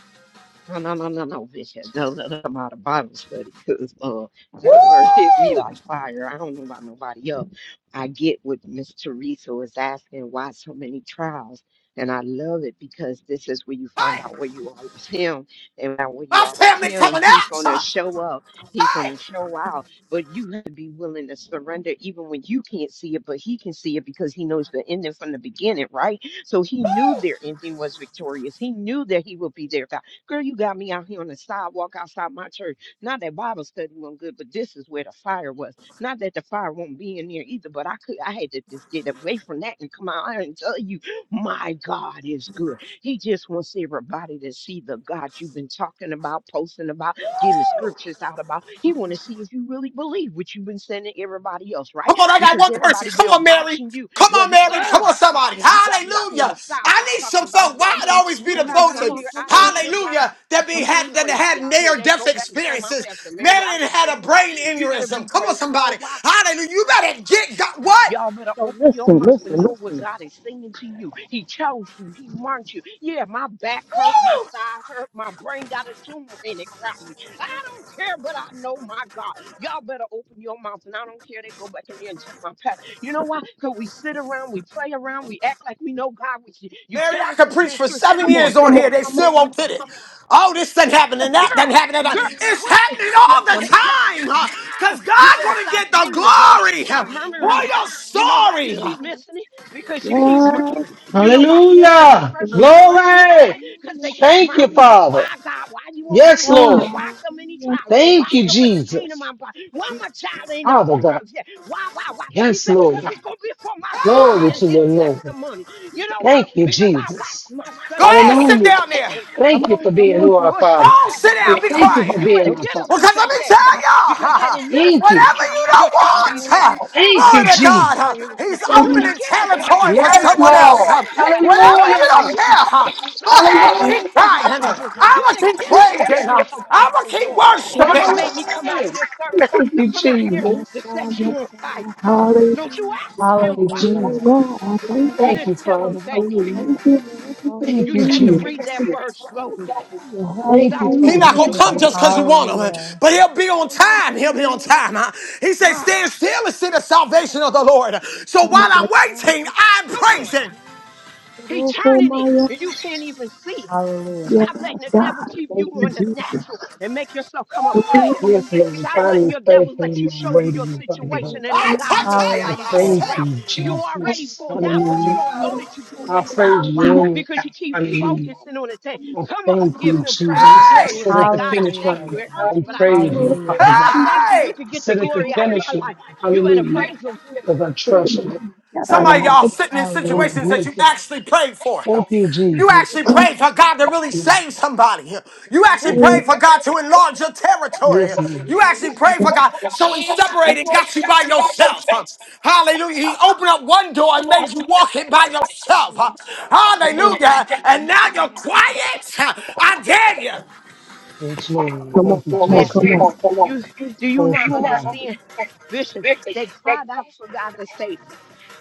Speaker 5: No, no, no, no, no, Bishop. No, no, no, I'm out of Bible study because uh,
Speaker 4: Woo!
Speaker 5: that word hit me like fire. I don't know about nobody else. I get what Miss Teresa was asking, why so many trials? And I love it because this is where you find
Speaker 4: Hey,
Speaker 5: out where you are with him. And now where you
Speaker 4: my
Speaker 5: are with
Speaker 4: family
Speaker 5: him,
Speaker 4: coming
Speaker 5: he's
Speaker 4: out.
Speaker 5: going to
Speaker 4: son.
Speaker 5: show up. He's going
Speaker 4: Hey,
Speaker 5: to show out. But you have to be willing to surrender even when you can't see it, but he can see it because he knows the ending from the beginning, right? So he knew their ending was victorious. He knew that he would be there. Girl, you got me out here on the sidewalk outside my church. Not that Bible study wasn't good, but this is where the fire was. Not that the fire won't be in there either, but I could I had to just get away from that and come out here and tell you, my God is good. He just wants everybody to see the God you've been talking about, posting about, giving scriptures out about. He want to see if you really believe what you've been sending everybody else, right?
Speaker 4: Come on, I got
Speaker 5: Because
Speaker 4: one person.
Speaker 5: everybody
Speaker 4: Come
Speaker 5: been
Speaker 4: on, Mary.
Speaker 5: watching you.
Speaker 4: Come on,
Speaker 5: Whether
Speaker 4: Mary.
Speaker 5: oh
Speaker 4: Come on,
Speaker 5: God,
Speaker 4: somebody.
Speaker 5: you got me out here on the
Speaker 4: Hallelujah.
Speaker 5: sidewalk
Speaker 4: I need
Speaker 5: talking
Speaker 4: some
Speaker 5: about
Speaker 4: folk. Why
Speaker 5: God.
Speaker 4: it always be
Speaker 5: You
Speaker 4: the
Speaker 5: got me out
Speaker 4: person?
Speaker 5: here. I don't care. God
Speaker 4: Hallelujah. That be
Speaker 5: be
Speaker 7: Come
Speaker 4: had that
Speaker 5: crazy
Speaker 4: had
Speaker 5: out here.
Speaker 4: near
Speaker 5: They
Speaker 4: death
Speaker 5: go back and tell my
Speaker 4: experiences.
Speaker 5: pastor Mary
Speaker 4: Mary
Speaker 5: out here
Speaker 4: that had a
Speaker 5: praising God.
Speaker 4: brain
Speaker 5: You better
Speaker 4: aneurysm.
Speaker 5: be
Speaker 4: Come on,
Speaker 5: praising. You know
Speaker 4: somebody.
Speaker 5: why?
Speaker 4: Hallelujah. You better get God. What?
Speaker 5: Y'all better
Speaker 7: on,
Speaker 5: open your
Speaker 7: listen,
Speaker 5: mouth
Speaker 7: listen,
Speaker 5: and know what
Speaker 7: listen.
Speaker 5: God is singing to you. He chose you. He marked you. Yeah, my back hurt, my
Speaker 4: Woo!
Speaker 5: side hurt, my brain got a tumor in it probably. I don't care, but I know my God. Y'all better open your mouth and I don't care. They go back in there and tell my pastor. You know why? Because we sit around, we play around, we act like we know God. We, you
Speaker 4: Mary,
Speaker 5: tell
Speaker 4: I
Speaker 5: us
Speaker 4: could
Speaker 5: this
Speaker 4: preach
Speaker 5: in
Speaker 4: for
Speaker 5: scripture.
Speaker 4: seven
Speaker 7: Come on,
Speaker 4: years
Speaker 5: Would you?
Speaker 4: on
Speaker 7: come
Speaker 4: here.
Speaker 7: on,
Speaker 4: They
Speaker 7: come
Speaker 4: still
Speaker 7: on,
Speaker 4: won't get it. Oh, this doesn't happen and
Speaker 7: come
Speaker 4: that doesn't
Speaker 5: girl,
Speaker 7: on,
Speaker 4: happen. And
Speaker 7: come
Speaker 4: that.
Speaker 5: girl,
Speaker 7: on,
Speaker 4: It's
Speaker 5: what?
Speaker 4: happening
Speaker 5: Yeah,
Speaker 4: all the
Speaker 7: come
Speaker 5: yeah,
Speaker 7: on.
Speaker 4: time.
Speaker 5: ah,
Speaker 4: Because
Speaker 5: you
Speaker 4: God's
Speaker 5: better
Speaker 4: going to
Speaker 5: stop
Speaker 4: get the
Speaker 5: playing with God.
Speaker 4: glory
Speaker 5: Stop
Speaker 4: huh,
Speaker 5: murmuring
Speaker 4: for
Speaker 5: with
Speaker 7: Yes,
Speaker 4: your
Speaker 5: God. You know why you
Speaker 4: story.
Speaker 7: yes,
Speaker 4: huh?
Speaker 5: keep missing it?
Speaker 7: yes,
Speaker 5: Because you keep murmuring.
Speaker 7: yes.
Speaker 5: You know why He didn't let the
Speaker 9: Hallelujah.
Speaker 5: first
Speaker 7: baby.
Speaker 5: generation go
Speaker 9: Glory.
Speaker 5: in?
Speaker 7: Come on
Speaker 5: Because they
Speaker 7: now,
Speaker 5: kept
Speaker 7: come
Speaker 9: Thank
Speaker 7: on
Speaker 9: you,
Speaker 5: murmuring.
Speaker 7: now.
Speaker 9: Father.
Speaker 5: Why, God? Why you
Speaker 7: Yes,
Speaker 5: won't do
Speaker 9: Yes,
Speaker 5: this?
Speaker 9: Lord.
Speaker 5: And why
Speaker 7: God.
Speaker 5: so many
Speaker 7: Yes,
Speaker 5: trials? And why
Speaker 9: Thank you,
Speaker 5: so
Speaker 7: yes.
Speaker 5: much pain in
Speaker 9: Jesus.
Speaker 5: my body? Why
Speaker 7: Jesus.
Speaker 5: my child ain't off for
Speaker 9: Father God.
Speaker 5: drugs yet? Why, why, why? He
Speaker 9: Yes,
Speaker 5: said,
Speaker 9: Lord.
Speaker 5: because it's going to be for my glory
Speaker 9: Glory
Speaker 5: and
Speaker 9: to
Speaker 5: His
Speaker 9: your name.
Speaker 5: testimony. You know why?
Speaker 9: Thank you,
Speaker 5: Because I
Speaker 9: Jesus.
Speaker 5: watched my
Speaker 4: Go
Speaker 5: son
Speaker 4: ahead,
Speaker 5: cry in
Speaker 4: sit
Speaker 5: the
Speaker 9: Hallelujah.
Speaker 4: down
Speaker 5: pit
Speaker 4: there.
Speaker 7: Come
Speaker 9: Thank you
Speaker 7: on,
Speaker 9: for
Speaker 7: come
Speaker 9: being
Speaker 7: on,
Speaker 9: who
Speaker 7: come on,
Speaker 9: our
Speaker 5: Oh,
Speaker 4: Go
Speaker 9: Father.
Speaker 4: on, sit
Speaker 9: We
Speaker 4: down, be
Speaker 5: shatadabasa.
Speaker 7: come
Speaker 9: thank you for
Speaker 4: quiet.
Speaker 5: You
Speaker 7: on.
Speaker 9: being
Speaker 5: better
Speaker 9: our
Speaker 7: Nope,
Speaker 5: get
Speaker 9: Father.
Speaker 5: up
Speaker 4: Because
Speaker 7: nope.
Speaker 5: and
Speaker 4: let
Speaker 5: thank
Speaker 4: me
Speaker 5: that
Speaker 4: tell
Speaker 7: Mm-mm.
Speaker 5: God because
Speaker 4: y'all,
Speaker 5: had it not
Speaker 9: Thank
Speaker 5: been
Speaker 9: you.
Speaker 5: for
Speaker 4: whatever
Speaker 5: God,
Speaker 7: Come
Speaker 4: you
Speaker 7: on.
Speaker 5: your
Speaker 4: don't
Speaker 5: child
Speaker 4: want,
Speaker 5: be dead.
Speaker 7: Hallelujah.
Speaker 9: Thank
Speaker 7: God
Speaker 9: you,
Speaker 5: Somebody's
Speaker 4: glory
Speaker 7: is
Speaker 4: to
Speaker 5: child is
Speaker 4: God,
Speaker 9: Jesus.
Speaker 4: huh,
Speaker 5: dying right now.
Speaker 4: He's
Speaker 5: You
Speaker 7: worthy.
Speaker 5: better
Speaker 7: Yes,
Speaker 4: opening
Speaker 5: get up.
Speaker 4: territory
Speaker 5: Somebody's
Speaker 4: for
Speaker 9: Yes,
Speaker 5: marriage
Speaker 4: someone
Speaker 5: is
Speaker 7: yes,
Speaker 4: else.
Speaker 9: Lord.
Speaker 5: over.
Speaker 4: huh.
Speaker 5: You better get
Speaker 4: Whatever
Speaker 5: up
Speaker 9: Hallelujah.
Speaker 5: and
Speaker 4: you
Speaker 5: open
Speaker 4: don't
Speaker 5: your
Speaker 4: care,
Speaker 5: mouth.
Speaker 4: huh, go
Speaker 5: Somebody's
Speaker 4: ahead,
Speaker 7: yes, yes,
Speaker 4: keep
Speaker 9: Hallelujah.
Speaker 5: pastor is
Speaker 4: crying.
Speaker 9: Glory.
Speaker 5: struggling.
Speaker 4: I'm
Speaker 5: You
Speaker 4: going
Speaker 5: better
Speaker 4: to
Speaker 5: get
Speaker 4: keep
Speaker 5: up and give
Speaker 4: praising.
Speaker 5: them some
Speaker 4: I'm
Speaker 5: praise
Speaker 4: going
Speaker 5: and
Speaker 4: to keep
Speaker 5: glory. You don't
Speaker 4: worshiping.
Speaker 5: make me come out of this service
Speaker 9: Thank
Speaker 5: to
Speaker 9: you,
Speaker 5: come out here
Speaker 7: Yes,
Speaker 9: Jesus.
Speaker 5: to
Speaker 7: God,
Speaker 5: set
Speaker 7: yes,
Speaker 5: you on fire.
Speaker 7: God.
Speaker 5: Don't you
Speaker 7: Hallelujah.
Speaker 5: ask
Speaker 9: Thank
Speaker 5: him
Speaker 9: you,
Speaker 5: why.
Speaker 6: Hallelujah.
Speaker 7: Dear
Speaker 9: Jesus.
Speaker 7: God, I thank
Speaker 5: You
Speaker 7: you.
Speaker 9: Thank you,
Speaker 5: just tell him
Speaker 9: Father.
Speaker 5: thank you.
Speaker 9: Hallelujah.
Speaker 7: Thank you, Lord.
Speaker 9: Thank
Speaker 5: You
Speaker 9: you,
Speaker 5: take
Speaker 7: Hallelujah.
Speaker 5: and
Speaker 9: Jesus.
Speaker 5: read that word slowly.
Speaker 9: Thank
Speaker 5: Stop
Speaker 9: you,
Speaker 4: He
Speaker 7: Hallelujah.
Speaker 5: pulling
Speaker 4: not
Speaker 5: on the
Speaker 4: gonna come
Speaker 5: woman
Speaker 9: Father.
Speaker 5: of
Speaker 4: just because you
Speaker 5: God.
Speaker 4: want him, huh?
Speaker 6: Hallelujah.
Speaker 4: but he'll be on
Speaker 7: Hallelujah.
Speaker 4: time. He'll be on time. huh? He said,
Speaker 5: Ah,
Speaker 4: stand still and see the salvation of the
Speaker 7: God,
Speaker 4: Lord. So while
Speaker 7: yes,
Speaker 4: I'm
Speaker 7: God,
Speaker 4: waiting,
Speaker 7: yes,
Speaker 4: I'm
Speaker 5: Come on.
Speaker 4: praising.
Speaker 7: God.
Speaker 5: he's
Speaker 7: Little for
Speaker 5: turning
Speaker 7: my
Speaker 5: it and
Speaker 7: own.
Speaker 5: you can't even see it.
Speaker 6: Hallelujah.
Speaker 5: Stop
Speaker 7: Yes,
Speaker 5: letting the devil
Speaker 7: God.
Speaker 5: keep you
Speaker 7: Thank you,
Speaker 5: on the
Speaker 7: Jesus.
Speaker 5: natural and make yourself come up higher.
Speaker 7: Little
Speaker 9: Yes, Lord.
Speaker 5: Stop letting
Speaker 9: Finally,
Speaker 5: your devil
Speaker 9: faithful
Speaker 5: let
Speaker 9: in
Speaker 5: you
Speaker 9: my
Speaker 5: show you your
Speaker 9: waiting, Father God.
Speaker 5: situation and
Speaker 7: for
Speaker 5: let
Speaker 4: I
Speaker 7: my
Speaker 5: God
Speaker 7: own.
Speaker 4: touch
Speaker 5: show
Speaker 4: you,
Speaker 5: you how
Speaker 9: I
Speaker 5: you
Speaker 4: I
Speaker 5: pulled
Speaker 6: Hallelujah.
Speaker 9: thank
Speaker 5: you
Speaker 4: say.
Speaker 5: out.
Speaker 9: you,
Speaker 5: You already
Speaker 7: Little
Speaker 9: Jesus.
Speaker 5: pulled
Speaker 7: for
Speaker 5: out, but you
Speaker 9: Hallelujah.
Speaker 5: don't know
Speaker 4: "Woo!
Speaker 5: that you pulled
Speaker 9: I
Speaker 5: out.
Speaker 9: praise you
Speaker 5: Why?
Speaker 9: anyway.
Speaker 5: Because you keep
Speaker 9: Hallelujah.
Speaker 5: focusing on the thing.
Speaker 9: I
Speaker 5: Come up
Speaker 9: thank
Speaker 5: and give
Speaker 9: you,
Speaker 5: him praise
Speaker 9: Jesus.
Speaker 5: and
Speaker 9: I
Speaker 4: Hey!
Speaker 5: glory and
Speaker 9: sit
Speaker 5: say,
Speaker 9: at the
Speaker 5: God, I
Speaker 9: finish
Speaker 6: Hallelujah.
Speaker 5: thank you.
Speaker 9: line
Speaker 5: It hurts,
Speaker 9: and
Speaker 5: but I thank
Speaker 9: praise
Speaker 5: you.
Speaker 9: you,
Speaker 6: Hallelujah.
Speaker 9: Father
Speaker 5: God,
Speaker 9: God.
Speaker 5: I thank you. You
Speaker 4: Hey!
Speaker 5: could
Speaker 9: I
Speaker 5: get the
Speaker 9: sit at the
Speaker 5: glory out of my
Speaker 9: finish line.
Speaker 5: life. You better
Speaker 9: Hallelujah.
Speaker 5: praise him
Speaker 9: Because I trust you.
Speaker 4: Somebody, of y'all
Speaker 9: Hallelujah.
Speaker 4: sitting in
Speaker 9: Oh, my
Speaker 6: Hallelujah.
Speaker 4: situations that you
Speaker 9: goodness.
Speaker 4: actually prayed for.
Speaker 9: Thank you,
Speaker 4: You
Speaker 9: Jesus.
Speaker 4: actually prayed for God to really save
Speaker 9: Thank
Speaker 4: somebody. You actually
Speaker 9: you.
Speaker 4: prayed for God to enlarge your territory.
Speaker 9: Yes, Lord.
Speaker 4: You actually prayed for God. So He separated, got you by yourself. Hallelujah. He opened up one door and made you walk it by yourself. Hallelujah. And now you're quiet. I dare you.
Speaker 9: Yes, Lord.
Speaker 7: Come on,
Speaker 9: Thank
Speaker 7: come on,
Speaker 5: Listen,
Speaker 7: come on.
Speaker 9: you,
Speaker 5: you do you not
Speaker 9: Jesus.
Speaker 5: understand? Listen, they cried out for God to save them.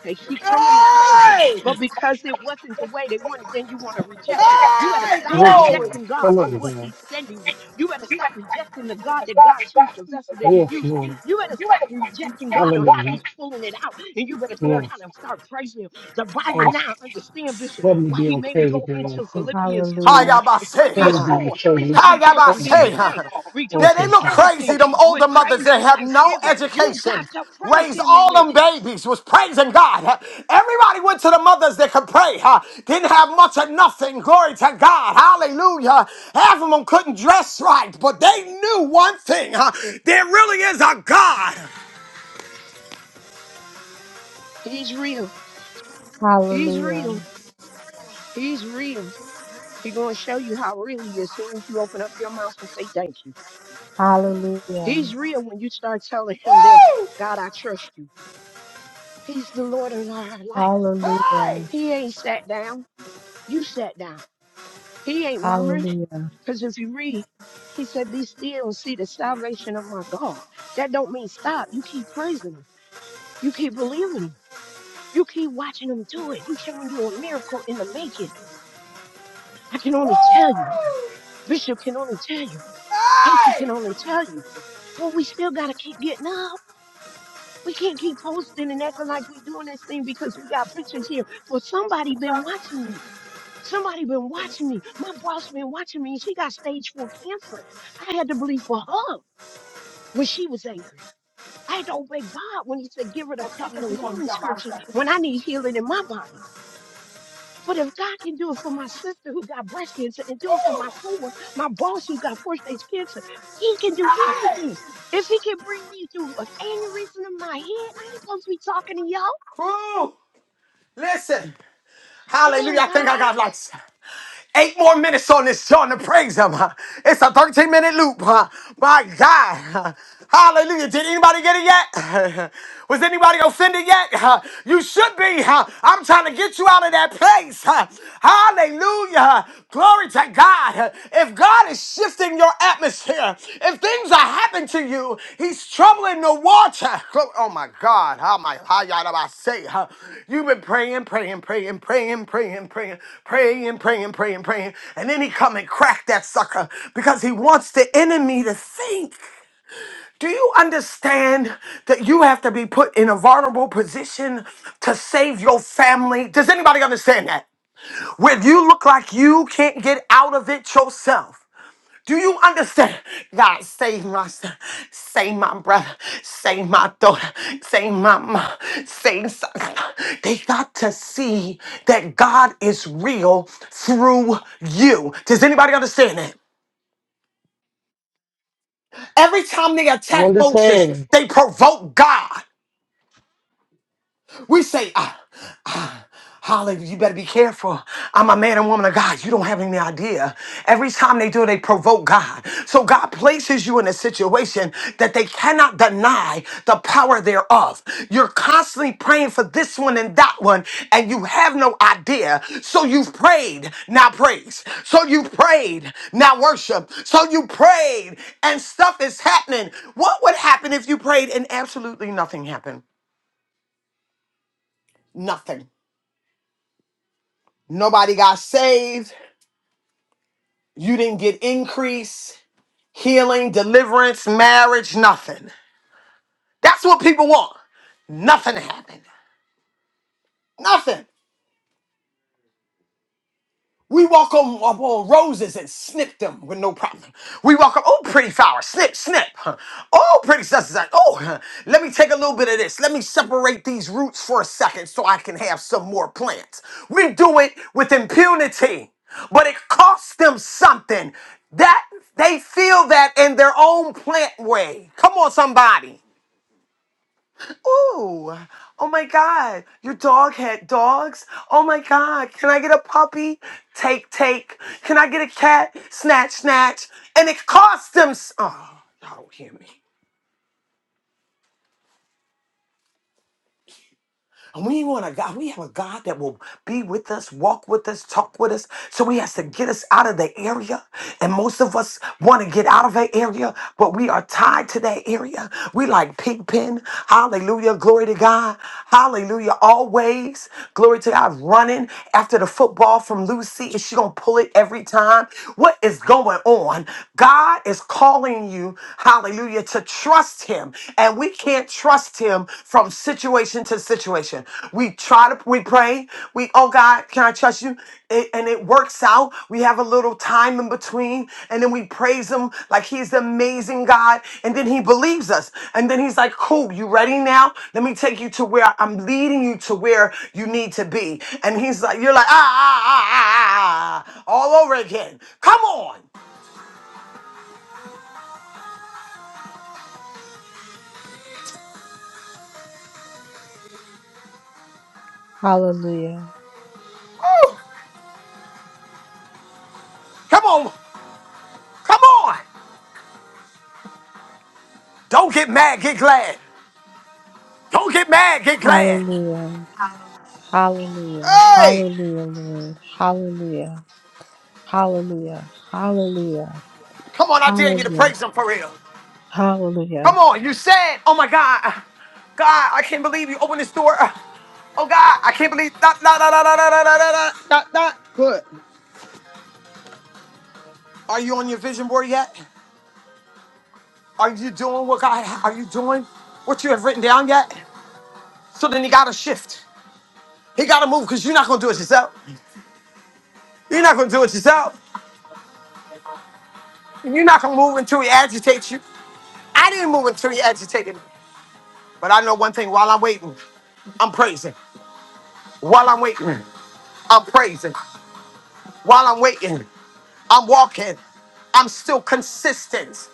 Speaker 5: They, he coming to save them,
Speaker 4: Hey!
Speaker 5: but because it wasn't the way they wanted, then you want to reject him. You better
Speaker 4: Hey!
Speaker 5: stop
Speaker 9: Thank
Speaker 4: Glory!
Speaker 9: you,
Speaker 5: rejecting
Speaker 9: Father. Yes, Lord. Come
Speaker 5: God for what
Speaker 9: on,
Speaker 5: He's sending you. You better stop rejecting the God that God chooses, the vessel that He's
Speaker 9: God. Yes,
Speaker 5: using.
Speaker 9: Lord.
Speaker 5: You better stop rejecting God on how
Speaker 9: Hallelujah.
Speaker 5: He's pulling it out, and you better learn
Speaker 9: Yes.
Speaker 5: how to start praising Him. The Bible
Speaker 9: Thank
Speaker 5: now
Speaker 9: you.
Speaker 5: understand, Bishop,
Speaker 9: Let me
Speaker 5: why
Speaker 9: be
Speaker 5: He made me
Speaker 9: okay
Speaker 5: go
Speaker 9: with your
Speaker 5: into
Speaker 9: answer.
Speaker 5: Philippians two
Speaker 6: Hallelujah.
Speaker 5: in
Speaker 9: Let
Speaker 5: Philippians
Speaker 9: me
Speaker 4: Hayabase.
Speaker 5: 4,
Speaker 9: be okay
Speaker 5: he
Speaker 9: with
Speaker 5: said, Rejoice
Speaker 9: Come on,
Speaker 5: and give me
Speaker 9: God.
Speaker 5: thanks.
Speaker 4: Hayabase. Yeah,
Speaker 5: Rejoice
Speaker 9: Thank
Speaker 4: they
Speaker 5: in
Speaker 9: you,
Speaker 4: look
Speaker 9: Father.
Speaker 5: all
Speaker 4: crazy,
Speaker 5: things
Speaker 4: them
Speaker 5: with
Speaker 4: older mothers
Speaker 5: praise
Speaker 4: that
Speaker 5: and
Speaker 4: have no
Speaker 5: thanksgiving. You got
Speaker 4: education.
Speaker 5: to praise
Speaker 4: Raised
Speaker 5: him in
Speaker 4: all them
Speaker 5: this.
Speaker 4: babies, was praising God. Everybody went to the mothers that could pray, huh? didn't have much of nothing. Glory to God. Hallelujah. Half of them couldn't dress right, but they knew one thing huh? there really is a God.
Speaker 5: He's real. He's real.
Speaker 6: Hallelujah.
Speaker 5: He's real. He's going to show you how real he is as soon as you open up your mouth and say thank you.
Speaker 6: Hallelujah.
Speaker 5: He's real when you start telling him that,
Speaker 4: Woo!
Speaker 5: God, I trust you. He's the Lord of our life.
Speaker 4: Hey!
Speaker 6: Hallelujah.
Speaker 5: He ain't sat down. You sat down. He ain't murmuring.
Speaker 6: Hallelujah.
Speaker 5: Because if you read, he said, Be still and see the salvation of my God. That don't mean stop. You keep praising him. You keep believing him. You keep watching him do it. He's showing you a miracle in the making. I can only tell you.
Speaker 4: Woo!
Speaker 5: Bishop can only tell you. Casey can
Speaker 4: Hey!
Speaker 5: only tell you. But we still got to keep getting up. We can't keep posting and acting like we doing this thing because we got pictures here. But somebody been watching you. Somebody been watching me. My boss been watching me. and She got stage four cancer. I had to believe for her when she was angry. I had to obey God when he said, give her the packet of healing scriptures when I need healing in my body. But if God can do it for my sister who got breast cancer and do it for my coworker, my boss who got first stage cancer, he can do
Speaker 4: Hey!
Speaker 5: anything. If he can bring me through an aneurysm in my head, I ain't supposed to be talking to y'all.
Speaker 4: Woo! Listen.
Speaker 5: Come
Speaker 4: Hallelujah.
Speaker 5: on,
Speaker 4: I think
Speaker 5: guys.
Speaker 4: I got like eight more minutes on this song to praise him. It's a 13 minute loop. huh? My God. Hallelujah. Did anybody get it yet? Was anybody offended yet? Huh? You should be. huh? I'm trying to get you out of that place. huh? Hallelujah. Glory to God. If God is shifting your atmosphere. If things are happening to you, he's troubling the water. Glo- Oh my God, how my how y'all do I say? huh? You've been praying, praying, praying, praying, praying, praying, praying, praying, praying, praying, and then he come and crack that sucker because he wants the enemy to think. Do you understand that you have to be put in a vulnerable position to save your family? Does anybody understand that? When you look like you can't get out of it yourself. Do you understand? God, save my son, save my brother, save my daughter, save my mom, save son. They got to see that God is real through you. Does anybody understand that? Every time they
Speaker 9: I
Speaker 4: attack Moses,
Speaker 9: understand.
Speaker 4: they provoke God. We say, ah, ah, Holly, you better be careful. I'm a man and woman of God. You don't have any idea. Every time they do, they provoke God. So God places you in a situation that they cannot deny the power thereof. You're constantly praying for this one and that one, and you have no idea. So you've prayed, now praise. So you prayed, now worship. So you prayed, and stuff is happening. What would happen if you prayed and absolutely nothing happened? Nothing. Nobody got saved. You didn't get increase, healing, deliverance, marriage, nothing. That's what people want. Nothing happened. Nothing. We walk on, upon roses and snip them with no problem. We walk up, oh, pretty flower, snip, snip. huh. Oh, pretty sunset. Oh, huh. let me take a little bit of this. Let me separate these roots for a second so I can have some more plants. We do it with impunity, but it costs them something. That they feel that in their own plant way. Come on, somebody. Oh, oh my God. Your dog had dogs. Oh my God. Can I get a puppy? Take, take. Can I get a cat? Snatch, snatch. And it cost them. s- Oh, y'all don't hear me. And we want a God, we have a God that will be with us, walk with us, talk with us. So he has to get us out of the area. And most of us want to get out of that area, but we are tied to that area. We like Pigpen. Hallelujah. Glory to God. Hallelujah. Always. Glory to God. Running after the football from Lucy. Is she going to pull it every time? What is going on? God is calling you, hallelujah, to trust him and we can't trust him from situation to situation we try to we pray we oh god can i trust you It- and it works out we have a little time in between and then we praise him like he's the amazing god and then he believes us and then he's like cool you ready now let me take you to where i'm leading you to where you need to be and he's like you're like ah ah ah ah, ah ah," all over again come on
Speaker 6: Hallelujah.
Speaker 4: Woo! come on come on Don't get mad, get glad. Don't get mad, get glad.
Speaker 6: Hallelujah. Hallelujah.
Speaker 4: Hey!
Speaker 6: Hallelujah, Lord. Hallelujah. Hallelujah. Hallelujah.
Speaker 4: Come on, I dare you to
Speaker 6: Hallelujah.
Speaker 4: praise him for real.
Speaker 6: Hallelujah.
Speaker 4: Come on, you said, oh my God, God, I can't believe you opened this door. Oh God, I can't believe, da, da, da, da, da, da, da, da, da, da, da. Good. Are you on your vision board yet? Are you doing what God, are you doing what you have written down yet? So then you gotta shift. He gotta move because you're not gonna do it yourself. You're not gonna do it yourself. You're not gonna move until he agitates you. I didn't move until he agitated me. But I know one thing while I'm waiting, I'm praising. While I'm waiting, I'm praising. While I'm waiting, I'm walking. I'm still consistent.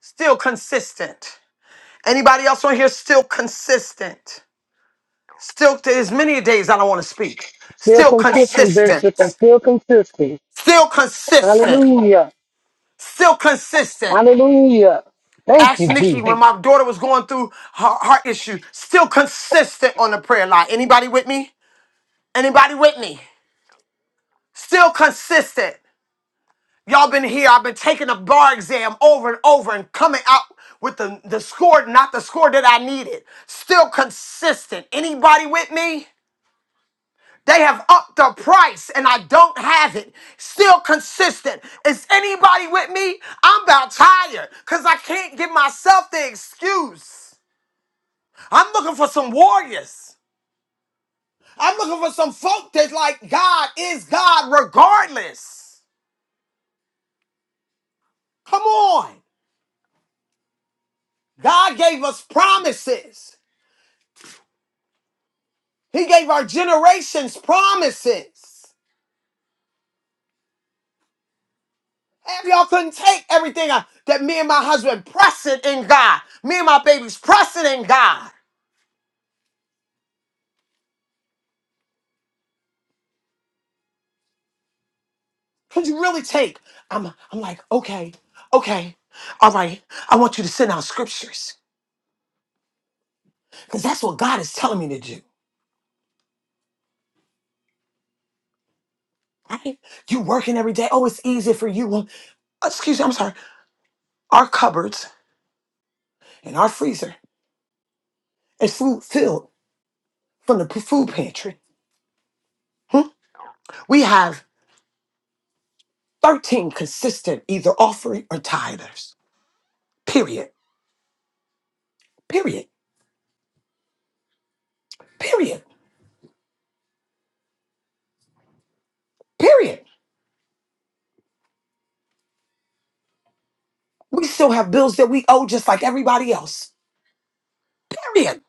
Speaker 4: Still consistent. Anybody else on here still consistent? Still, there's many days I don't want to speak.
Speaker 9: Still
Speaker 4: Still
Speaker 9: consistent, Bishop. I'm
Speaker 4: consistent.
Speaker 9: still consistent.
Speaker 4: Still consistent.
Speaker 9: Hallelujah.
Speaker 4: Still consistent.
Speaker 9: Hallelujah. Thank
Speaker 4: Ask
Speaker 9: you, Jesus.
Speaker 4: Nikki when my daughter was going through her heart issue. Still consistent on the prayer line. Anybody with me? Anybody with me? Still consistent. Y'all been here. I've been taking a bar exam over and over and coming out with the, the score, not the score that I needed. Still consistent. Anybody with me? They have upped the price and I don't have it. Still consistent. Is anybody with me? I'm about tired because I can't give myself the excuse. I'm looking for some warriors. I'm looking for some folk that's like God is God regardless. Come on. God gave us promises. He gave our generations promises. Half y'all couldn't take everything I- that me and my husband pressing in God. Me and my babies pressing in God. Could you really take? I'm, I'm like, okay, okay, all right. I want you to send out scriptures because that's what God is telling me to do. Right? You working every day. Oh, it's easy for you. Well, excuse me, I'm sorry. Our cupboards and our freezer is food filled from the p- food pantry. We have 13 consistent either offering or tithers. Period. Period. Period. Period. We still have bills that we owe just like everybody else. Period.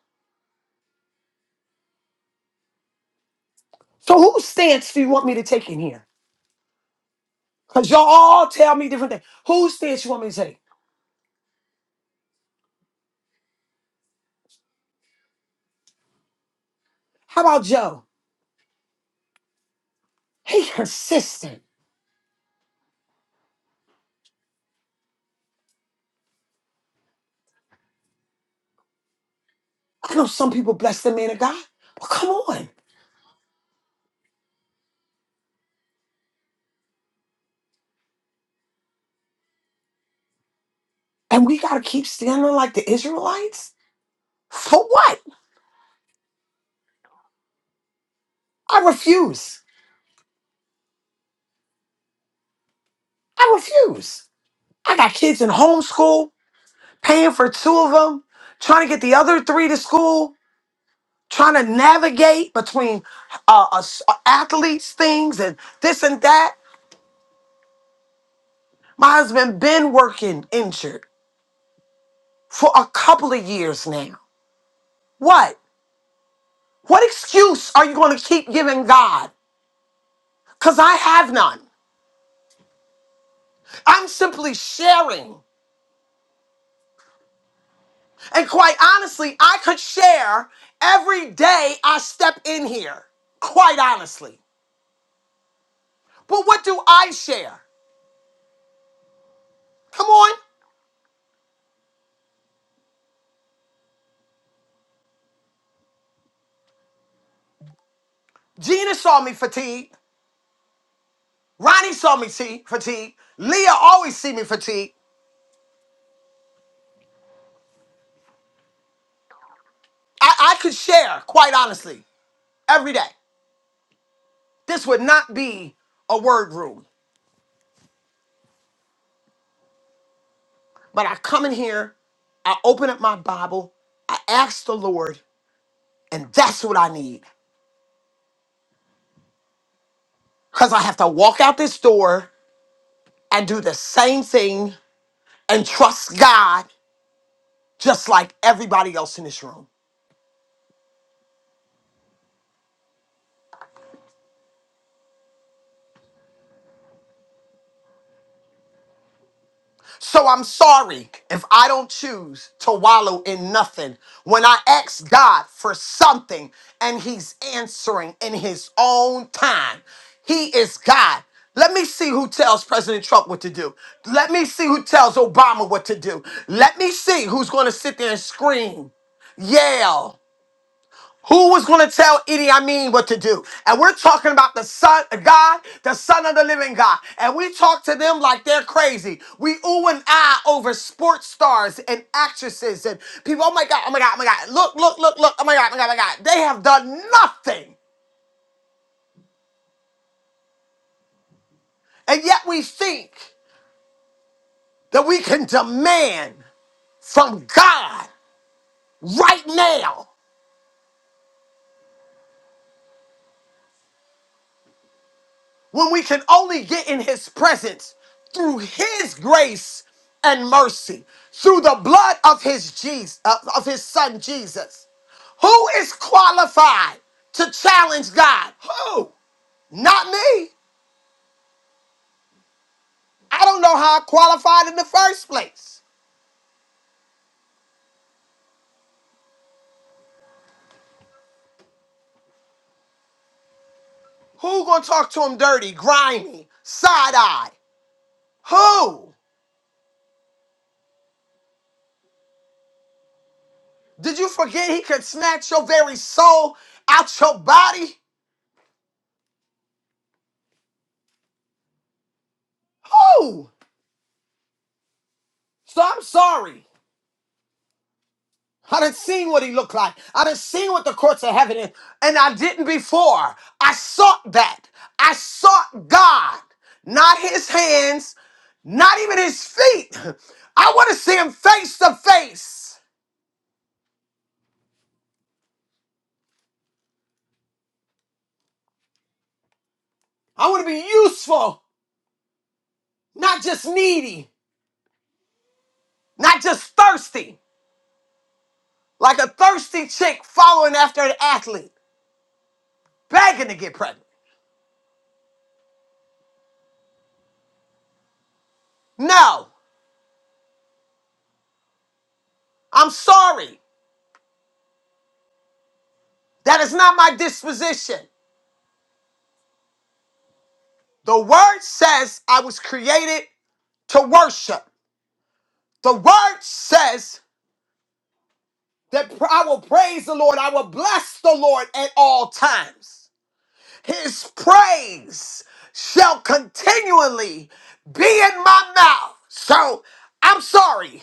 Speaker 4: So whose stance do you want me to take in here? Because y'all all tell me different things. Whose stance you want me to take? How about Joe? He consistent. I know some people bless the man of God, but come on. And we gotta keep standing like the Israelites? For what? I refuse. I refuse. I got kids in homeschool. paying for two of them, trying to get the other three to school, trying to navigate between uh, us- uh, athletes things and this and that. My husband been working injured for a couple of years now. What? What excuse are you going to keep giving God? Cuz I have none. I'm simply sharing. And quite honestly, I could share every day I step in here. Quite honestly. But what do I share? Come on. Gina saw me fatigued. Ronnie saw me see fatigued. Leah always see me fatigued. I, I could share, quite honestly, every day. This would not be a word room. But I come in here, I open up my Bible, I ask the Lord, and that's what I need. Because I have to walk out this door and do the same thing and trust God just like everybody else in this room. So I'm sorry if I don't choose to wallow in nothing. When I ask God for something and He's answering in His own time, He is God. Let me see who tells President Trump what to do. Let me see who tells Obama what to do. Let me see who's going to sit there and scream, yell. Who was going to tell Idi Amin what to do? And we're talking about the Son of God, the Son of the Living God. And we talk to them like they're crazy. We ooh and ah over sports stars and actresses and people. Oh my God, oh my God, oh my God. Look, look, look, look. Oh my God, oh my God, oh my God. They have done nothing. And yet we think that we can demand from God right now. when we can only get in his presence through his grace and mercy through the blood of his jesus uh, of his son jesus who is qualified to challenge god who not me i don't know how i qualified in the first place who gonna talk to him dirty grimy side-eye who did you forget he could snatch your very soul out your body who so i'm sorry I didn't seen what he looked like. I didn't seen what the courts of heaven is, and I didn't before. I sought that. I sought God, not his hands, not even his feet. I want to see him face to face. I want to be useful, not just needy, not just thirsty, like a thirsty chick following after an athlete, begging to get pregnant. No, I'm sorry. That is not my disposition. The word says I was created to worship. The word says that pr- I will praise the Lord, I will bless the Lord at all times. His praise shall continually be in my mouth. So I'm sorry.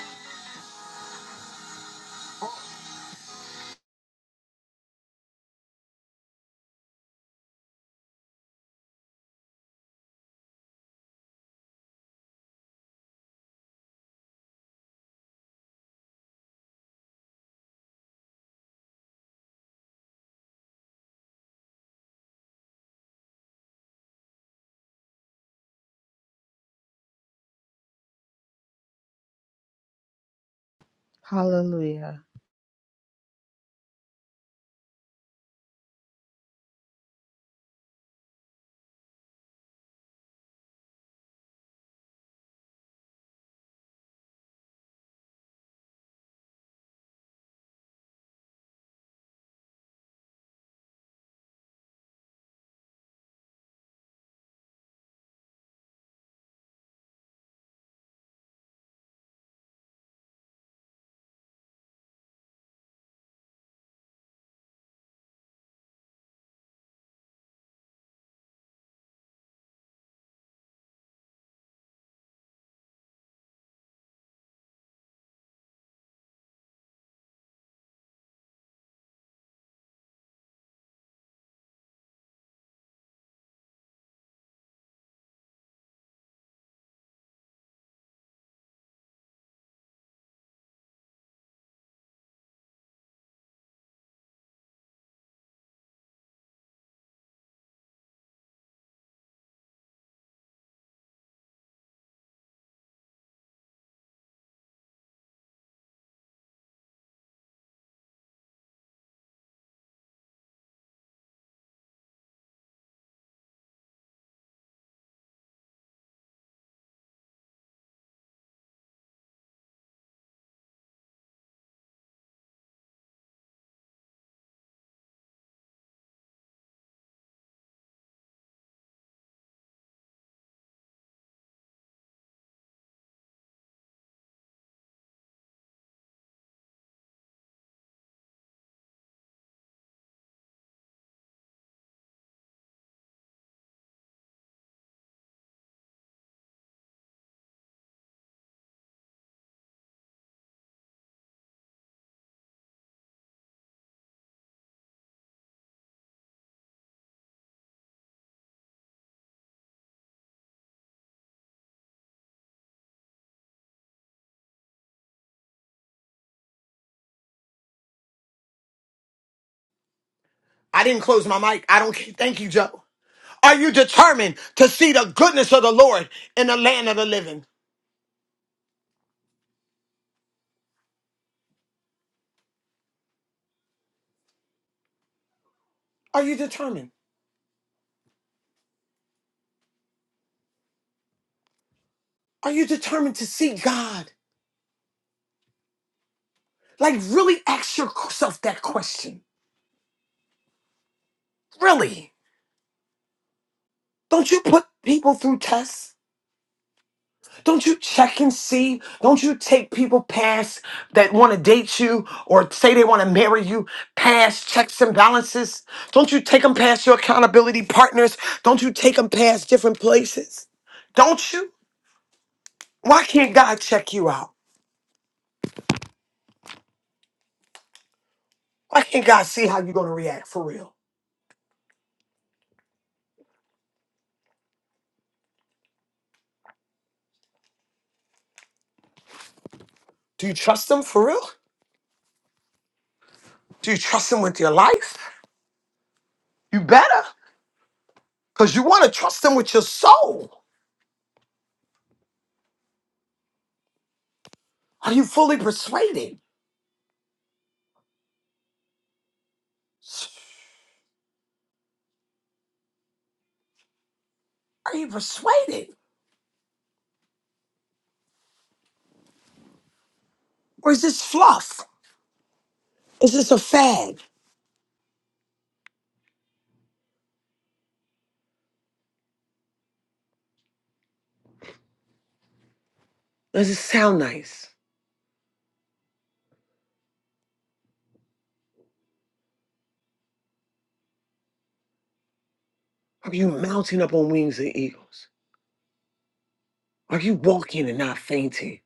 Speaker 6: Hallelujah.
Speaker 4: I didn't close my mic. I don't ca- thank you, Joe. Are you determined to see the goodness of the Lord in the land of the living? Are you determined? Are you determined to see God? Like, really ask yourself that question. Really? Don't you put people through tests? Don't you check and see? Don't you take people past that want to date you or say they want to marry you past checks and balances? Don't you take them past your accountability partners? Don't you take them past different places? Don't you? Why can't God check you out? Why can't God see how you're going to react for real? Do you trust Him for real? Do you trust Him with your life? You better, because you want to trust Him with your soul. Are you fully persuaded? Are you persuaded? Or is this fluff? Is this a fad? Does it sound nice? Are you mounting up on wings of eagles? Are you walking and not fainting?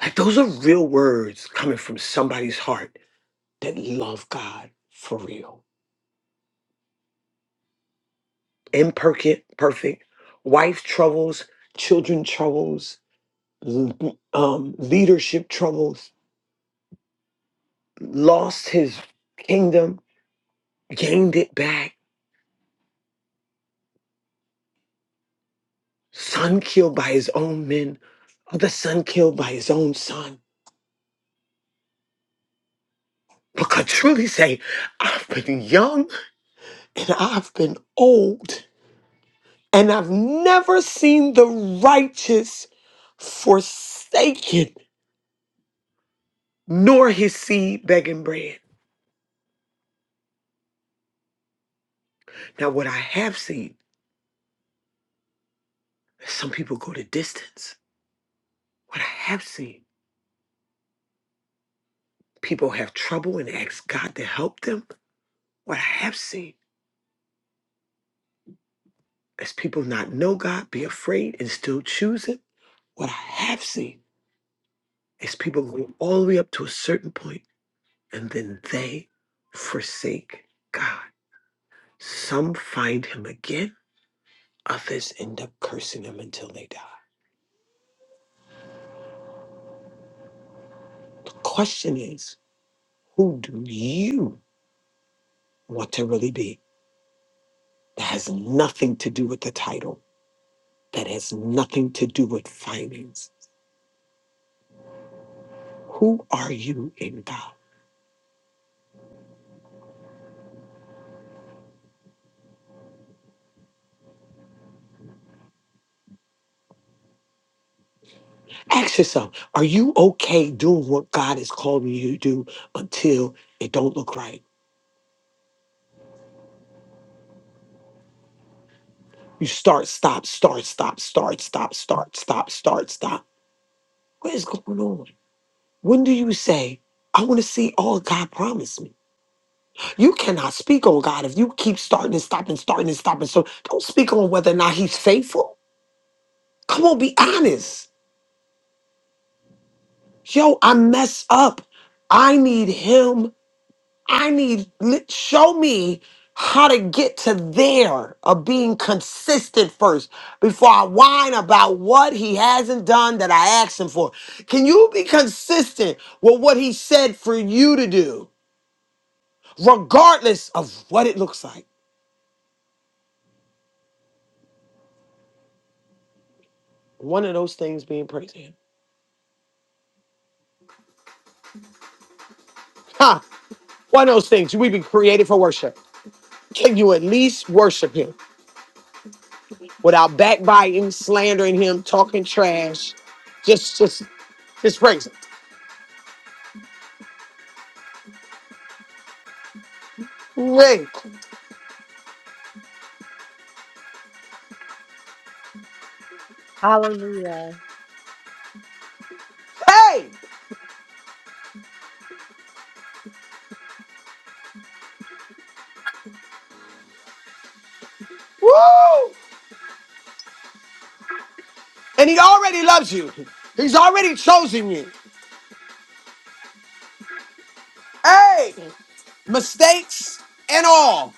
Speaker 4: Like those are real words coming from somebody's heart that love God for real. Imperfect, perfect, wife troubles, children troubles, l- um, leadership troubles, lost his kingdom, gained it back Son killed by his own men, other son killed by his own son. But could truly say, I've been young and I've been old, and I've never seen the righteous forsaken, nor his seed begging bread. Now, what I have seen is some people go to distance. What I have seen, people have trouble and ask God to help them. What I have seen is people not know God, be afraid, and still choose Him. What I have seen is people go all the way up to a certain point and then they forsake God. Some find him again, others end up cursing him until they die. The question is, who do you want to really be? That has nothing to do with the title, that has nothing to do with finance. Who are you in God? Ask yourself, are you okay doing what God is calling you to do until it don't look right? You start, stop, start, stop, start, stop, start, stop, start, stop. What is going on? When do you say, I want to see all God promised me? You cannot speak on God if you keep starting and stopping, starting and stopping. So don't speak on whether or not He's faithful. Come on, be honest. Yo, I mess up. I need Him I need li- show me how to get to there of being consistent first before I whine about what he hasn't done that I asked him for. Can you be consistent with what he said for you to do, regardless of what it looks like? One of those things being praise him. Ha! One of those things we've been created for worship. Can you at least worship him without backbiting, slandering him, talking trash? Just just just praise him. Yay.
Speaker 6: Hallelujah.
Speaker 4: Hey! Woo! And he already loves you. He's already chosen you. Hey! Mistakes and all.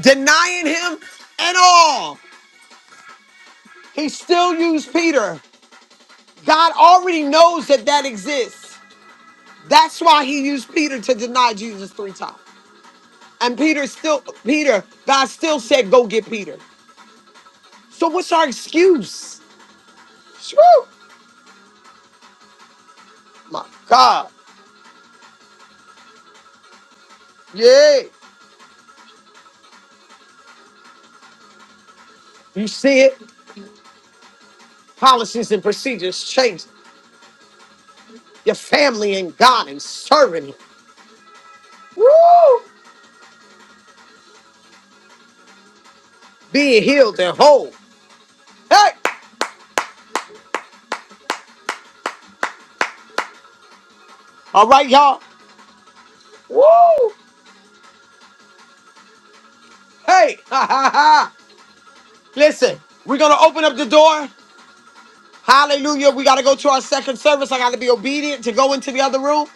Speaker 4: Denying him and all. He still used Peter. God already knows that that exists. That's why he used Peter to deny Jesus three times. And Peter still, Peter, God still said, go get Peter. So what's our excuse? Woo! My God. Yeah. You see it? Policies and procedures change. your family and God and serving. Him. Woo! Being healed and whole. Hey! All right, y'all. Woo! Hey! Ha ha ha! Listen, we're gonna open up the door. Hallelujah. We gotta go to our second service. I gotta be obedient to go into the other room.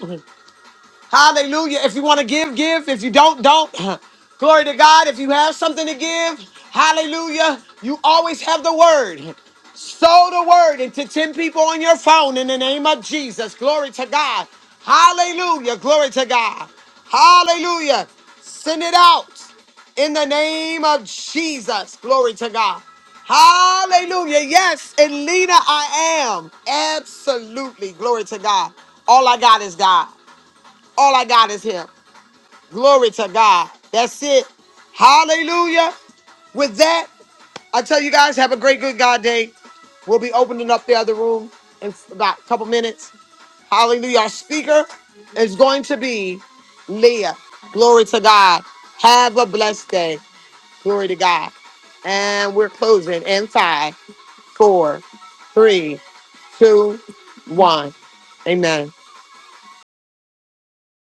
Speaker 4: Hallelujah. If you want to give, give. If you don't, don't. Glory to God. If you have something to give, hallelujah. You always have the word. Sow the word into 10 people on your phone in the name of Jesus. Glory to God. Hallelujah. Glory to God. Hallelujah. Send it out in the name of Jesus. Glory to God. Hallelujah. Yes, and Lena, I am. Absolutely. Glory to God. All I got is God. All I got is him. Glory to God. That's it. Hallelujah. With that, I tell you guys, have a great good God day. We'll be opening up the other room in about a couple minutes. Hallelujah. Our speaker is going to be Leah. Glory to God. Have a blessed day. Glory to God. And we're closing in five, four, three, two, one. Amen.